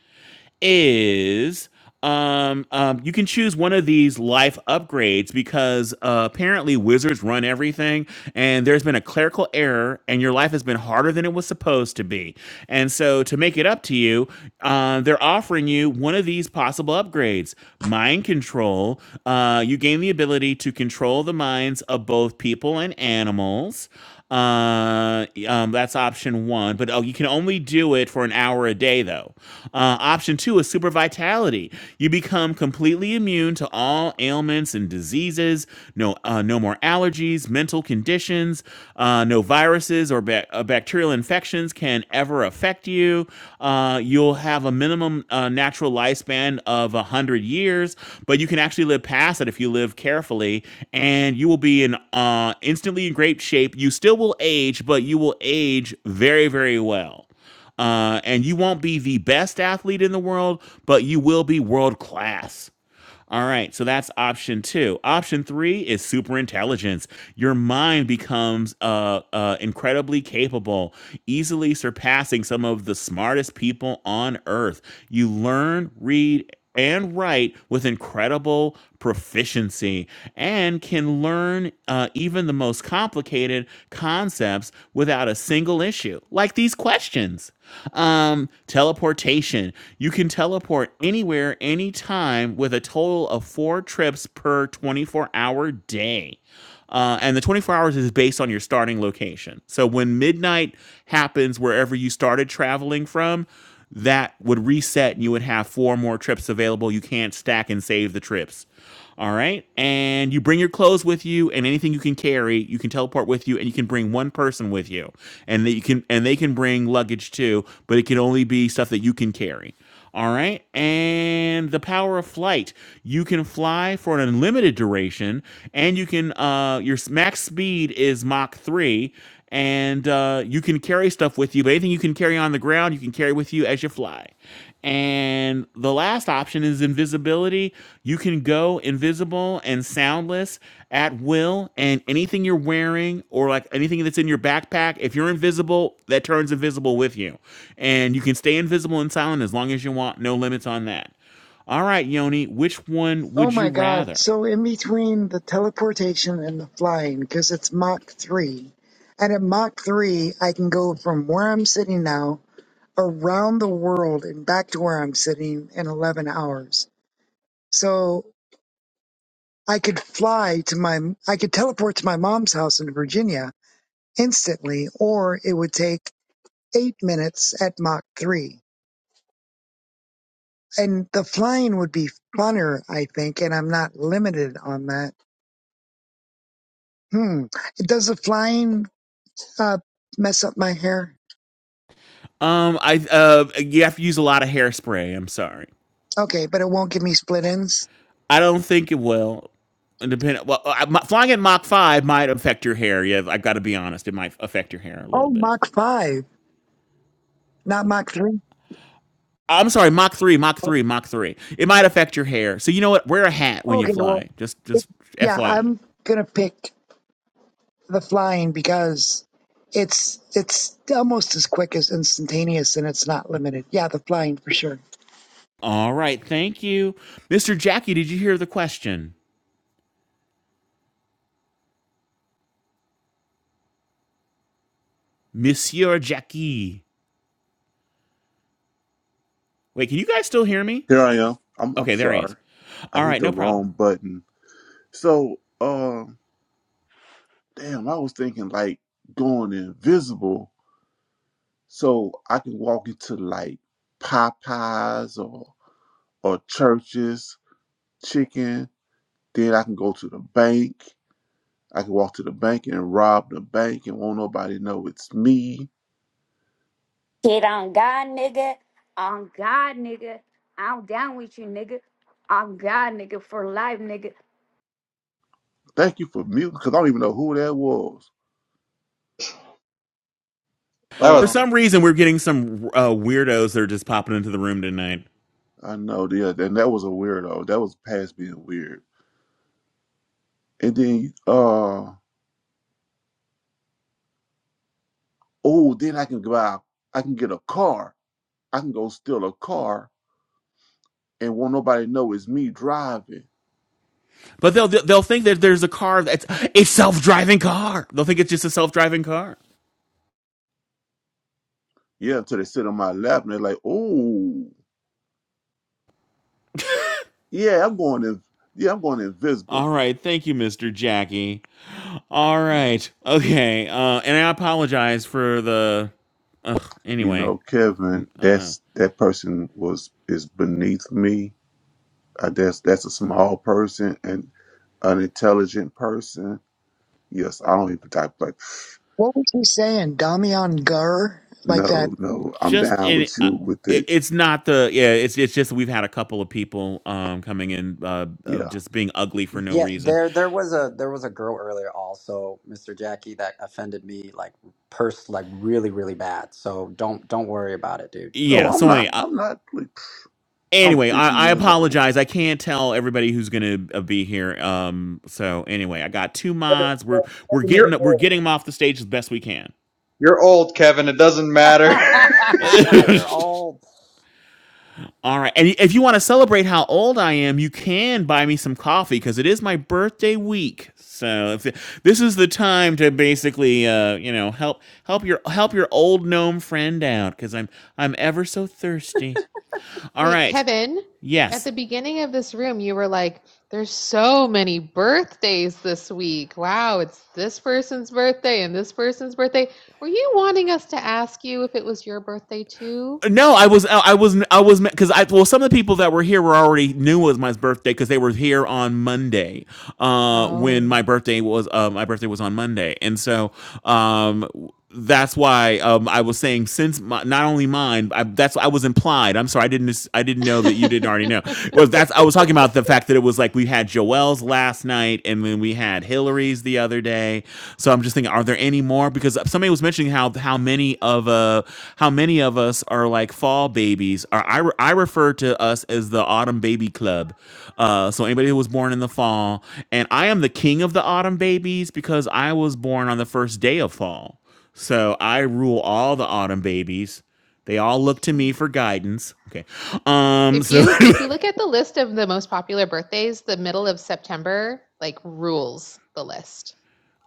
Speaker 3: is um, um, you can choose one of these life upgrades because uh, apparently wizards run everything, and there's been a clerical error, and your life has been harder than it was supposed to be. And so, to make it up to you, uh, they're offering you one of these possible upgrades: mind control. Uh, you gain the ability to control the minds of both people and animals. Uh, um, that's option one. But oh, you can only do it for an hour a day, though. Uh, option two is super vitality. You become completely immune to all ailments and diseases. No, uh, no more allergies, mental conditions, uh, no viruses or ba- uh, bacterial infections can ever affect you. Uh, you'll have a minimum uh, natural lifespan of 100 years, but you can actually live past it if you live carefully, and you will be in uh, instantly in great shape. You still will age, but you will age very, very well. Uh, and you won't be the best athlete in the world, but you will be world class. All right, so that's option two. Option three is super intelligence. Your mind becomes uh, uh, incredibly capable, easily surpassing some of the smartest people on earth. You learn, read, and write with incredible proficiency and can learn uh, even the most complicated concepts without a single issue issue, like these questions. Um, teleportation. You can teleport anywhere, anytime, with a total of four trips per 24 hour day. Uh, and the 24 hours is based on your starting location. So when midnight happens, wherever you started traveling from, that would reset and you would have four more trips available. You can't stack and save the trips. All right. And you bring your clothes with you and anything you can carry, you can teleport with you and you can bring one person with you. And they can and they can bring luggage too, but it can only be stuff that you can carry. All right. And the power of flight. You can fly for an unlimited duration, and you can, uh, your max speed is Mach 3, and uh, you can carry stuff with you, but anything you can carry on the ground, you can carry with you as you fly. And the last option is invisibility ability. You can go invisible and soundless at will, and anything you're wearing or like anything that's in your backpack, if you're invisible, that turns invisible with you. And you can stay invisible and silent as long as you want, no limits on that. All right, Yoni, which one
Speaker 15: Oh
Speaker 3: would you
Speaker 15: my God.
Speaker 3: rather?
Speaker 15: So, in between the teleportation and the flying, because it's Mach 3, and at Mach 3, I can go from where I'm sitting now around the world and back to where I'm sitting in 11 hours. So, I could fly to my, I could teleport to my mom's house in Virginia instantly, or it would take eight minutes at Mach 3. And the flying would be funner, I think, and I'm not limited on that Hmm. Does the flying uh, mess up my hair?
Speaker 3: Um, I uh, you have to use a lot of hairspray. I'm sorry.
Speaker 15: Okay, but it won't give me split ends.
Speaker 3: I don't think it will. Depend. Well, I, my- flying at Mach five might affect your hair. Yeah, I've got to be honest. It might affect your hair a
Speaker 15: Oh,
Speaker 3: little bit.
Speaker 15: Mach 5, not Mach 3.
Speaker 3: I'm sorry, Mach three, Mach three, Mach three. It might affect your hair, so you know what? Wear a hat when you
Speaker 15: Okay, well,
Speaker 3: fly. Just, just
Speaker 15: yeah,
Speaker 3: FYI.
Speaker 15: I'm going to pick the flying because it's it's almost as quick as instantaneous and it's not limited. Yeah, the flying for sure.
Speaker 3: All right, thank you, Mr. Jackie. Did you hear the question, Monsieur Jackie? Wait, can you guys still hear me?
Speaker 16: Here I am. I'm I'm
Speaker 3: Okay, there he is.
Speaker 16: sorry. I
Speaker 3: All
Speaker 16: hit
Speaker 3: right,
Speaker 16: the
Speaker 3: no problem.
Speaker 16: wrong button. So, um, damn, I was thinking like going invisible so I can walk into like Popeyes or or churches, chicken. Then I can go to the bank. I can walk to the bank and rob the bank and won't nobody know it's me.
Speaker 17: Shit on God, nigga. On God, nigga. I'm down with you, nigga. On God, nigga. For life, nigga.
Speaker 16: Thank you for muting because I don't even know who that was.
Speaker 14: that was
Speaker 3: For
Speaker 16: Uh,
Speaker 3: some reason, we're getting some uh, weirdos that are just popping into the room tonight.
Speaker 16: I know, yeah, and that was a weirdo. That was past being weird. And then, uh. oh, then I can go out, I can get a car, I can go steal a car and won't nobody know it's me driving.
Speaker 3: But they'll they'll think that there's a car that's a self driving car. They'll think it's just a self driving car.
Speaker 16: Yeah, until they sit on my lap and they're like, oh, yeah, I'm going in, yeah, I'm going
Speaker 3: All
Speaker 16: invisible.
Speaker 3: right, thank you, Mister Jackie. All
Speaker 16: Yeah.
Speaker 3: right. Okay. Uh, and I apologize for the. Ugh,
Speaker 16: You
Speaker 3: anyway,
Speaker 16: know, Kevin, that's that person was is beneath me. I guess that's a small person and an intelligent person. Yes, I don't even type like
Speaker 15: What was he saying? Damian Gur? Like that?
Speaker 16: no, no, I'm
Speaker 3: just
Speaker 16: down
Speaker 3: in.
Speaker 16: with
Speaker 3: Uh,
Speaker 16: you with
Speaker 3: it-
Speaker 16: it.
Speaker 3: it's not the yeah. It's it's just we've had a couple of people um coming in uh of
Speaker 16: Yeah.
Speaker 3: just being ugly for no
Speaker 4: Yeah,
Speaker 3: reason.
Speaker 4: there there was a there was a girl earlier also, Mr. Jackie, that offended me like pers like really, really bad. So don't don't worry about it, dude.
Speaker 16: No,
Speaker 3: Yeah.
Speaker 16: I'm
Speaker 3: So
Speaker 16: not.
Speaker 3: anyway, I,
Speaker 16: I'm not. Please. I'm
Speaker 3: anyway, I,
Speaker 16: 50
Speaker 3: I
Speaker 16: years old.
Speaker 3: apologize. I can't tell everybody who's gonna uh, be here. Um. So anyway, I got two
Speaker 14: Kevin,
Speaker 3: mods. We're we're
Speaker 14: Kevin, you're
Speaker 3: getting we're
Speaker 14: old
Speaker 3: getting them off the stage as best we can.
Speaker 14: you're old kevin it doesn't matter
Speaker 4: You're old.
Speaker 3: All right. And if you want to celebrate how old I am, you can buy me some coffee because it is my birthday week. So if, this is the time to basically, uh, you know, help help your help your old gnome friend out because I'm I'm ever so thirsty. All
Speaker 2: Wait,
Speaker 3: right.
Speaker 2: Kevin, at
Speaker 3: Yes.
Speaker 2: the beginning of this room, you were like, there's so many birthdays this week. Wow, it's this person's birthday and this person's birthday. Were you wanting us to ask you if it was your birthday too?
Speaker 3: No, I was I was I was because I well some of the people that were here were already knew it was my birthday because they were here on Monday uh, when
Speaker 2: Oh.
Speaker 3: my birthday was uh, my birthday was on Monday and so um, that's why um, I was saying since my, not only mine I, that's I was implied I'm sorry I didn't I didn't know that you didn't already know was that's I was talking about the fact that it was like we had Joelle's last night and then we had Hillary's the other day so I'm just thinking, are there any more? Because somebody was mentioning how how many of uh how many of us are like fall babies. Or I re- I refer to us as the autumn baby club. Uh, so anybody who was born in the fall, and I am the king of the autumn babies because I was born on the first day of fall. So I rule all the autumn babies. They all look to me for guidance. Okay. Um
Speaker 2: If
Speaker 3: so
Speaker 2: you if you look at the list of the most popular birthdays, the middle of September like rules the list.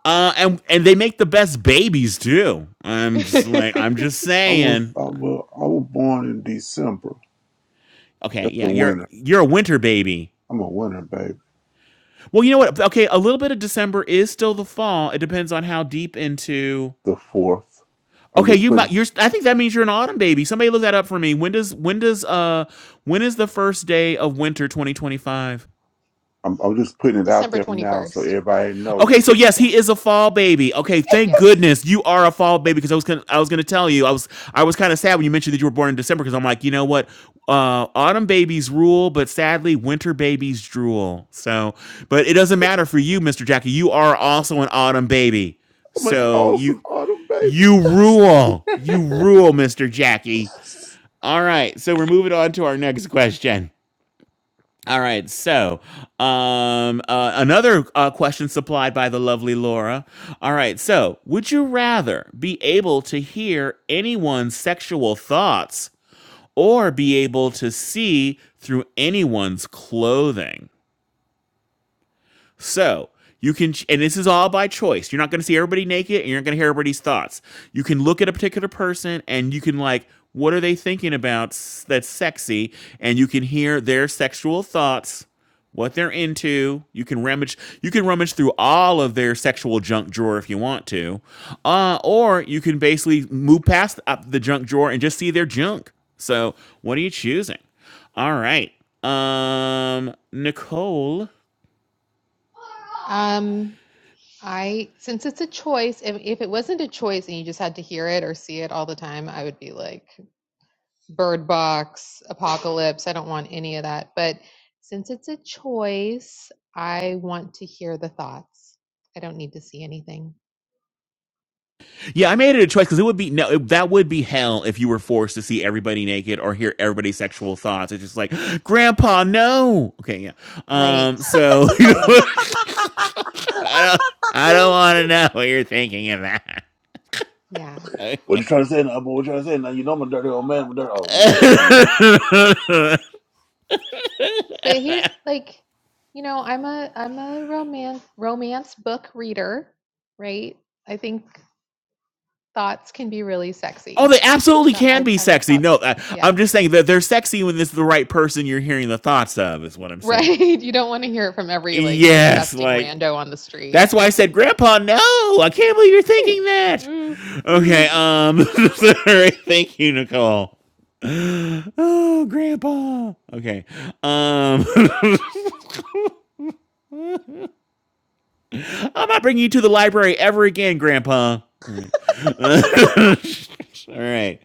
Speaker 3: uh and and they make the best babies too. I'm just like I'm just
Speaker 16: I was
Speaker 3: saying
Speaker 16: I was, I was born in December.
Speaker 3: Okay,
Speaker 16: That's
Speaker 3: yeah,
Speaker 16: a
Speaker 3: you're
Speaker 16: winner.
Speaker 3: you're a winter baby.
Speaker 16: I'm a winner, baby.
Speaker 3: Well, you know what? Okay, a little bit of December is still the fall. It depends on how deep into.
Speaker 16: The fourth. I'm
Speaker 3: Okay,
Speaker 16: just
Speaker 3: you might.
Speaker 16: putting
Speaker 3: You're. I think that means you're an autumn baby. Somebody look that up for me. When does when does uh when is the first day of winter 2025?
Speaker 16: I'm, I'm just putting it out
Speaker 2: December
Speaker 16: there now so
Speaker 2: 21st.
Speaker 16: everybody knows
Speaker 3: Okay, so
Speaker 16: that
Speaker 3: yes,
Speaker 2: Yeah.
Speaker 3: he is a fall baby. Okay, thank
Speaker 2: Yeah.
Speaker 3: goodness you are a fall baby because I was gonna, I was going to tell you I was I was kind of sad when you mentioned that you were born in December because I'm like you know what, uh, autumn babies rule, but sadly winter babies drool. So, but it doesn't matter for you, Mister Jackie. You are also an autumn baby.
Speaker 16: I'm an
Speaker 3: So you
Speaker 16: awesome autumn baby.
Speaker 3: you rule, you rule, Mister Jackie. All right, so we're moving on to our next question. All right. So, um, uh, another uh, question supplied by the lovely Laura. All right. So, would you rather be able to hear anyone's sexual thoughts or be able to see through anyone's clothing? So you can, and this is all by choice. You're not going to see everybody naked and you're not going to hear everybody's thoughts. You can look at a particular person and you can, like, what are they thinking about that's sexy? And you can hear their sexual thoughts what they're into. You can rummage you can rummage through all of their sexual junk drawer if you want to. Uh, or you can basically move past up the junk drawer and just see their junk. So what are you choosing? All right. Um Nicole,
Speaker 2: Um I, since it's a choice, if, if it wasn't a choice and you just had to hear it or see it all the time, I would be like, Bird Box, Apocalypse, I don't want any of that. But since it's a choice, I want to hear the thoughts. I don't need to see anything.
Speaker 3: Yeah, I made it a choice because it would be no, it, that would be hell if you were forced to see everybody naked or hear everybody's sexual thoughts. It's just like, Grandpa, no. Okay, yeah.
Speaker 2: Right.
Speaker 3: Um, so you know,
Speaker 2: Right.
Speaker 3: I don't, I don't want to know what you're thinking of that.
Speaker 2: Yeah.
Speaker 16: What you trying to say now? What you trying to say now? You know I'm a dirty old man. I'm a dirty. Oh, let me go back up here.
Speaker 2: But here, like, you know, I'm a I'm a romance romance book reader, right? I think thoughts can be really
Speaker 3: Oh,
Speaker 2: sexy.
Speaker 3: they
Speaker 2: I
Speaker 3: absolutely
Speaker 2: thought
Speaker 3: can
Speaker 2: I,
Speaker 3: be
Speaker 2: I like
Speaker 3: sexy. No,
Speaker 2: thoughts.
Speaker 3: I,
Speaker 2: yeah.
Speaker 3: I'm just saying that they're sexy when it's the right person you're hearing the thoughts of. Is what I'm saying.
Speaker 2: Right. You don't want to hear it from every like
Speaker 3: Yes,
Speaker 2: disgusting
Speaker 3: like
Speaker 2: rando on the street.
Speaker 3: that's why I said, Grandpa, no, I can't believe you're
Speaker 2: Hey,
Speaker 3: thinking that.
Speaker 2: mm,
Speaker 3: Okay,
Speaker 2: mm.
Speaker 3: um, sorry, thank you, Nicole. Oh, Grandpa. Okay. Um, I'm not bringing you to the library ever again, Grandpa. All right. Uh, All right.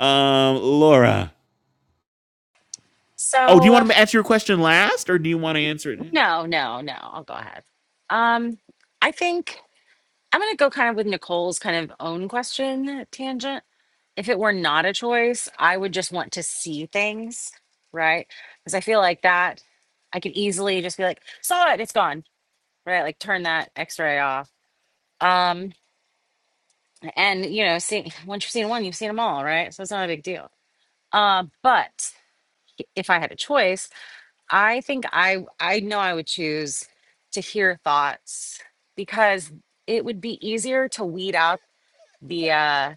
Speaker 3: Um, Laura. Oh, do you
Speaker 1: So
Speaker 3: want to answer your question last, or do you want to answer it? now?
Speaker 1: no, no, no. I'll go ahead. Um, I think. I'm going to go kind of with Nicole's kind of own question tangent. If it were not a choice, I would just want to see things, right? Because I feel like that I could easily just be like, saw it, it's gone, right? Like turn that x ray off. Um, and you know, see, once you've seen one, you've seen them all, right? So it's not a big deal. Uh, but if I had a choice, I think I I know I would choose to hear thoughts because it would be easier to weed out the uh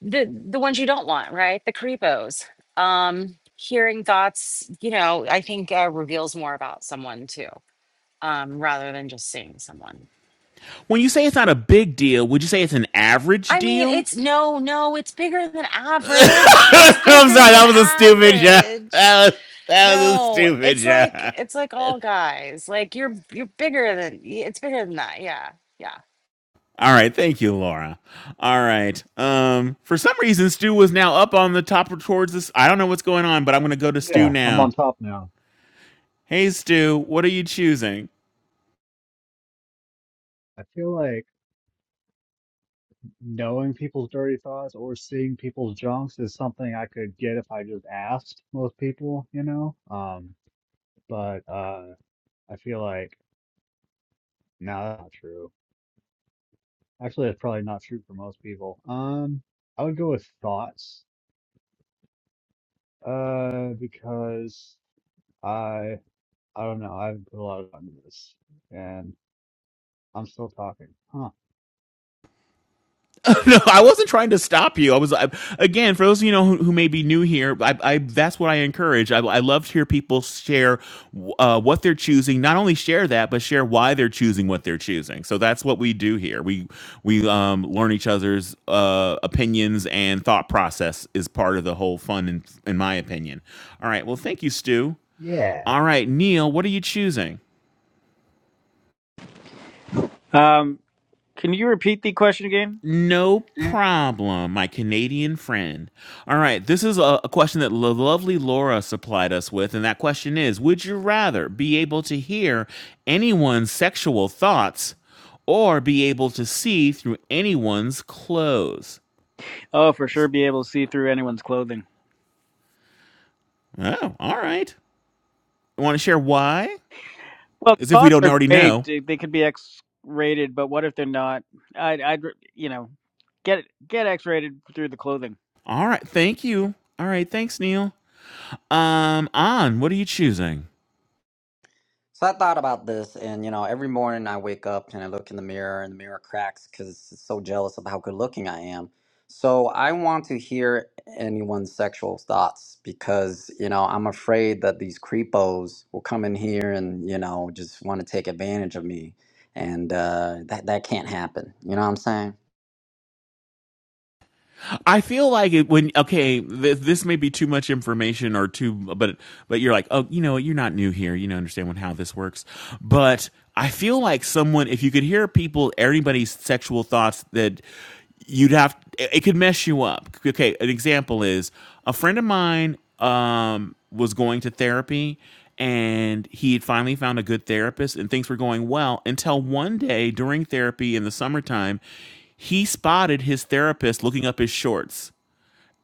Speaker 1: the the ones you don't want, right? The creepos. Um, hearing thoughts, you know, I think uh, reveals more about someone too, um, rather than just seeing someone.
Speaker 3: When you say it's not a big deal, would you say it's an average
Speaker 1: I mean,
Speaker 3: deal?
Speaker 1: it's no, no, it's bigger than average. It's
Speaker 3: I'm
Speaker 1: bigger
Speaker 3: sorry, that
Speaker 1: than
Speaker 3: was a stupid joke.
Speaker 1: average.
Speaker 3: That was, that was a
Speaker 1: No,
Speaker 3: stupid
Speaker 1: it's like
Speaker 3: joke.
Speaker 1: it's like all guys. Like you're you're bigger than y- it's bigger than that. Yeah,
Speaker 3: All right, thank you, Laura. All right. Um, for some reason, Stu was now up on the top towards this. I don't know what's going on, but I'm going to go to Stu
Speaker 6: Yeah, I'm on
Speaker 3: now.
Speaker 6: top now.
Speaker 3: Hey, Stu, what are you choosing?
Speaker 6: I feel like knowing people's dirty thoughts or seeing people's junks is something I could get if I just asked most people, you know? Um, but uh, I feel like, no, that's not true. Actually, that's probably not true for most people. Um, I would go with thoughts, uh, because I, I don't know, I haven't put a lot of thought into this, and I'm still talking. Huh.
Speaker 3: no, I wasn't trying to stop you. I was I, again for those of you know who, who may be new here. I, I that's what I encourage. I, I love to hear people share uh, what they're choosing. Not only share that, but share why they're choosing what they're choosing. So that's what we do here. We we um, learn each other's uh, opinions and thought process is part of the whole fun, in, in my opinion. All right. Well, thank you, Stu.
Speaker 6: Yeah.
Speaker 3: All right, Neil, what are you choosing?
Speaker 5: Um, Can you repeat the question again?
Speaker 3: No
Speaker 5: Yeah.
Speaker 3: problem, my Canadian friend. All right, this is a, a question that the lovely Laura supplied us with, and that question is Would you rather be able to hear anyone's sexual thoughts or be able to see through anyone's clothes?
Speaker 5: Oh, for sure, be able to see through anyone's clothing.
Speaker 3: Oh, all right. Want to share why?
Speaker 5: Well,
Speaker 3: As if we
Speaker 5: thoughts
Speaker 3: don't
Speaker 5: are
Speaker 3: already
Speaker 5: great.
Speaker 3: know.
Speaker 5: They they could be X-rated, but what if they're not? I'd, I'd, you know, get get X-rated through the clothing.
Speaker 3: All right, thank you. All right, thanks, Neil. Um, on, what are you choosing?
Speaker 4: So I thought about this, and you know, every morning I wake up and I look in the mirror, and the mirror cracks because it's so jealous of how good looking I am. So I want to hear anyone's sexual thoughts because you know I'm afraid that these creepos will come in here and you know just want to take advantage of me, and uh, that that can't happen. You know what I'm saying?
Speaker 3: I feel like it when okay, th- this may be too much information or too, but but you're like, oh, you know, you're not new here. You know, understand when, how this works. But I feel like someone, if you could hear people, everybody's sexual thoughts that you'd have, it it could mess you up. Okay, an example is a friend of mine um, was going to therapy and he had finally found a good therapist and things were going well until one day during therapy in the summertime, he spotted his therapist looking up his shorts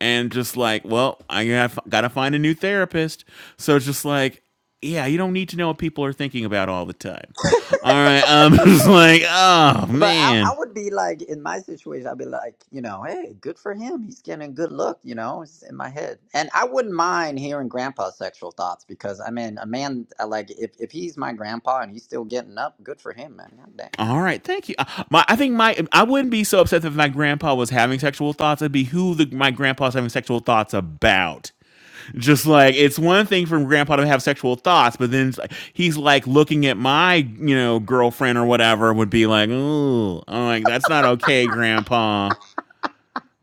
Speaker 3: and just like, well, I gotta gotta find a new therapist. So it's just like, yeah, you don't need to know what people are thinking about all the time. All right, I'm just like, oh
Speaker 4: But I,
Speaker 3: man.
Speaker 4: I would be like, in my situation, I'd be like, you know, hey, good for him. He's getting a good look, you know, it's in my head. And I wouldn't mind hearing grandpa's sexual thoughts because, I mean, a man, I like, if, if he's my grandpa and he's still getting up, good for him, man. God dang.
Speaker 3: All right, thank you. Uh, my, I think my I wouldn't be so upset if my grandpa was having sexual thoughts. It'd be who the, my grandpa's having sexual thoughts about. Just like it's one thing for grandpa to have sexual thoughts, but then it's like- he's like looking at my you know girlfriend or whatever would be like, oh, I'm like that's not okay, grandpa.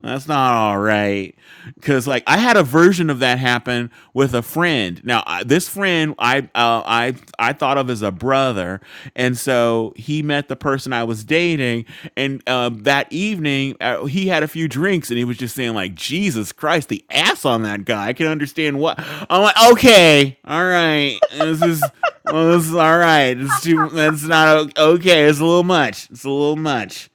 Speaker 3: That's not all right. Cause like I had a version of that happen with a friend. Now I, this friend I uh, I I thought of as a brother, and so he met the person I was dating, and um, that evening uh, he had a few drinks, and he was just saying like Jesus Christ, the ass on that guy. I can understand what I'm like. Okay, all right, this is. Well, this is all right. It's too. That's not o- okay. It's a little much. It's a little much.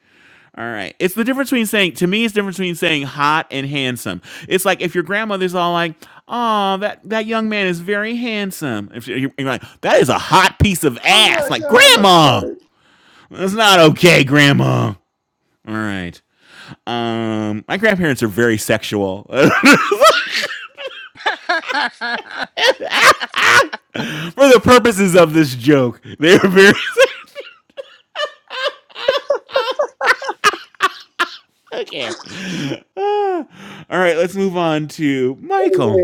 Speaker 3: All right. It's the difference between saying to me it's the difference between saying hot and handsome. It's like if your grandmother's all like, "Oh, that that young man is very handsome." If she- you're like, "That is a hot piece of
Speaker 4: Oh
Speaker 3: ass."
Speaker 4: my
Speaker 3: Like,
Speaker 4: god, that's
Speaker 3: "Grandma,
Speaker 4: funny.
Speaker 3: that's not okay, grandma." All right. Um, my grandparents are very sexual.
Speaker 1: yeah.
Speaker 3: For the purposes of this joke, they were very Okay. Ah. all right, let's move on to Michael.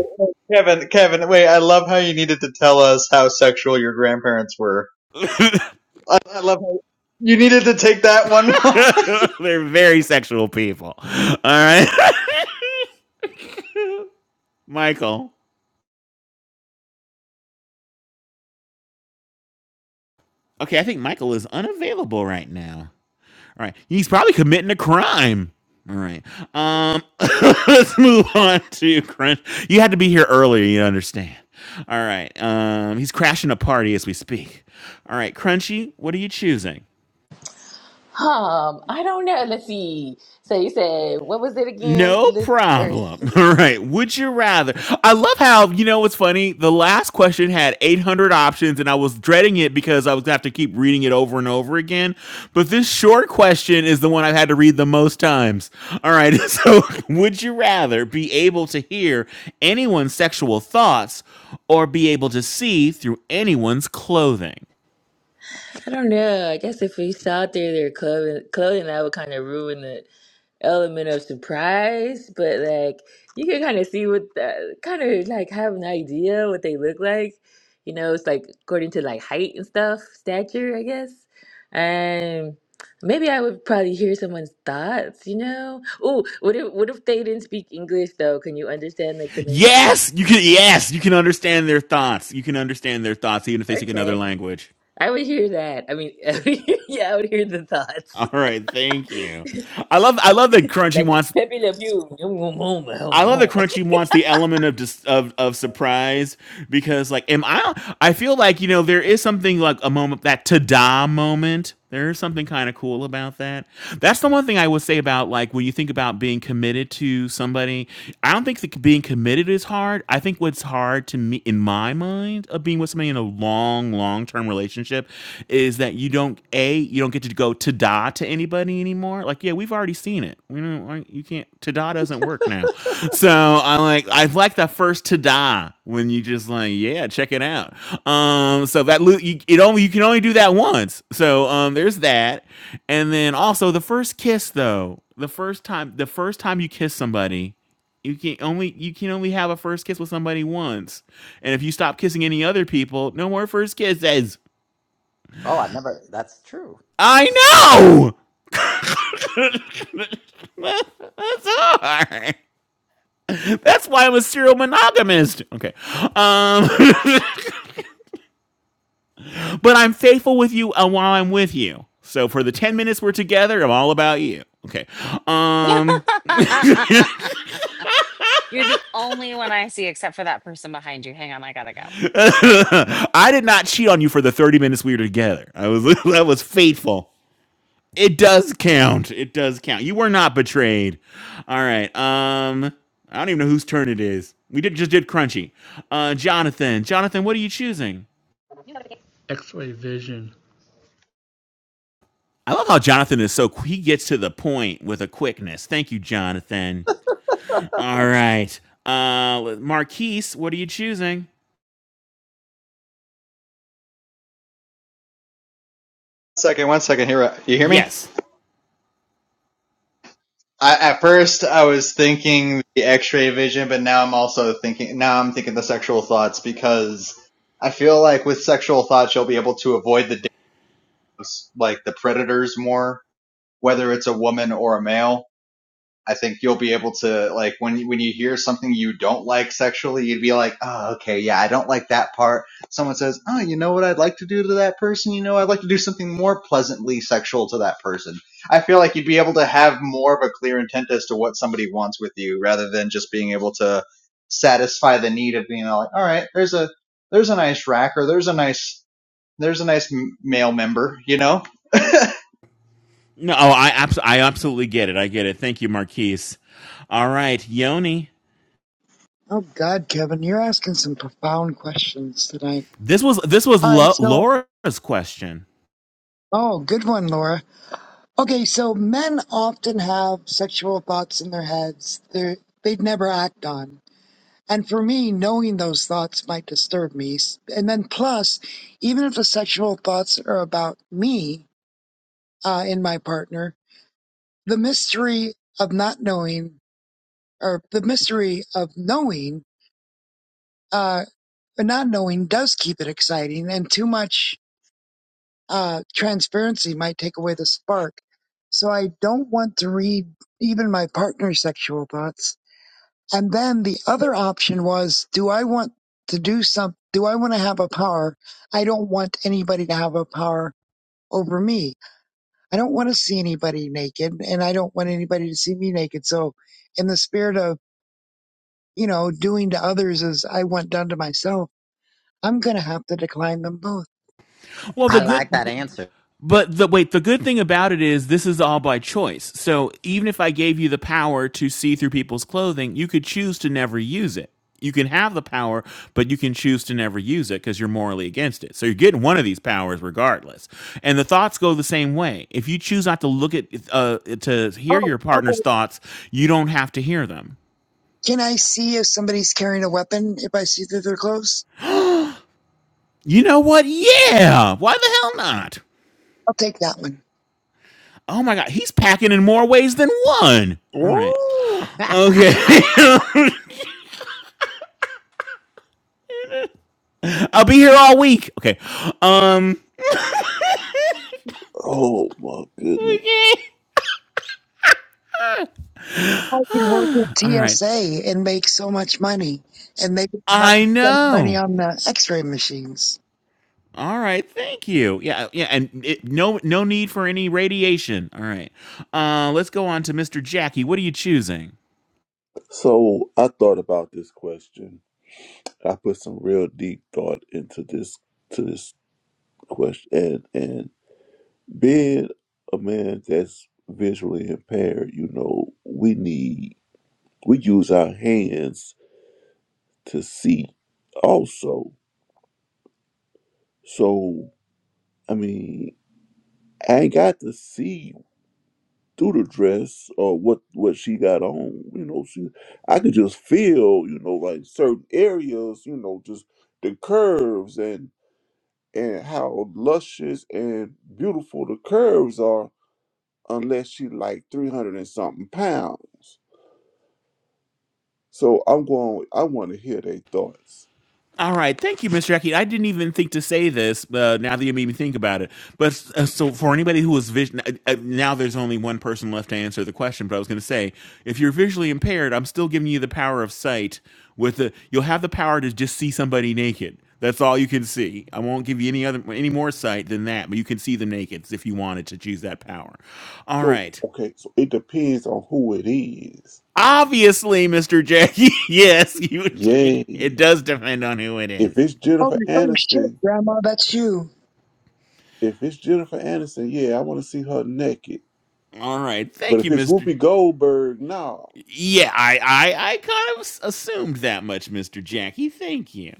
Speaker 14: Kevin, Kevin, wait! I love how you needed to tell us how sexual your grandparents were. I, I love how you needed to take that one. moment.
Speaker 3: They're very sexual people. All right. Michael. Okay, I think Michael is unavailable right now. All right. He's probably committing a crime. All right. Um let's move on to Crunch. You had to be here earlier, you understand. All right. Um he's crashing a party as we speak. All right, Crunchy, what are you choosing?
Speaker 12: Um, I don't know. Let's see. So you said what was it again?
Speaker 3: No
Speaker 12: Look or
Speaker 3: problem. All right. Would you rather? I love how, you know, what's funny? The last question had 800 options, and I was dreading it because I was going to have to keep reading it over and over again. But this short question is the one I've had to read the most times. All right. So, would you rather be able to hear anyone's sexual thoughts or be able to see through anyone's clothing?
Speaker 12: I don't know. I guess if we saw through their clothing, clothing, that would kind of ruin it. element of surprise, but like you can kind of see what the kind of like have an idea what they look like. You know, it's like according to like height and stuff, stature, I guess. And maybe I would probably hear someone's thoughts. You know, oh, what if what if they didn't speak English though? Can you understand like the language?
Speaker 3: Yes. You can, yes. You can understand their thoughts. You can understand their thoughts, even if they speak another
Speaker 12: Okay,
Speaker 3: language.
Speaker 12: I would hear that. I mean, yeah, I would hear the thoughts.
Speaker 3: All right, thank you. I love I love that Crunchy
Speaker 12: Like
Speaker 3: wants
Speaker 12: Pepe Le Pew, home, home,
Speaker 3: I love that
Speaker 12: home.
Speaker 3: Crunchy wants the element of just of of surprise because like am I I feel like you know there is something like a moment that ta-da moment. There is something kind of cool about that. That's the one thing I would say about like when you think about being committed to somebody. I don't think that being committed is hard. I think what's hard to me in my mind of being with somebody in a long, long term relationship is that you don't a you don't get to go ta-da to anybody anymore. Like, yeah, we've already seen it. We don't like you can't ta-da doesn't work now. So I like I like that first ta-da when you just like yeah check it out. Um, so that lo- you, it only you can only do that once. So um, there's that, and then also the first kiss though. The first time the first time you kiss somebody you can only you can only have a first kiss with somebody once and if you stop kissing any other people no more first kisses
Speaker 4: Oh, I never, that's true.
Speaker 3: I know. That's hard. That's why I'm a serial monogamist. Okay. Um, but I'm faithful with you uh, while I'm with you. So for the 10 minutes we're together, I'm all about you. Okay. Um,
Speaker 1: You're the only one I see except for that person behind you. Hang on, I gotta go.
Speaker 3: I did not cheat on you for the 30 minutes we were together. I was I was faithful. It does count. It does count. You were not betrayed. All right. Um, I don't even know whose turn it is. We did just did Crunchy. Uh, Jonathan. Jonathan, what are you choosing?
Speaker 13: X-ray vision.
Speaker 3: I love how Jonathan is so qu- he gets to the point with a quickness. Thank you, Jonathan. All right. Uh, Marquise, what are you choosing?
Speaker 14: second, one second. Here, you hear me?
Speaker 3: Yes.
Speaker 14: I, at first, I was thinking the X-ray vision, but now I'm also thinking now I'm thinking the sexual thoughts because I feel like with sexual thoughts you'll be able to avoid the like the predators more, whether it's a woman or a male. I think you'll be able to like when when you hear something you don't like sexually, you'd be like, "Oh, okay, yeah, I don't like that part." Someone says, "Oh, you know what I'd like to do to that person? You know, I'd like to do something more pleasantly sexual to that person." I feel like you'd be able to have more of a clear intent as to what somebody wants with you rather than just being able to satisfy the need of being like, "All right, there's a there's a nice rack or there's a nice there's a nice male member," you know? I
Speaker 3: No, oh, I abs- I absolutely get it. I get it. Thank you, Marquise. All right, Yoni.
Speaker 15: Oh, God, Kevin, you're asking some profound questions tonight.
Speaker 3: This was this was
Speaker 15: All right,
Speaker 3: Lo-
Speaker 15: so,
Speaker 3: Laura's question.
Speaker 15: oh, good one, Laura. Okay, so men often have sexual thoughts in their heads they're, they'd never act on. And for me, knowing those thoughts might disturb me. And then, plus, even if the sexual thoughts are about me uh, and my partner, the mystery of not knowing, or the mystery of knowing, uh, but not knowing does keep it exciting. And too much uh, transparency might take away the spark. So I don't want to read even my partner's sexual thoughts And then the other option was, do I want to do some, do I want to have a power? I don't want anybody to have a power over me. I don't want to see anybody naked and I don't want anybody to see me naked. So in the spirit of, you know, doing to others as I want done to myself, I'm going to have to decline them both.
Speaker 3: Well, the
Speaker 4: I like that
Speaker 3: good.
Speaker 4: answer.
Speaker 3: But the wait, the good thing about it is this is all by choice. So even if I gave you the power to see through people's clothing, you could choose to never use it. You can have the power, but you can choose to never use it because you're morally against it. So you're getting one of these powers regardless. And the thoughts go the same way. If you choose not to look at uh, to
Speaker 15: Oh,
Speaker 3: hear your partner's
Speaker 15: okay.
Speaker 3: thoughts, you don't have to hear them.
Speaker 15: Can I see if somebody's carrying a weapon if I see that they're close?
Speaker 3: You know what? Yeah. Why the hell not?
Speaker 15: I'll take that one.
Speaker 3: Oh my god, he's packing in more ways than one. All right.
Speaker 4: Whoa!
Speaker 3: Okay. I'll be here all week. Okay. Um.
Speaker 16: Oh my goodness.
Speaker 3: Okay.
Speaker 15: I could work with
Speaker 3: All right.
Speaker 15: TSA and make so much money, and they didn't have to
Speaker 3: I
Speaker 15: spend money
Speaker 3: know.
Speaker 15: on the X-ray machines.
Speaker 3: All right. Thank you. Yeah. Yeah. And it, no, no need for any radiation. All right. Uh, let's go on to Mr. Jackie. What are you choosing?
Speaker 16: So I thought about this question. I put some real deep thought into this to this question, and. and Being a man that's visually impaired, you know, we need, we use our hands to see also. So, I mean, I ain't got to see through the dress or what, what she got on. You know, she, I could just feel, you know, like certain areas, you know, just the curves and, and how luscious and beautiful the curves are unless she like 300 and something pounds. So I'm going. I want to hear their thoughts.
Speaker 3: All right, thank you, Mr. Jackie. I didn't even think to say this. Uh, now that you made me think about it, but uh, so for anybody who is vision, uh, uh, now there's only one person left to answer the question. But I was going to say, if you're visually impaired, I'm still giving you the power of sight. With the, you'll have the power to just see somebody naked. That's all you can see. I won't give you any other, any more sight than that. But you can see the nakeds if you wanted to choose that power. All
Speaker 16: So
Speaker 3: right.
Speaker 16: okay. So it depends on who it is.
Speaker 3: Obviously, Mr. Jackie. yes, you. It,
Speaker 16: Yay!
Speaker 3: it does depend on who it
Speaker 16: If
Speaker 3: is.
Speaker 16: it's
Speaker 15: Oh,
Speaker 16: Jennifer
Speaker 15: oh shit,
Speaker 16: Aniston,
Speaker 15: Grandma, that's you.
Speaker 16: if it's Jennifer Aniston, yeah, I want to see her naked.
Speaker 3: All right.
Speaker 16: But
Speaker 3: Thank you,
Speaker 16: if it's
Speaker 3: Mr.
Speaker 16: Whoopi Goldberg, no.
Speaker 3: Yeah, I, I, I kind of assumed that much, Mister Jackie. Thank you.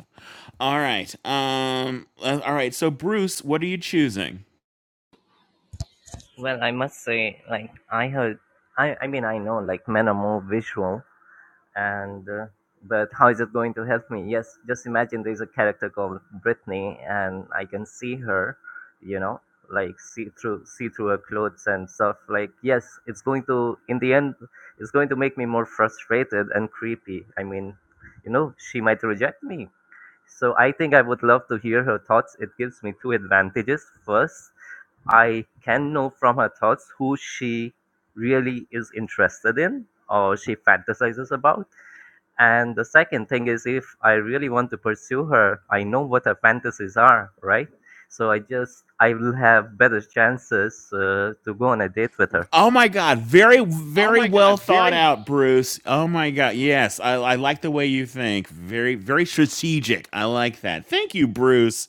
Speaker 3: All right. Um. uh, All right. So, Bruce, what are you choosing?
Speaker 18: Well, I must say, like I heard, I I mean I know like men are more visual, and uh, but how is it going to help me? Yes, just imagine there's a character called Brittany, and I can see her, you know, like see through see through her clothes and stuff. Like yes, it's going to in the end, it's going to make me more frustrated and creepy. I mean, you know, she might reject me. So I think I would love to hear her thoughts. It gives me two advantages. First, I can know from her thoughts who she really is interested in or she fantasizes about. And the second thing is, if I really want to pursue her, I know what her fantasies are, right? So I just, I will have better chances uh, to go on a date with her.
Speaker 3: Oh my God! Very,
Speaker 18: Oh
Speaker 3: very
Speaker 18: my God,
Speaker 3: well thought
Speaker 18: very
Speaker 3: out, Bruce. Oh my God! Yes, I, I like the way you think. Very, very strategic. I like that. Thank you, Bruce.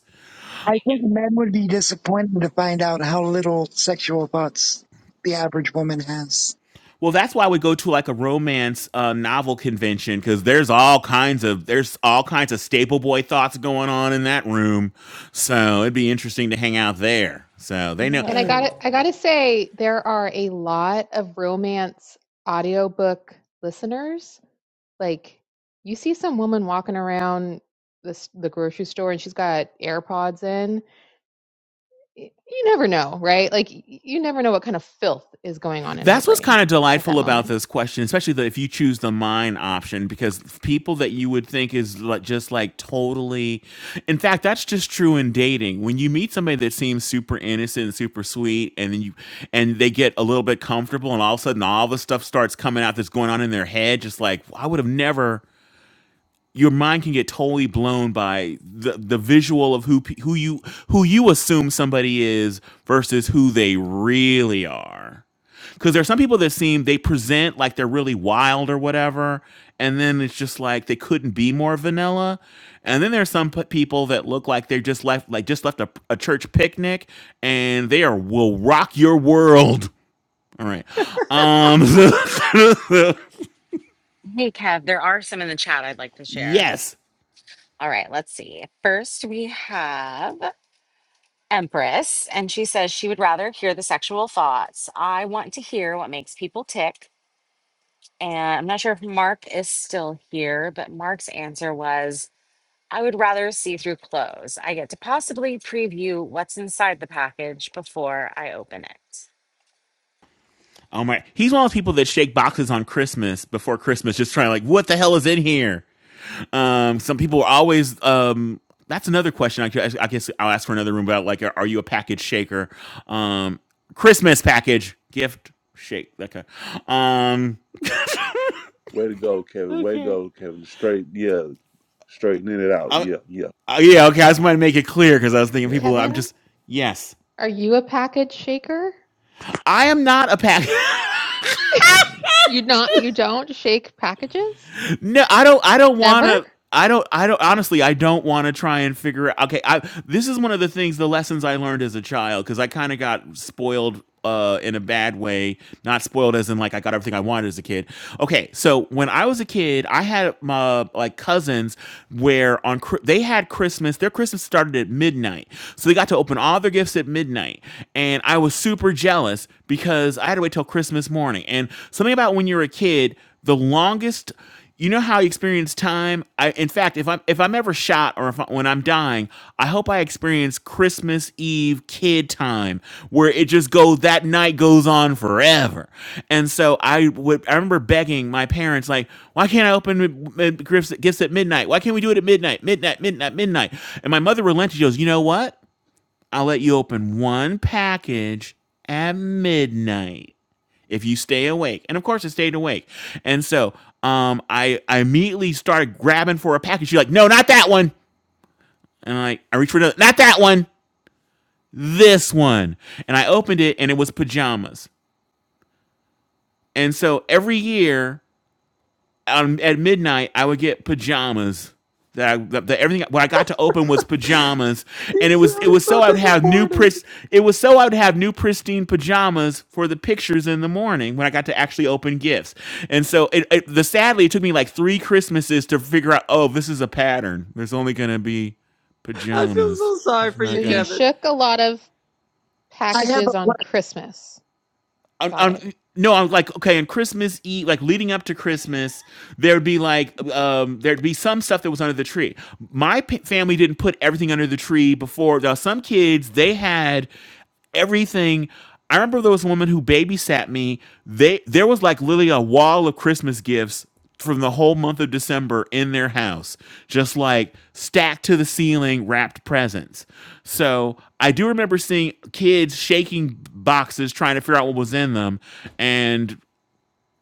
Speaker 15: I think men would be disappointed to find out how little sexual thoughts the average woman has.
Speaker 3: Well, that's why we go to like a romance uh, novel convention because there's all kinds of there's all kinds of staple boy thoughts going on in that room. So it'd be interesting to hang out there. So they know
Speaker 2: And I got
Speaker 1: Yay.
Speaker 2: to I got to say there are a lot of romance audiobook listeners. Like you see some woman walking around the the grocery store and she's got AirPods in. Y- You never know, right? Like y- you never know what kind of filth is going on in her
Speaker 3: That's what's
Speaker 2: brain
Speaker 3: kind of
Speaker 2: at
Speaker 3: delightful
Speaker 2: that
Speaker 3: about
Speaker 2: moment.
Speaker 3: this question, especially the, if you choose the mine option, because people that you would think is like, just like totally. In fact, that's just true in dating. When you meet somebody that seems super innocent and super sweet, and then you and they get a little bit comfortable, and all of a sudden all the stuff starts coming out that's going on in their head, just like "Well, I would have never your mind can get totally blown by the the visual of who pe- who you who you assume somebody is versus who they really are. Because there are some people that seem they present like they're really wild or whatever, and then it's just like they couldn't be more vanilla. And then there's some p- people that look like they just left like just left a, a church picnic, and they are will rock your world. All right, um,
Speaker 1: Hey, Kev, there are some in the chat I'd like to share.
Speaker 3: yes.
Speaker 1: All right, let's see. First, we have Empress, and she says she would rather hear the sexual thoughts. I want to hear what makes people tick. And I'm not sure if Mark is still here, but Mark's answer was I would rather see through clothes. I get to possibly preview what's inside the package before I open it.
Speaker 3: Oh my! He's one of those people that shake boxes on Christmas before Christmas, just trying to like, what the hell is in here? Um, some people are always. Um, that's another question. I guess, I guess I'll ask for another room about like, are, are you a package shaker? Um, Christmas package gift shake. Okay. Um,
Speaker 16: Way to go, Kevin. Way to
Speaker 3: okay.
Speaker 16: go, Kevin. Straight, yeah, straightening it out.
Speaker 3: Uh,
Speaker 16: Yeah, yeah,
Speaker 3: uh, yeah. Okay. I just wanted to make it clear because I was thinking
Speaker 16: yeah,
Speaker 3: people. I'm
Speaker 16: yeah.
Speaker 2: Kevin,
Speaker 3: just yes.
Speaker 2: are you a package shaker?
Speaker 3: I am not a package.
Speaker 2: You not you don't shake packages?
Speaker 3: No, I don't. I don't want
Speaker 2: Never?
Speaker 3: to. I don't. I don't. Honestly, I don't want to try and figure out. Okay, I. This is one of the things, the lessons I learned as a child, because I kind of got spoiled uh in a bad way not spoiled as in like i got everything i wanted as a kid okay so when i was a kid i had my like cousins where on Chri- they had christmas their christmas started at midnight so they got to open all their gifts at midnight and i was super jealous because i had to wait till christmas morning and something about when you're a kid the longest you know how you experience time i in fact if i'm if i'm ever shot or if I, when i'm dying i hope i experience christmas eve kid time where it just go that night goes on forever and so i would i remember begging my parents like why can't i open uh, gifts, gifts at midnight why can't we do it at midnight midnight midnight midnight and my mother relented she goes you know what i'll let you open one package at midnight if you stay awake. And of course, I stayed awake. And so um, I, I immediately started grabbing for a package. She's like, no, not that one. And I, I reached for another, not that one, this one. And I opened it and it was pajamas. And so every year, um, at midnight, I would get pajamas. That, I, that that everything what I got to open was pajamas,
Speaker 4: He
Speaker 3: and it was it
Speaker 4: sounded
Speaker 3: was so
Speaker 4: so
Speaker 3: I would have new
Speaker 4: disappointed.
Speaker 3: pris it was so I would have new pristine pajamas for the pictures in the morning when I got to actually open gifts. And so it, it the sadly it took me like three Christmases to figure out oh this is a pattern. There's only gonna be
Speaker 4: I feel
Speaker 3: pajamas.
Speaker 4: so sorry
Speaker 3: It's
Speaker 4: for
Speaker 2: So
Speaker 4: you,
Speaker 3: not
Speaker 2: you
Speaker 3: gonna.
Speaker 4: Kevin.
Speaker 2: shook a lot of
Speaker 15: I have a
Speaker 2: packages on
Speaker 15: black
Speaker 2: Christmas.
Speaker 3: I'm,
Speaker 2: Got
Speaker 3: I'm
Speaker 2: it.
Speaker 3: no, I'm like okay. On Christmas Eve, like leading up to Christmas, there'd be like um, there'd be some stuff that was under the tree. My p- family didn't put everything under the tree before. Now some kids they had everything. I remember there was a woman who babysat me. They there was like literally a wall of Christmas gifts from the whole month of December in their house, just like stacked to the ceiling, wrapped presents. So I do remember seeing kids shaking boxes trying to figure out what was in them, and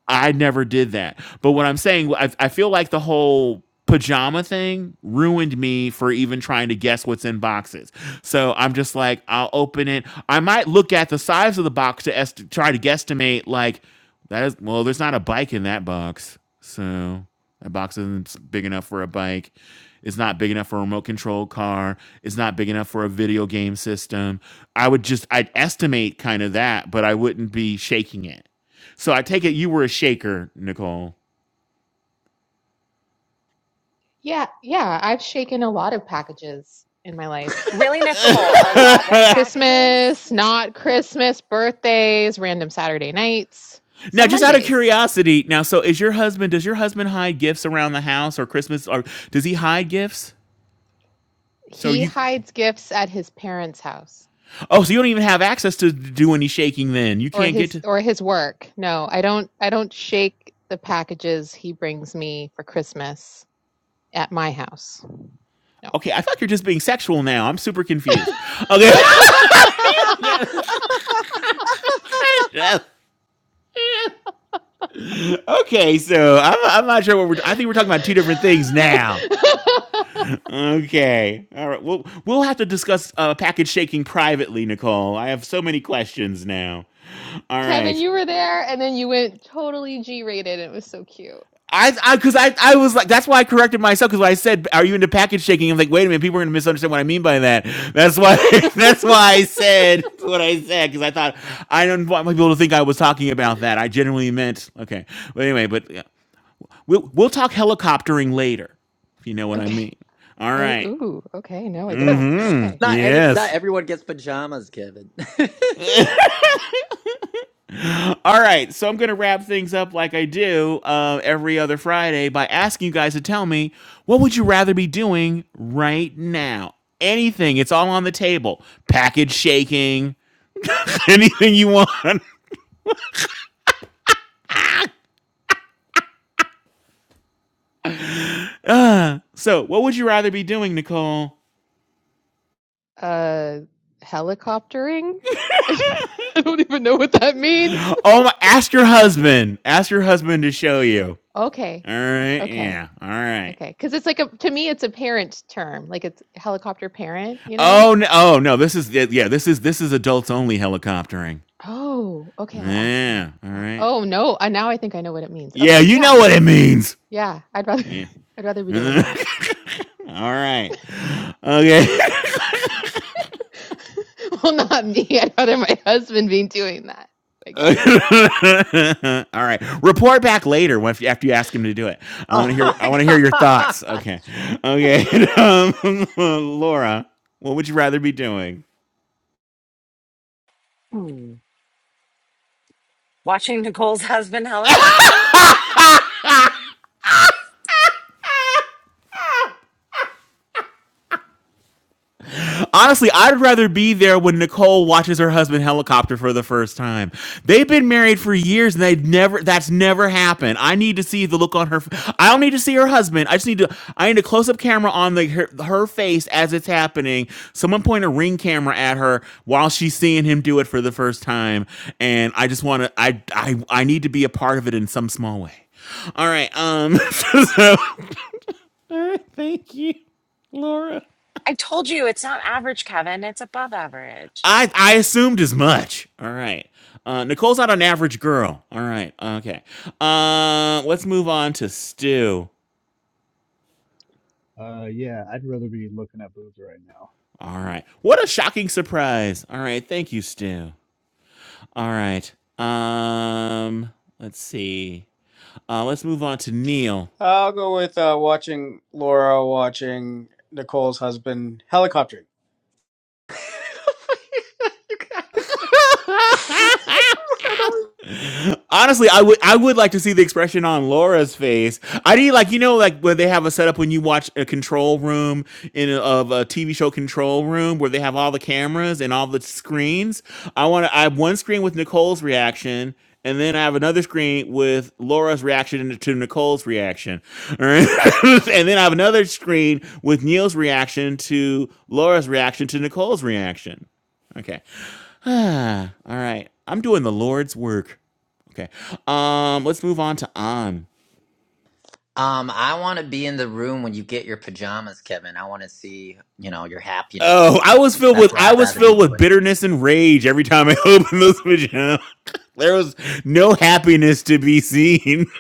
Speaker 3: I never did that. But what I'm saying, I, I feel like the whole pajama thing ruined me for even trying to guess what's in boxes. So I'm just like, I'll open it. I might look at the size of the box to est- try to guesstimate, like, that is, well, there's not a bike in that box. So that box isn't big enough for a bike. It's not big enough for a remote control car. It's not big enough for a video game system. I would just, I'd estimate kind of that, but I wouldn't be shaking it. So I take it you were a shaker, Nicole.
Speaker 2: Yeah, yeah, I've shaken a lot of packages in my life.
Speaker 1: Really, Nicole, a lot of
Speaker 3: now,
Speaker 1: packages?
Speaker 2: Christmas, not Christmas, birthdays, random Saturday nights, some
Speaker 3: just out of
Speaker 2: Mondays.
Speaker 3: curiosity, now, so is your husband? Does your husband hide gifts around the house or Christmas, or does he hide gifts? So
Speaker 2: He
Speaker 3: you,
Speaker 2: hides gifts at his parents' house
Speaker 3: oh, so you don't even have access to do any shaking. Then you
Speaker 2: or
Speaker 3: can't get
Speaker 2: his
Speaker 3: to.
Speaker 2: or his work. No, I don't I don't shake the packages he brings me for Christmas at my house. No.
Speaker 3: Okay, I thought you're just being sexual. Now I'm super confused. Okay. okay, so I'm, I'm not sure what we're. I think we're talking about two different things now. Okay. All right. Well, we'll have to discuss uh, package shaking privately, Nicole. I have so many questions now. All
Speaker 2: Kevin,
Speaker 3: right.
Speaker 2: you were there and then you went totally G-rated. It was so cute.
Speaker 3: I, I, cause I, I was like, that's why I corrected myself. Cause when I said, are you into package shaking? I'm like, wait a minute, people are gonna misunderstand what I mean by that. That's why, that's why I said what I said. Cause I thought, I don't want people to think I was talking about that. I genuinely meant, okay. But anyway, but yeah. we'll, we'll talk helicoptering later if you know what I
Speaker 2: okay.
Speaker 3: mean. All
Speaker 2: Oh,
Speaker 3: right.
Speaker 2: ooh, okay. No, I don't, but okay.
Speaker 3: Mm-hmm.
Speaker 4: Not edit, not
Speaker 3: Yes.
Speaker 4: everyone gets pajamas, Kevin.
Speaker 3: All right, so I'm going to wrap things up like I do uh, every other Friday by asking you guys to tell me what would you rather be doing right now? Anything. It's all on the table. Package shaking, anything you want. Uh, so, what would you rather be doing, Nicole?
Speaker 2: uh helicoptering i don't even know what that means
Speaker 3: Oh, my, ask your husband. Ask your husband to show you.
Speaker 2: okay
Speaker 3: All right,
Speaker 2: okay
Speaker 3: yeah. All right.
Speaker 2: okay because it's like a to me it's a parent term like it's helicopter parent you know
Speaker 3: Oh no, oh no, this is yeah, yeah, this is this is adults only helicoptering.
Speaker 2: oh okay i'll ask him
Speaker 3: Yeah, all
Speaker 2: Uh,
Speaker 3: right.
Speaker 2: oh no uh, now i think i know what it means
Speaker 3: Yeah,
Speaker 2: okay
Speaker 3: you know
Speaker 2: yeah
Speaker 3: what it means.
Speaker 2: yeah i'd rather
Speaker 3: Yeah.
Speaker 2: i'd rather be
Speaker 3: All
Speaker 2: doing that
Speaker 3: right. Okay.
Speaker 2: well not me i'd rather my husband be doing that i
Speaker 3: All
Speaker 2: guess
Speaker 3: right. Report back later when, after you ask him to do it. I want
Speaker 4: oh
Speaker 3: to hear. I
Speaker 4: my
Speaker 3: want to hear your
Speaker 4: god.
Speaker 3: thoughts. Okay. Okay. um, Laura, what would you rather be doing?
Speaker 1: Hmm. Watching Nicole's husband helicopter?
Speaker 3: Honestly, I'd rather be there when Nicole watches her husband helicopter for the first time. They've been married for years and they've never that's never happened. I need to see the look on her I I don't need to see her husband. I just need to I need a close-up camera on the her, her face as it's happening. Someone point a ring camera at her while she's seeing him do it for the first time and I just want to I I I need to be a part of it in some small way. All right. Um so- all right, thank you, Laura.
Speaker 1: I told you it's not average, Kevin. It's above average.
Speaker 3: I I assumed as much. All right. Uh, Nicole's not an average girl. All right. Okay. Uh, let's move on to Stu.
Speaker 6: Uh, yeah, I'd rather be looking at boobs right now.
Speaker 3: All right. What a shocking surprise. All right. Thank you, Stu. All right. Um. Let's see. Uh, let's move on to Neil.
Speaker 5: I'll go with uh, watching Laura watching Nicole's husband helicoptering.
Speaker 4: you guys. I don't-
Speaker 3: Honestly, I would I would like to see the expression on Laura's face. I need like you know like where they have a setup when you watch a control room in a, of a TV show control room where they have all the cameras and all the screens. I want to I have one screen with Nicole's reaction and then I have another screen with Laura's reaction to Nicole's reaction. All right. and then I have another screen with Neil's reaction to Laura's reaction to Nicole's reaction. Okay. All right. I'm doing the Lord's work. Okay. Um, let's move on to on.
Speaker 4: Um, I want to be in the room when you get your pajamas, Kevin. I want to see, you know, your happiness.
Speaker 3: Oh, I was filled
Speaker 4: That's
Speaker 3: with
Speaker 4: what
Speaker 3: I
Speaker 4: I'd
Speaker 3: was
Speaker 4: rather be
Speaker 3: filled with
Speaker 4: doing.
Speaker 3: bitterness and rage every time I opened this vagina. there was no happiness to be seen.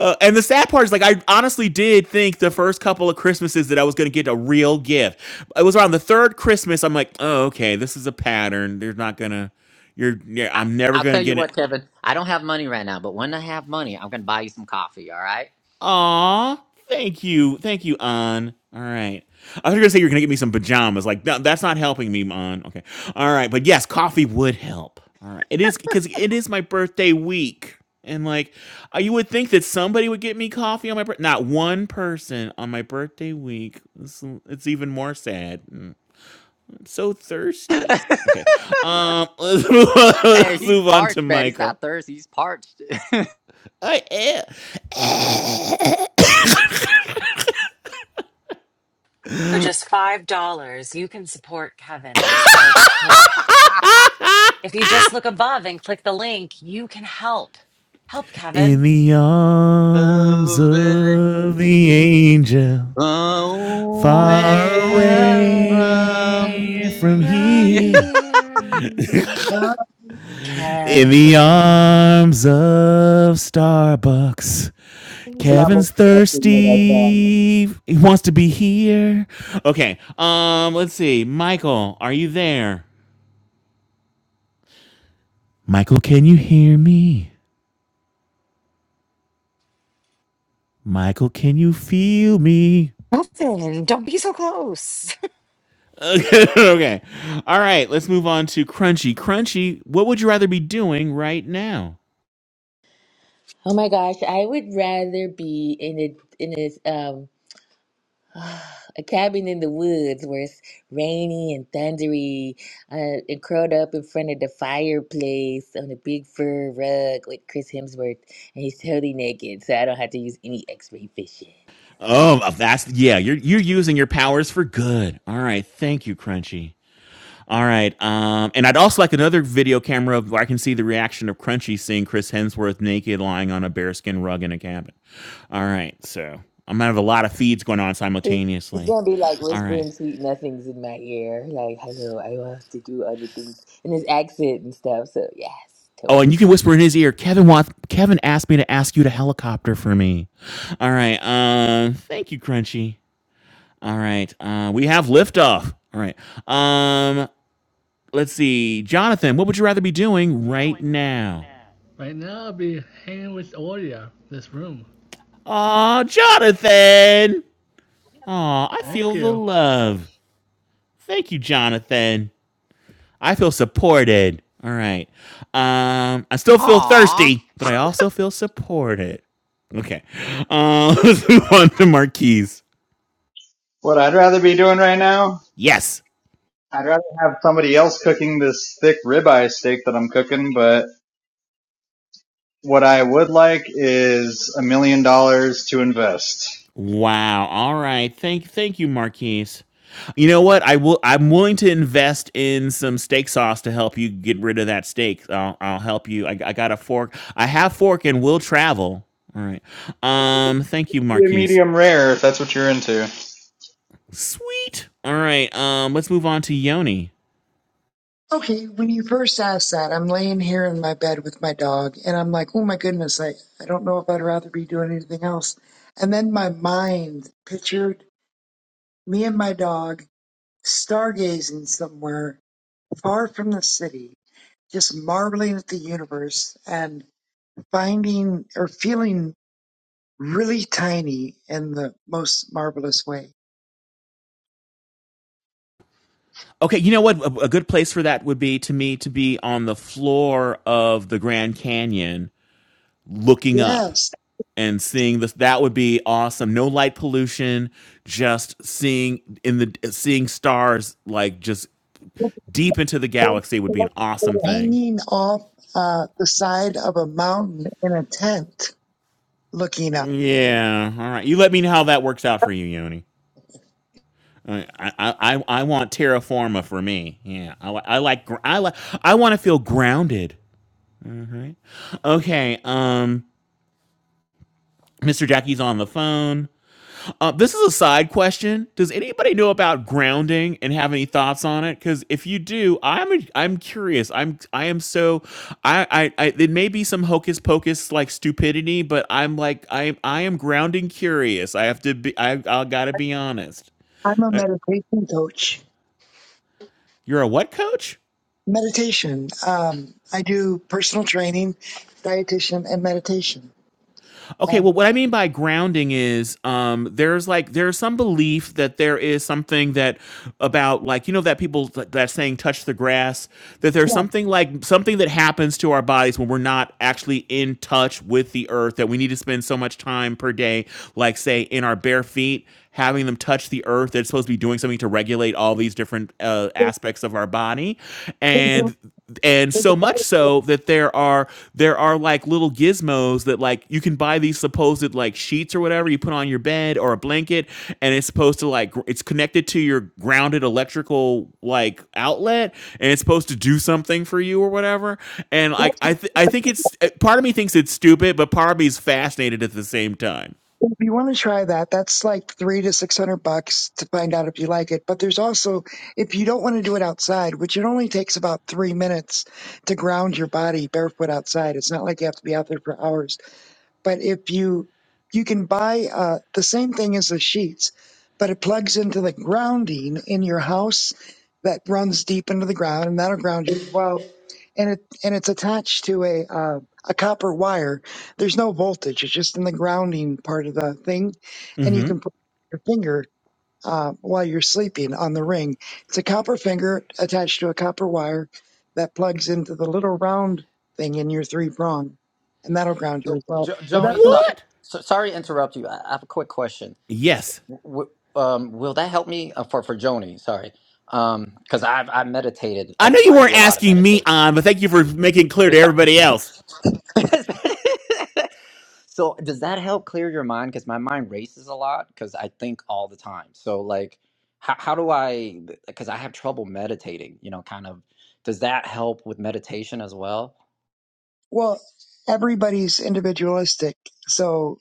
Speaker 3: Uh, and the sad part is, like, I honestly did think the first couple of Christmases that I was going to get a real gift. It was around the third Christmas. I'm like, oh, okay, this is a pattern. They're not gonna. You're. Yeah,
Speaker 4: I,
Speaker 3: I'm never
Speaker 4: I'll
Speaker 3: going to
Speaker 4: tell you
Speaker 3: get an
Speaker 4: what, Kevin. I don't have money right now, but when I have money, I'm gonna buy you some coffee. All right?
Speaker 3: Aw, thank you, thank you, An. All right. I was gonna say you're gonna get me some pajamas. Like no, that's not helping me, An. Okay. All right, but yes, coffee would help. All right. It is because it is my birthday week, and like uh, you would think that somebody would get me coffee on my birthday. Not one person on my birthday week. It's, it's even more sad. Mm, I'm so thirsty. Okay. Um. Let's move on,
Speaker 4: hey, he's
Speaker 3: to
Speaker 4: parched, man. He's not
Speaker 3: Michael.
Speaker 4: thirsty. He's parched.
Speaker 3: I am.
Speaker 1: For just $5, you can support Kevin in his parched throat. If you just look above and click the link, you can help. Help
Speaker 3: In
Speaker 1: Kevin.
Speaker 3: the arms
Speaker 4: Oh, man.
Speaker 3: of the angel, far
Speaker 4: away
Speaker 1: Ah,
Speaker 4: from
Speaker 3: away from
Speaker 1: From
Speaker 4: me.
Speaker 3: here.
Speaker 1: here,
Speaker 2: Mm,
Speaker 15: dog.
Speaker 3: In the
Speaker 1: Kevin.
Speaker 3: arms of Starbucks,
Speaker 2: sing it.
Speaker 14: cannot believe
Speaker 3: Kevin's
Speaker 14: you actually know that song.
Speaker 3: thirsty. He wants to be here. Okay, um, let's see. Michael, are you there? Michael, can you hear me? Michael, can you feel me?
Speaker 1: Kevin, don't be so close.
Speaker 3: Okay. okay. All right. Let's move on to Crunchy. Crunchy, what would you rather be doing right now?
Speaker 12: Oh my gosh, I would rather be in a in a um a cabin in the woods where it's rainy and thundery, uh, and curled up in front of the fireplace on a big fur rug with Chris Hemsworth, and he's totally naked, so I don't have to use any X-ray vision.
Speaker 3: Oh, that's yeah. You're you're using your powers for good. All right. Thank you, Crunchy. All right. Um, and I'd also like another video camera of where I can see the reaction of Crunchy seeing Chris Hemsworth naked lying on a bearskin rug in a cabin. All right. So I'm gonna have a lot of feeds going on
Speaker 12: He's he's
Speaker 3: simultaneously.
Speaker 12: gonna be like
Speaker 3: All right.
Speaker 12: whispering sweet nothings in my ear, like "Hello, I want to do other things," in his accent and stuff. So yes,
Speaker 3: Oh,
Speaker 12: totally.
Speaker 3: and you can whisper in his ear, Kevin wants Kevin asked me to ask you to helicopter for me. All right. Uh thank you, Crunchy. All right. Uh we have liftoff. All right. Um let's see. Jonathan, what would you rather be doing right now?
Speaker 13: Right now, I'll be hanging with Audia. This room.
Speaker 3: Aw, Jonathan. Aw, I
Speaker 13: Thank
Speaker 3: feel the
Speaker 13: you.
Speaker 3: love. Thank you, Jonathan. I feel supported. All right. Um, I still feel
Speaker 4: Aww.
Speaker 3: thirsty, but I also feel supported. Okay. Uh, let's move on to Marquise.
Speaker 14: what I'd rather be doing right now
Speaker 3: Yes.
Speaker 14: I'd rather have somebody else cooking this thick ribeye steak that I'm cooking, but what I would like is a million dollars to invest.
Speaker 3: Wow. All right. Thank thank you, Marquise. You know what? I will. I'm willing to invest in some steak sauce to help you get rid of that steak. I'll, I'll help you. I, I got a fork. I have fork and will travel. All right. Um. Thank you,
Speaker 14: Be a
Speaker 3: Marquise.
Speaker 14: medium rare if that's what you're into.
Speaker 3: Sweet. All right. Um. Let's move on to Yoni.
Speaker 15: Okay, when you first asked that, I'm laying here in my bed with my dog, and I'm like, oh my goodness, I, I don't know if I'd rather be doing anything else. And then my mind pictured me and my dog stargazing somewhere far from the city, just marveling at the universe and finding or feeling really tiny in the most marvelous way.
Speaker 3: Okay, you know what? A, a good place for that would be to me to be on the floor of the Grand Canyon, looking up
Speaker 15: Yes.
Speaker 3: and seeing this. That would be awesome. No light pollution, just seeing in the seeing stars like just deep into the galaxy would be an awesome thing.
Speaker 15: Hanging off uh, the side of a mountain in a tent, looking up.
Speaker 3: Yeah. All right. You let me know how that works out for you, Yoni. Uh, I I I, I want terraforma for me. Yeah. I, li- I like gr- I like I want to feel grounded. Right. Okay. Um. Mr. Jackie's on the phone. Uh, this is a side question. Does anybody know about grounding and have any thoughts on it? Because if you do, I'm a, I'm curious. I'm I am so I, I I it may be some hocus pocus like stupidity, but I'm like I I am grounding curious. I have to be I I gotta be honest.
Speaker 15: I'm a
Speaker 3: Uh,
Speaker 15: meditation coach.
Speaker 3: you're a what coach?
Speaker 15: Meditation. Um, I do personal training, dietitian, and meditation.
Speaker 3: Okay,
Speaker 15: Um,
Speaker 3: well, what I mean by grounding is um, there's like there's some belief that there is something that about like you know that people that that saying touch the grass that there's something like something that happens to our bodies when we're not actually in touch with the earth that we need to spend so much time per day like say in our bare feet having them touch the earth that's supposed to be doing something to regulate all these different uh,
Speaker 15: there's-
Speaker 3: aspects of our body
Speaker 15: there's a-
Speaker 3: and and
Speaker 15: there's
Speaker 3: so much so that there are there are like little gizmos that like you can buy these supposed like sheets or whatever you put on your bed or a blanket and it's supposed to like gr- it's connected to your grounded electrical like outlet and it's supposed to do something for you or whatever and like i th- i
Speaker 15: a-
Speaker 3: think it's uh, part of me thinks it's stupid but part of me is fascinated at the same time
Speaker 15: if you want to try that, that's like three to six hundred bucks to find out if you like it. But there's also, if you don't want to do it outside, which it only takes about three minutes to ground your body barefoot outside. It's not like you have to be out there for hours but if you you can buy uh, the same thing as the sheets but it plugs into the grounding in your house that runs deep into the ground and that'll ground you as well and it and it's attached to a uh, a copper wire there's no voltage it's just in the grounding part of the thing and you
Speaker 3: mhm
Speaker 15: can put your finger uh, while you're sleeping on the ring. It's a copper finger attached to a copper wire that plugs into the little round thing in your three prong, and that'll ground you
Speaker 4: So,
Speaker 15: as well.
Speaker 4: jo-
Speaker 15: But
Speaker 4: Joni,
Speaker 15: that's a
Speaker 4: so,
Speaker 15: lot-
Speaker 3: what
Speaker 4: so sorry to interrupt you. I, I have a quick question.
Speaker 3: yes
Speaker 4: W- um, will that help me uh, for for Joni? Sorry, because I've I meditated.
Speaker 3: i
Speaker 4: A,
Speaker 3: know you
Speaker 4: I do
Speaker 3: weren't
Speaker 4: a lot of
Speaker 3: asking me
Speaker 4: meditation.
Speaker 3: on but thank you for making clear to everybody else
Speaker 4: so does that help clear your mind? Because my mind races a lot because I think all the time. So like, how how do I? Because I have trouble meditating. You know, kind of. Does that help with meditation as well?
Speaker 15: well, everybody's individualistic, so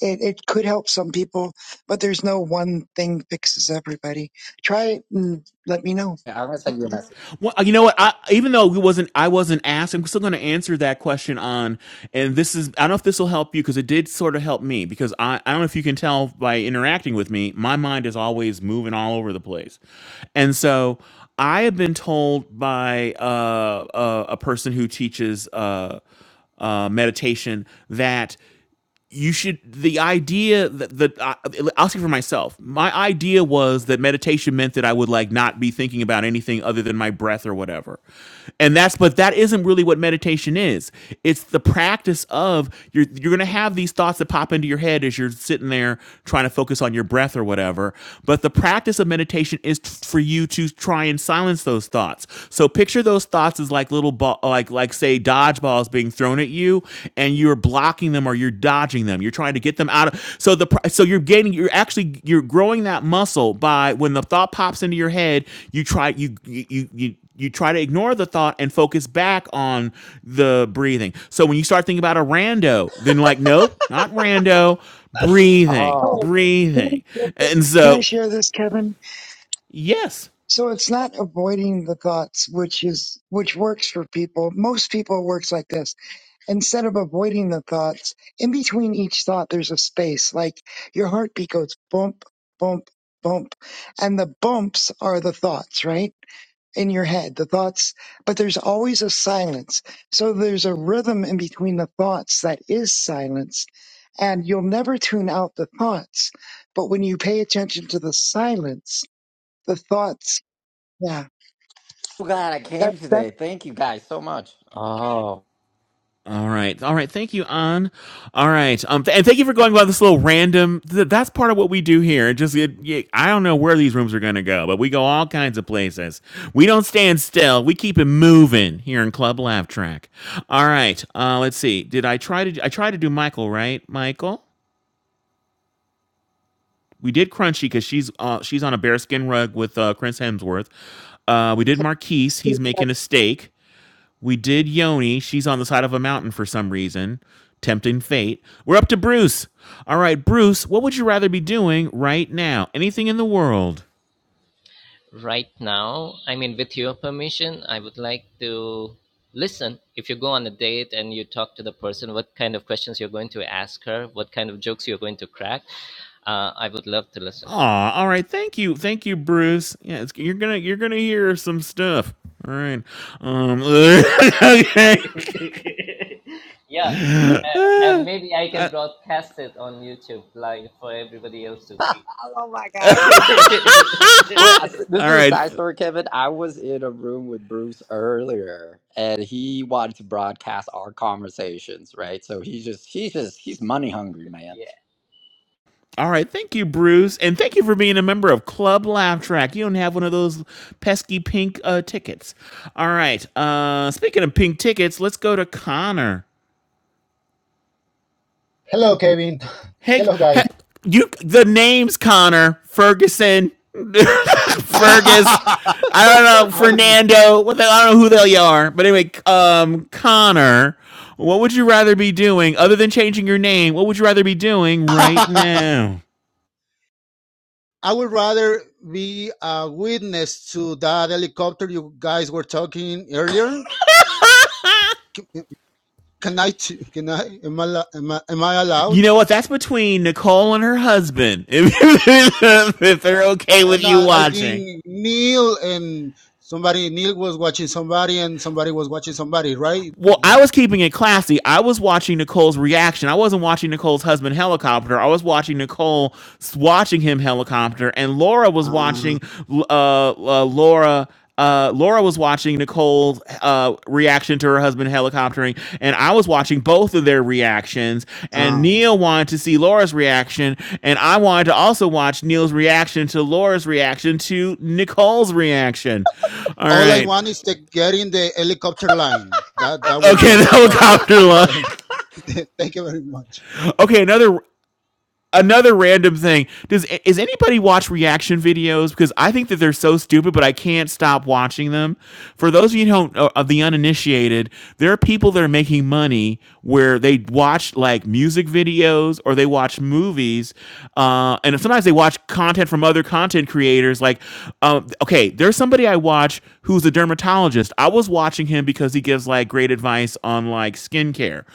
Speaker 15: it, it could help some people, but there's no one thing fixes everybody. Try it and let me know.
Speaker 4: Yeah, I'm gonna send you a message.
Speaker 3: Well, you know what? I, even though we wasn't, I wasn't asked. I'm still going to answer that question on. And this is, I don't know if this will help you because it did sort of help me because I, I don't know if you can tell by interacting with me, my mind is always moving all over the place, and so I have been told by uh, uh, a person who teaches uh, uh, meditation that you should the idea that that uh, I'll speak for myself. My idea was that meditation meant that I would like not be thinking about anything other than my breath or whatever. And that's but that isn't really what meditation is. It's the practice of you're you're going to have these thoughts that pop into your head as you're sitting there trying to focus on your breath or whatever. But the practice of meditation is t- for you to try and silence those thoughts. So picture those thoughts is like little ball, like like say dodgeballs being thrown at you, and you're blocking them or you're dodging them. You're trying to get them out of. So the pr- so you're getting you're actually you're growing that muscle by when the thought pops into your head, you try you you you. you you try to ignore the thought and focus back on the breathing. So when you start thinking about a rando, then like, nope, not rando, breathing,
Speaker 4: Oh,
Speaker 15: Oh, can I
Speaker 3: breathing.
Speaker 15: share this,
Speaker 3: And
Speaker 15: Can I
Speaker 3: so,
Speaker 15: share this, Kevin?
Speaker 3: yes,
Speaker 15: So it's not avoiding the thoughts, which is which works for people. Most people it works like this instead of avoiding the thoughts, in between each thought, there's a space. Like your heartbeat goes bump, bump, bump. And the bumps are the thoughts, right? In your head, the thoughts, but there's always a silence. So there's a rhythm in between the thoughts that is silence. And you'll never tune out the thoughts. But when you pay attention to the silence, the thoughts, yeah,
Speaker 4: I'm glad I
Speaker 15: that,
Speaker 4: came today. Thank you guys so much. Oh.
Speaker 3: All right. All right. Thank you, An. All right. Um, th- and thank you for going by this little random. Th- that's part of what we do here. It just, it, it- I don't know where these rooms are going to go, but we go all kinds of places. We don't stand still. We keep it moving here in Club Laugh Track. All right. Uh, let's see. Did I try to, I tried to do Michael, right? Michael? We did Crunchy because she's uh, she's on a bearskin rug with uh, Chris Hemsworth. Uh, we did Marquise. He's making
Speaker 15: that's
Speaker 3: a steak. We did Yoni. She's on the side of a mountain for some reason, tempting fate. We're up to Bruce. All right, Bruce, what would you rather be doing right now? Anything in the world?
Speaker 18: Right now, I mean, with your permission, I would like to listen. If you go on a date and you talk to the person, what kind of questions you're going to ask her, what kind of jokes you're going to crack, uh, I would love to listen.
Speaker 3: Aw, all right. Thank you, thank you, Bruce. Yeah, it's, you're gonna you're gonna hear some stuff. All right. Um. okay.
Speaker 18: Yeah, uh, and maybe I can
Speaker 3: uh, uh,
Speaker 18: broadcast it on YouTube live for everybody else to see.
Speaker 4: oh my God. Wait, I s- this
Speaker 3: all
Speaker 4: is a
Speaker 3: right.
Speaker 4: side story, Kevin. I was in a room with Bruce earlier, and he wanted to broadcast our conversations, right? So he's just, he's just, he's money hungry, man.
Speaker 18: Yeah.
Speaker 3: All right, thank you, Bruce, and thank you for being a member of Club Laugh Track. You don't have one of those pesky pink uh, tickets. All right. Uh, speaking of pink tickets, let's go to Connor.
Speaker 19: Hello, Kevin.
Speaker 3: Hey,
Speaker 19: Hello,
Speaker 3: he-
Speaker 19: guys.
Speaker 3: you. The name's Connor Ferguson, Fergus. I don't know
Speaker 19: I'm.
Speaker 3: Fernando. What the, I don't know who they are, but anyway, um, Connor. What would you rather be doing other than changing your name? What would you rather be doing right
Speaker 19: I
Speaker 3: now?
Speaker 19: would rather be a witness to that helicopter you guys were talking earlier. Can, I? Can I? Am I? Am I, am I allowed?
Speaker 3: You know what? That's between Nicole and her husband. If, if they're okay
Speaker 19: Uh,
Speaker 3: with
Speaker 19: No,
Speaker 3: you
Speaker 19: I, I
Speaker 3: watching.
Speaker 19: think Neil and somebody. Neil was watching somebody, and somebody was watching somebody, right?
Speaker 3: Well, I
Speaker 19: Like.
Speaker 3: was keeping it classy. I was watching Nicole's reaction. I wasn't watching Nicole's husband helicopter. I was watching Nicole watching him helicopter, and Laura was
Speaker 19: Uh,
Speaker 3: watching uh, uh Laura. Uh, Laura was watching Nicole's uh, reaction to her husband helicoptering, and I was watching both of their reactions. And
Speaker 19: uh.
Speaker 3: Neil wanted to see Laura's reaction, and I wanted to also watch Neil's reaction to Laura's reaction to Nicole's reaction. All
Speaker 19: All I
Speaker 3: right,
Speaker 19: want is to get in the helicopter line. That that will
Speaker 3: okay, the
Speaker 19: be awesome.
Speaker 3: helicopter line.
Speaker 19: Thank, thank you very much.
Speaker 3: Okay, another another random thing. Does is anybody watch reaction videos? Because I think that they're so stupid, but I can't stop watching them. For those of you who don't uh, of the uninitiated, there are people that are making money where they watch like music videos or they watch movies, uh, and sometimes they watch content from other content creators. Like, um, okay, there's somebody I watch who's a dermatologist. I was watching him because he gives like great advice on like skincare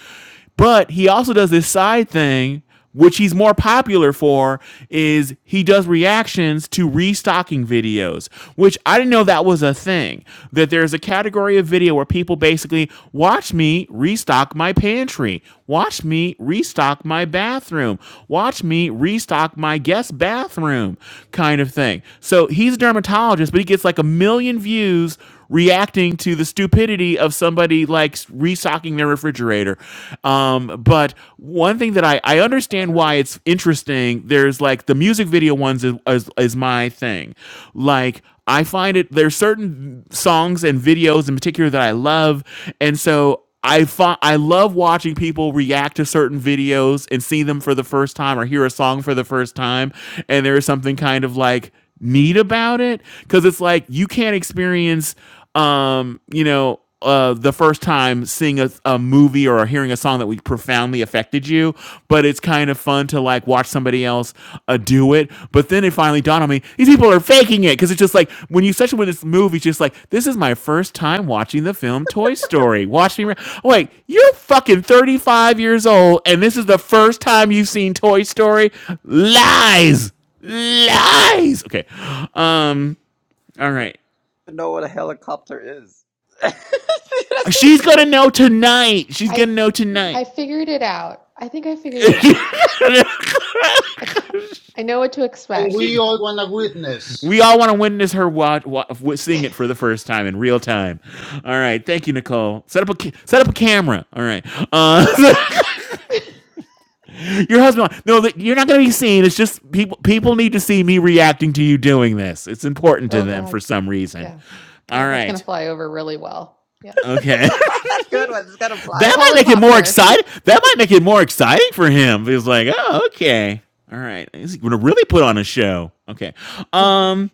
Speaker 3: but he also does this side thing, which he's more popular for, is he does reactions to restocking videos, which I didn't know that was a thing. That there's a category of video where people basically watch me restock my pantry, watch me restock my bathroom, watch me restock my guest bathroom, kind of thing. So he's a dermatologist, but he gets like a million views reacting to the stupidity of somebody like restocking their refrigerator. Um, but one thing that I, I understand why it's interesting, there's like the music video ones is, is, is my thing. Like, I find it, there's certain songs and videos in particular that I love. And so I fi- I love watching people react to certain videos and see them for the first time or hear a song for the first time, and there is something kind of like neat about it because it's like you can't experience, um, you know. Uh, the first time seeing a, a movie or hearing a song that we profoundly affected you, but it's kind of fun to like watch somebody else uh, do it. But then it finally dawned on me: these people are faking it because it's just like when you, especially with this movie, it's just like this is my first time watching the film Toy Story. Watch me, wait, you're fucking thirty five years old, and this is the first time you've seen Toy Story. Lies, lies. Okay, um, all right.
Speaker 4: Even know what a helicopter is. That's
Speaker 3: She's gonna know tonight. She's gonna
Speaker 2: i
Speaker 3: know
Speaker 2: i
Speaker 3: tonight.
Speaker 2: figured it out i think i figured it out I ca- I know what to
Speaker 19: and
Speaker 2: expect.
Speaker 3: she.
Speaker 19: we all want to witness.
Speaker 3: We all want to witness her watch, wa sing it for the first time in real time. All right, thank you, Nicole. Set up a ca- set up a
Speaker 2: You're
Speaker 3: camera. All right, uh,
Speaker 2: welcome.
Speaker 3: your husband. No, that- you're not going to be seen. It's just people. People need to see me reacting to you doing this. It's important to
Speaker 2: Oh
Speaker 3: them for
Speaker 2: God,
Speaker 3: some reason.
Speaker 2: yeah, yeah,
Speaker 3: All
Speaker 2: that's gonna
Speaker 3: right.
Speaker 2: fly over really well. Yeah,
Speaker 3: Okay.
Speaker 4: a good one. It's gonna fly
Speaker 3: that might
Speaker 4: over.
Speaker 3: make it more
Speaker 2: helicopter.
Speaker 3: exciting. That might make it more exciting for him. He's like, oh, okay, all right. He's gonna really put on a show. Okay. Um.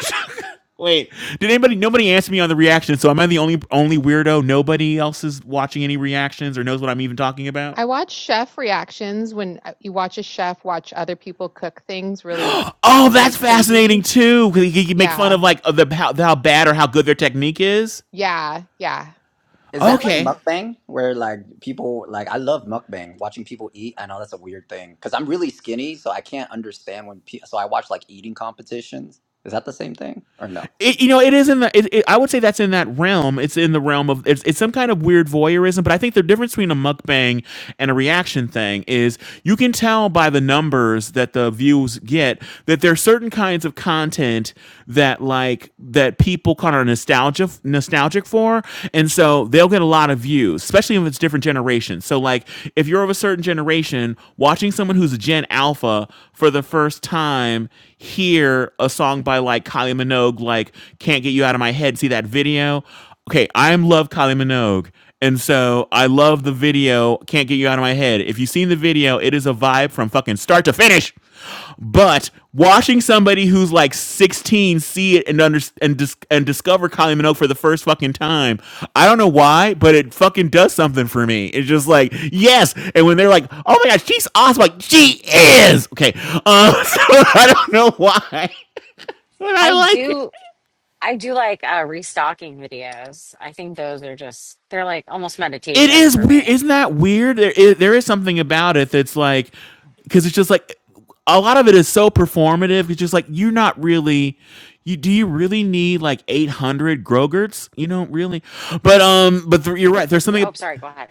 Speaker 3: Wait, did anybody? Nobody answered me on the reaction, so am I the only only weirdo? Nobody else is watching any reactions or knows what I'm even talking about.
Speaker 2: I watch chef reactions when uh, you watch a chef watch other people cook things really uh,
Speaker 3: Oh, that's
Speaker 2: like
Speaker 3: fascinating
Speaker 2: crazy.
Speaker 3: too. You can make fun
Speaker 2: Yeah,
Speaker 3: of like of the how, how bad or how good their technique is.
Speaker 2: yeah, yeah.
Speaker 4: Is that like
Speaker 3: Okay,
Speaker 4: mukbang where like people like I love mukbang, watching people eat. I know that's a weird thing because I'm really skinny, so I can't understand when pe so I watch like eating competitions. Is that the same thing or no?
Speaker 3: It, you know, it is in the. It, it, I would say that's in that realm. It's in the realm of it's, it's some kind of weird voyeurism. But I think the difference between a mukbang and a reaction thing is you can tell by the numbers that the views get that there are certain kinds of content that like that people kind of nostalgia nostalgic for, and so they'll get a lot of views, especially if it's different generations. So like if you're of a certain generation, watching someone who's a Gen Alpha for the first time hear a song by like Kylie Minogue like can't get you out of my head. See that video? Okay, I'm love Kylie Minogue. And so I love the video. Can't get you out of my head. If you've seen the video, it is a vibe from fucking start to finish. But watching somebody who's like 16 see it and under and dis- and discover Kylie Minogue for the first fucking time, I don't know why, but it fucking does something for me. It's just like yes. And when they're like, "Oh my god, she's awesome!" Like she is okay. Um, so I don't know why. But I
Speaker 1: I
Speaker 3: like it.
Speaker 1: do. I do like uh, restocking videos. I think those are just, they're like almost
Speaker 3: It
Speaker 1: meditation
Speaker 3: is
Speaker 1: for
Speaker 3: weird.
Speaker 1: me.
Speaker 3: Isn't that weird? There is, there is something about it that's like, because it's just like, a lot of it is so performative. It's just like, you're not really, you do you really need like 800 Grogerts? You don't really. But, um, but th- you're right. There's something.
Speaker 1: Oh, sorry. Go ahead.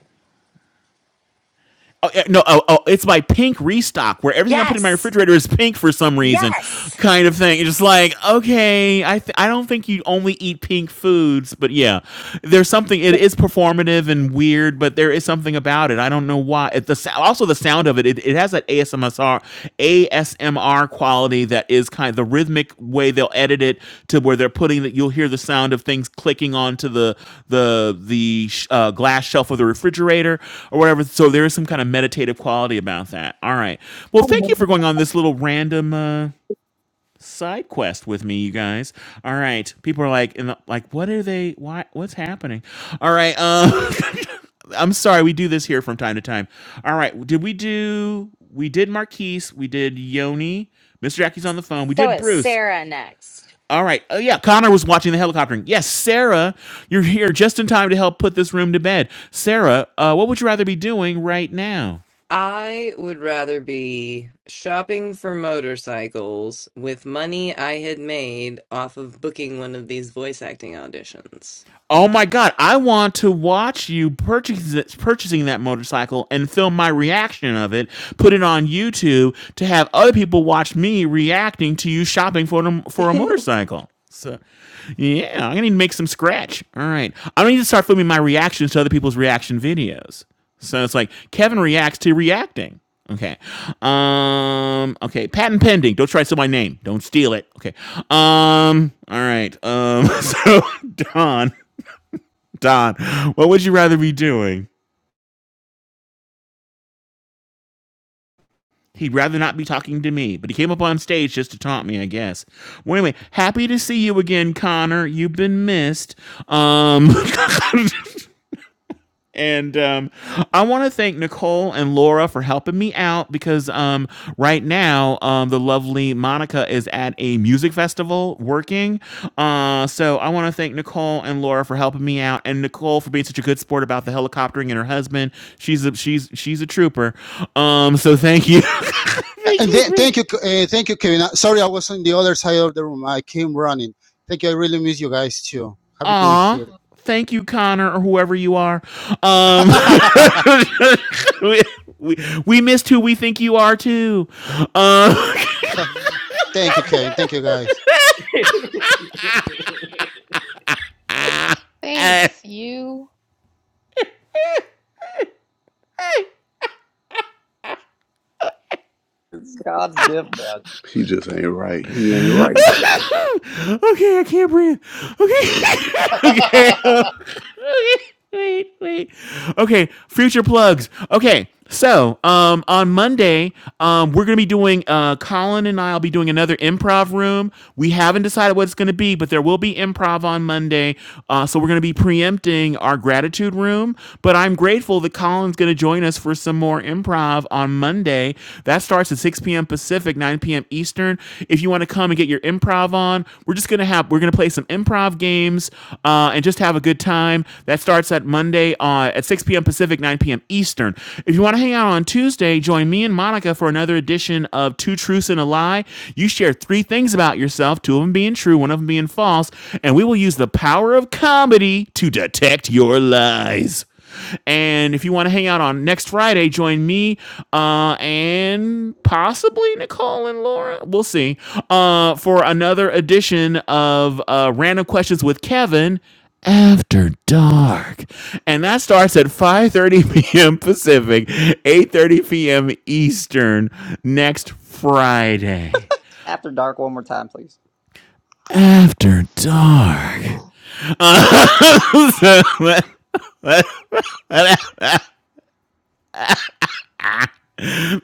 Speaker 3: Oh, eh, no, oh, oh, it's my pink restock where everything I put in my
Speaker 1: Yes.
Speaker 3: refrigerator is pink for some reason,
Speaker 1: Yes.
Speaker 3: kind of thing. It's just like, okay, I th- I don't think you only eat pink foods, but yeah, there's something. It is performative and weird, but there is something about it. I don't know why. It, the sou- also the sound of it, it, it has that ASMR ASMR, ASMR quality that is kind of the rhythmic way they'll edit it to where they're putting that you'll hear the sound of things clicking onto the the the sh- uh, glass shelf of the refrigerator or whatever. So there is some kind of meditative quality about that. All right. Well, thank you for going on this little random. Uh, side quest with me, you guys. All right, people are like, in the, like, what are they? Why? What's happening? All right, um, I'm sorry, we do this here from time to time. All right, did we do? We did Marquise. We did Yoni. Mr. Jackie's on the phone. We
Speaker 1: So
Speaker 3: did
Speaker 1: is
Speaker 3: Bruce.
Speaker 1: Sarah next.
Speaker 3: All right. Oh yeah, Connor was watching the helicoptering. Yes, Sarah, you're here just in time to help put this room to bed. Sarah, uh, what would you rather be doing right now?
Speaker 20: I would rather be shopping for motorcycles with money I had made off of booking one of these voice acting auditions.
Speaker 3: Oh
Speaker 20: Thank
Speaker 3: my god, I want to watch you purchase, purchasing that motorcycle and film my reaction of it, put it on YouTube to have other people watch me reacting to you shopping for them for a
Speaker 20: you.
Speaker 3: motorcycle. So, yeah, I'm gonna need to make some scratch. All right, I right, I'm gonna need to start filming my reactions to other people's reaction videos. So it's like Kevin reacts to reacting. Okay. Um. Okay. Patent pending. Don't try to steal my name. Don't steal it. Okay. Um. All right. Um. So Don. Don, what would you rather be doing? He'd rather not be talking to me, but he came up on stage just to taunt me, I guess. Well, anyway, happy to see you again, Connor. You've been missed. Um, And um, I want to thank Nicole and Laura for helping me out because um, right now um, the lovely Monica is at a music festival working. Uh, so I want to thank Nicole and Laura for helping me out, and Nicole for being such a good sport about the helicoptering and her husband. She's a, she's she's a trooper. Um, so thank you, thank
Speaker 19: And
Speaker 3: you
Speaker 19: then,
Speaker 3: for that.
Speaker 19: thank you, uh, thank you, Kevin. Uh, Sorry, I was on the other side of the room. I came running. Thank you. I really miss you guys too. Happy to be
Speaker 3: Aw,
Speaker 19: here.
Speaker 3: thank you, Connor, or whoever you are. Um, we, we, we missed who we think you are too. Um,
Speaker 19: thank you, Kevin. Thank you, guys.
Speaker 2: Thanks you.
Speaker 4: It's God's gift, man.
Speaker 16: He just ain't right. He ain't right.
Speaker 3: okay, I can't breathe. Okay. okay. Wait, wait. Okay, future plugs. Okay. So, um, on Monday, um, we're gonna be doing. Uh, Colin and I will be doing another improv room. We haven't decided what it's gonna be, but there will be improv on Monday. Uh, so we're gonna be preempting our gratitude room. But I'm grateful that Colin's gonna join us for some more improv on Monday. That starts at 6 p.m. Pacific, 9 9 p.m. Eastern. If you want to come and get your improv on, we're just gonna have we're gonna play some improv games uh, and just have a good time. That starts at Monday uh, at 6 p.m. Pacific, 9 p.m. Eastern. If you want to hang out on Tuesday, join me and Monica for another edition of Two Truths and a Lie. You share three things about yourself, two of them being true, one of them being false, and we will use the power of comedy to detect your lies. And if you want to hang out on next Friday, join me uh, and possibly Nicole and Laura. We'll see. Uh, for another edition of uh, Random Questions with Kevin after dark and that starts at 5.30 p.m pacific 8.30 p.m eastern next friday
Speaker 4: After dark one more time, please.
Speaker 3: after dark So that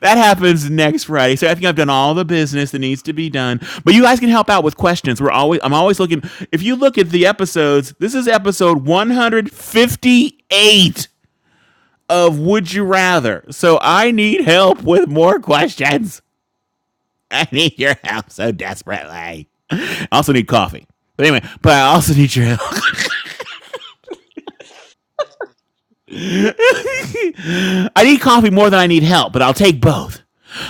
Speaker 3: That happens next Friday. So I think I've done all the business that needs to be done. But you guys can help out with questions. We're always I'm always looking. If you look at the episodes, this is episode 158 of Would You Rather. So I need help with more questions. I need your help so desperately. I also need coffee. But anyway, but I also need your help. I need coffee more than I need help, but I'll take both.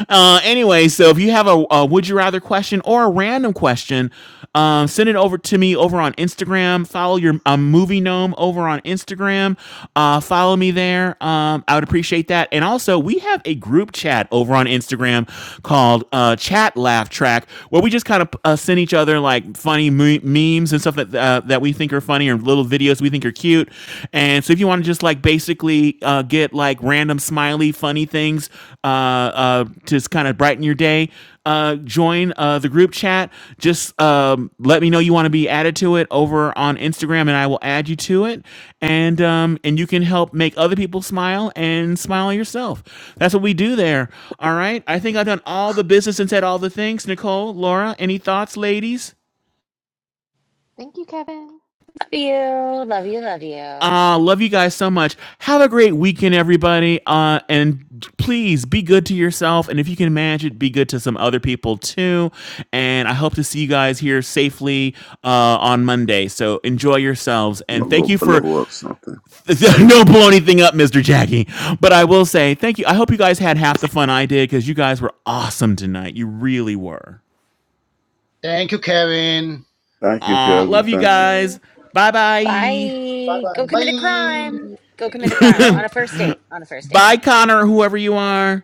Speaker 3: Uh, anyway, so if you have a, a would you rather question or a random question, um, send it over to me over on Instagram. Follow your um, movie gnome over on Instagram. Uh, follow me there. Um, I would appreciate that. And also, we have a group chat over on Instagram called uh, Chat Laugh Track, where we just kind of uh, send each other like funny me- memes and stuff that uh, that we think are funny or and little videos we think are cute. And so if you want to just like basically uh, get like random smiley, funny things uh, uh, to just kind of brighten your day, uh, join uh, the group chat. Just um, let me know you want to be added to it over on Instagram, and I will add you to it. And um, and you can help make other people smile and smile yourself. That's what we do there. All right. I think I've done all the business and said all the things. Nicole, Laura, any thoughts, ladies?
Speaker 2: Thank you, Kevin.
Speaker 1: Love you. Love you. Love you.
Speaker 3: Uh, love you guys so much. Have a great weekend, everybody. Uh, and please be good to yourself. And if you can manage it, be good to some other people too. And I hope to see you guys here safely uh, on Monday. So enjoy yourselves.
Speaker 16: I'm
Speaker 3: And
Speaker 16: gonna go
Speaker 3: thank you for
Speaker 16: blow up something.
Speaker 3: no blow anything up, Mr. Jackie. But I will say thank you. I hope you guys had half the fun I did because you guys were awesome tonight. You really were.
Speaker 19: Thank you, Kevin.
Speaker 16: Thank you,
Speaker 3: Uh,
Speaker 16: Kevin.
Speaker 3: love you
Speaker 2: Thank
Speaker 16: Thank you.
Speaker 2: you.
Speaker 3: guys. Bye
Speaker 2: Bye bye.
Speaker 3: bye.
Speaker 19: Bye
Speaker 1: Bye.
Speaker 19: bye.
Speaker 1: Go commit a crime.
Speaker 19: Bye.
Speaker 1: Go commit a crime
Speaker 19: Meow.
Speaker 1: on a first date. On a first date.
Speaker 3: Bye, Connor, whoever you are.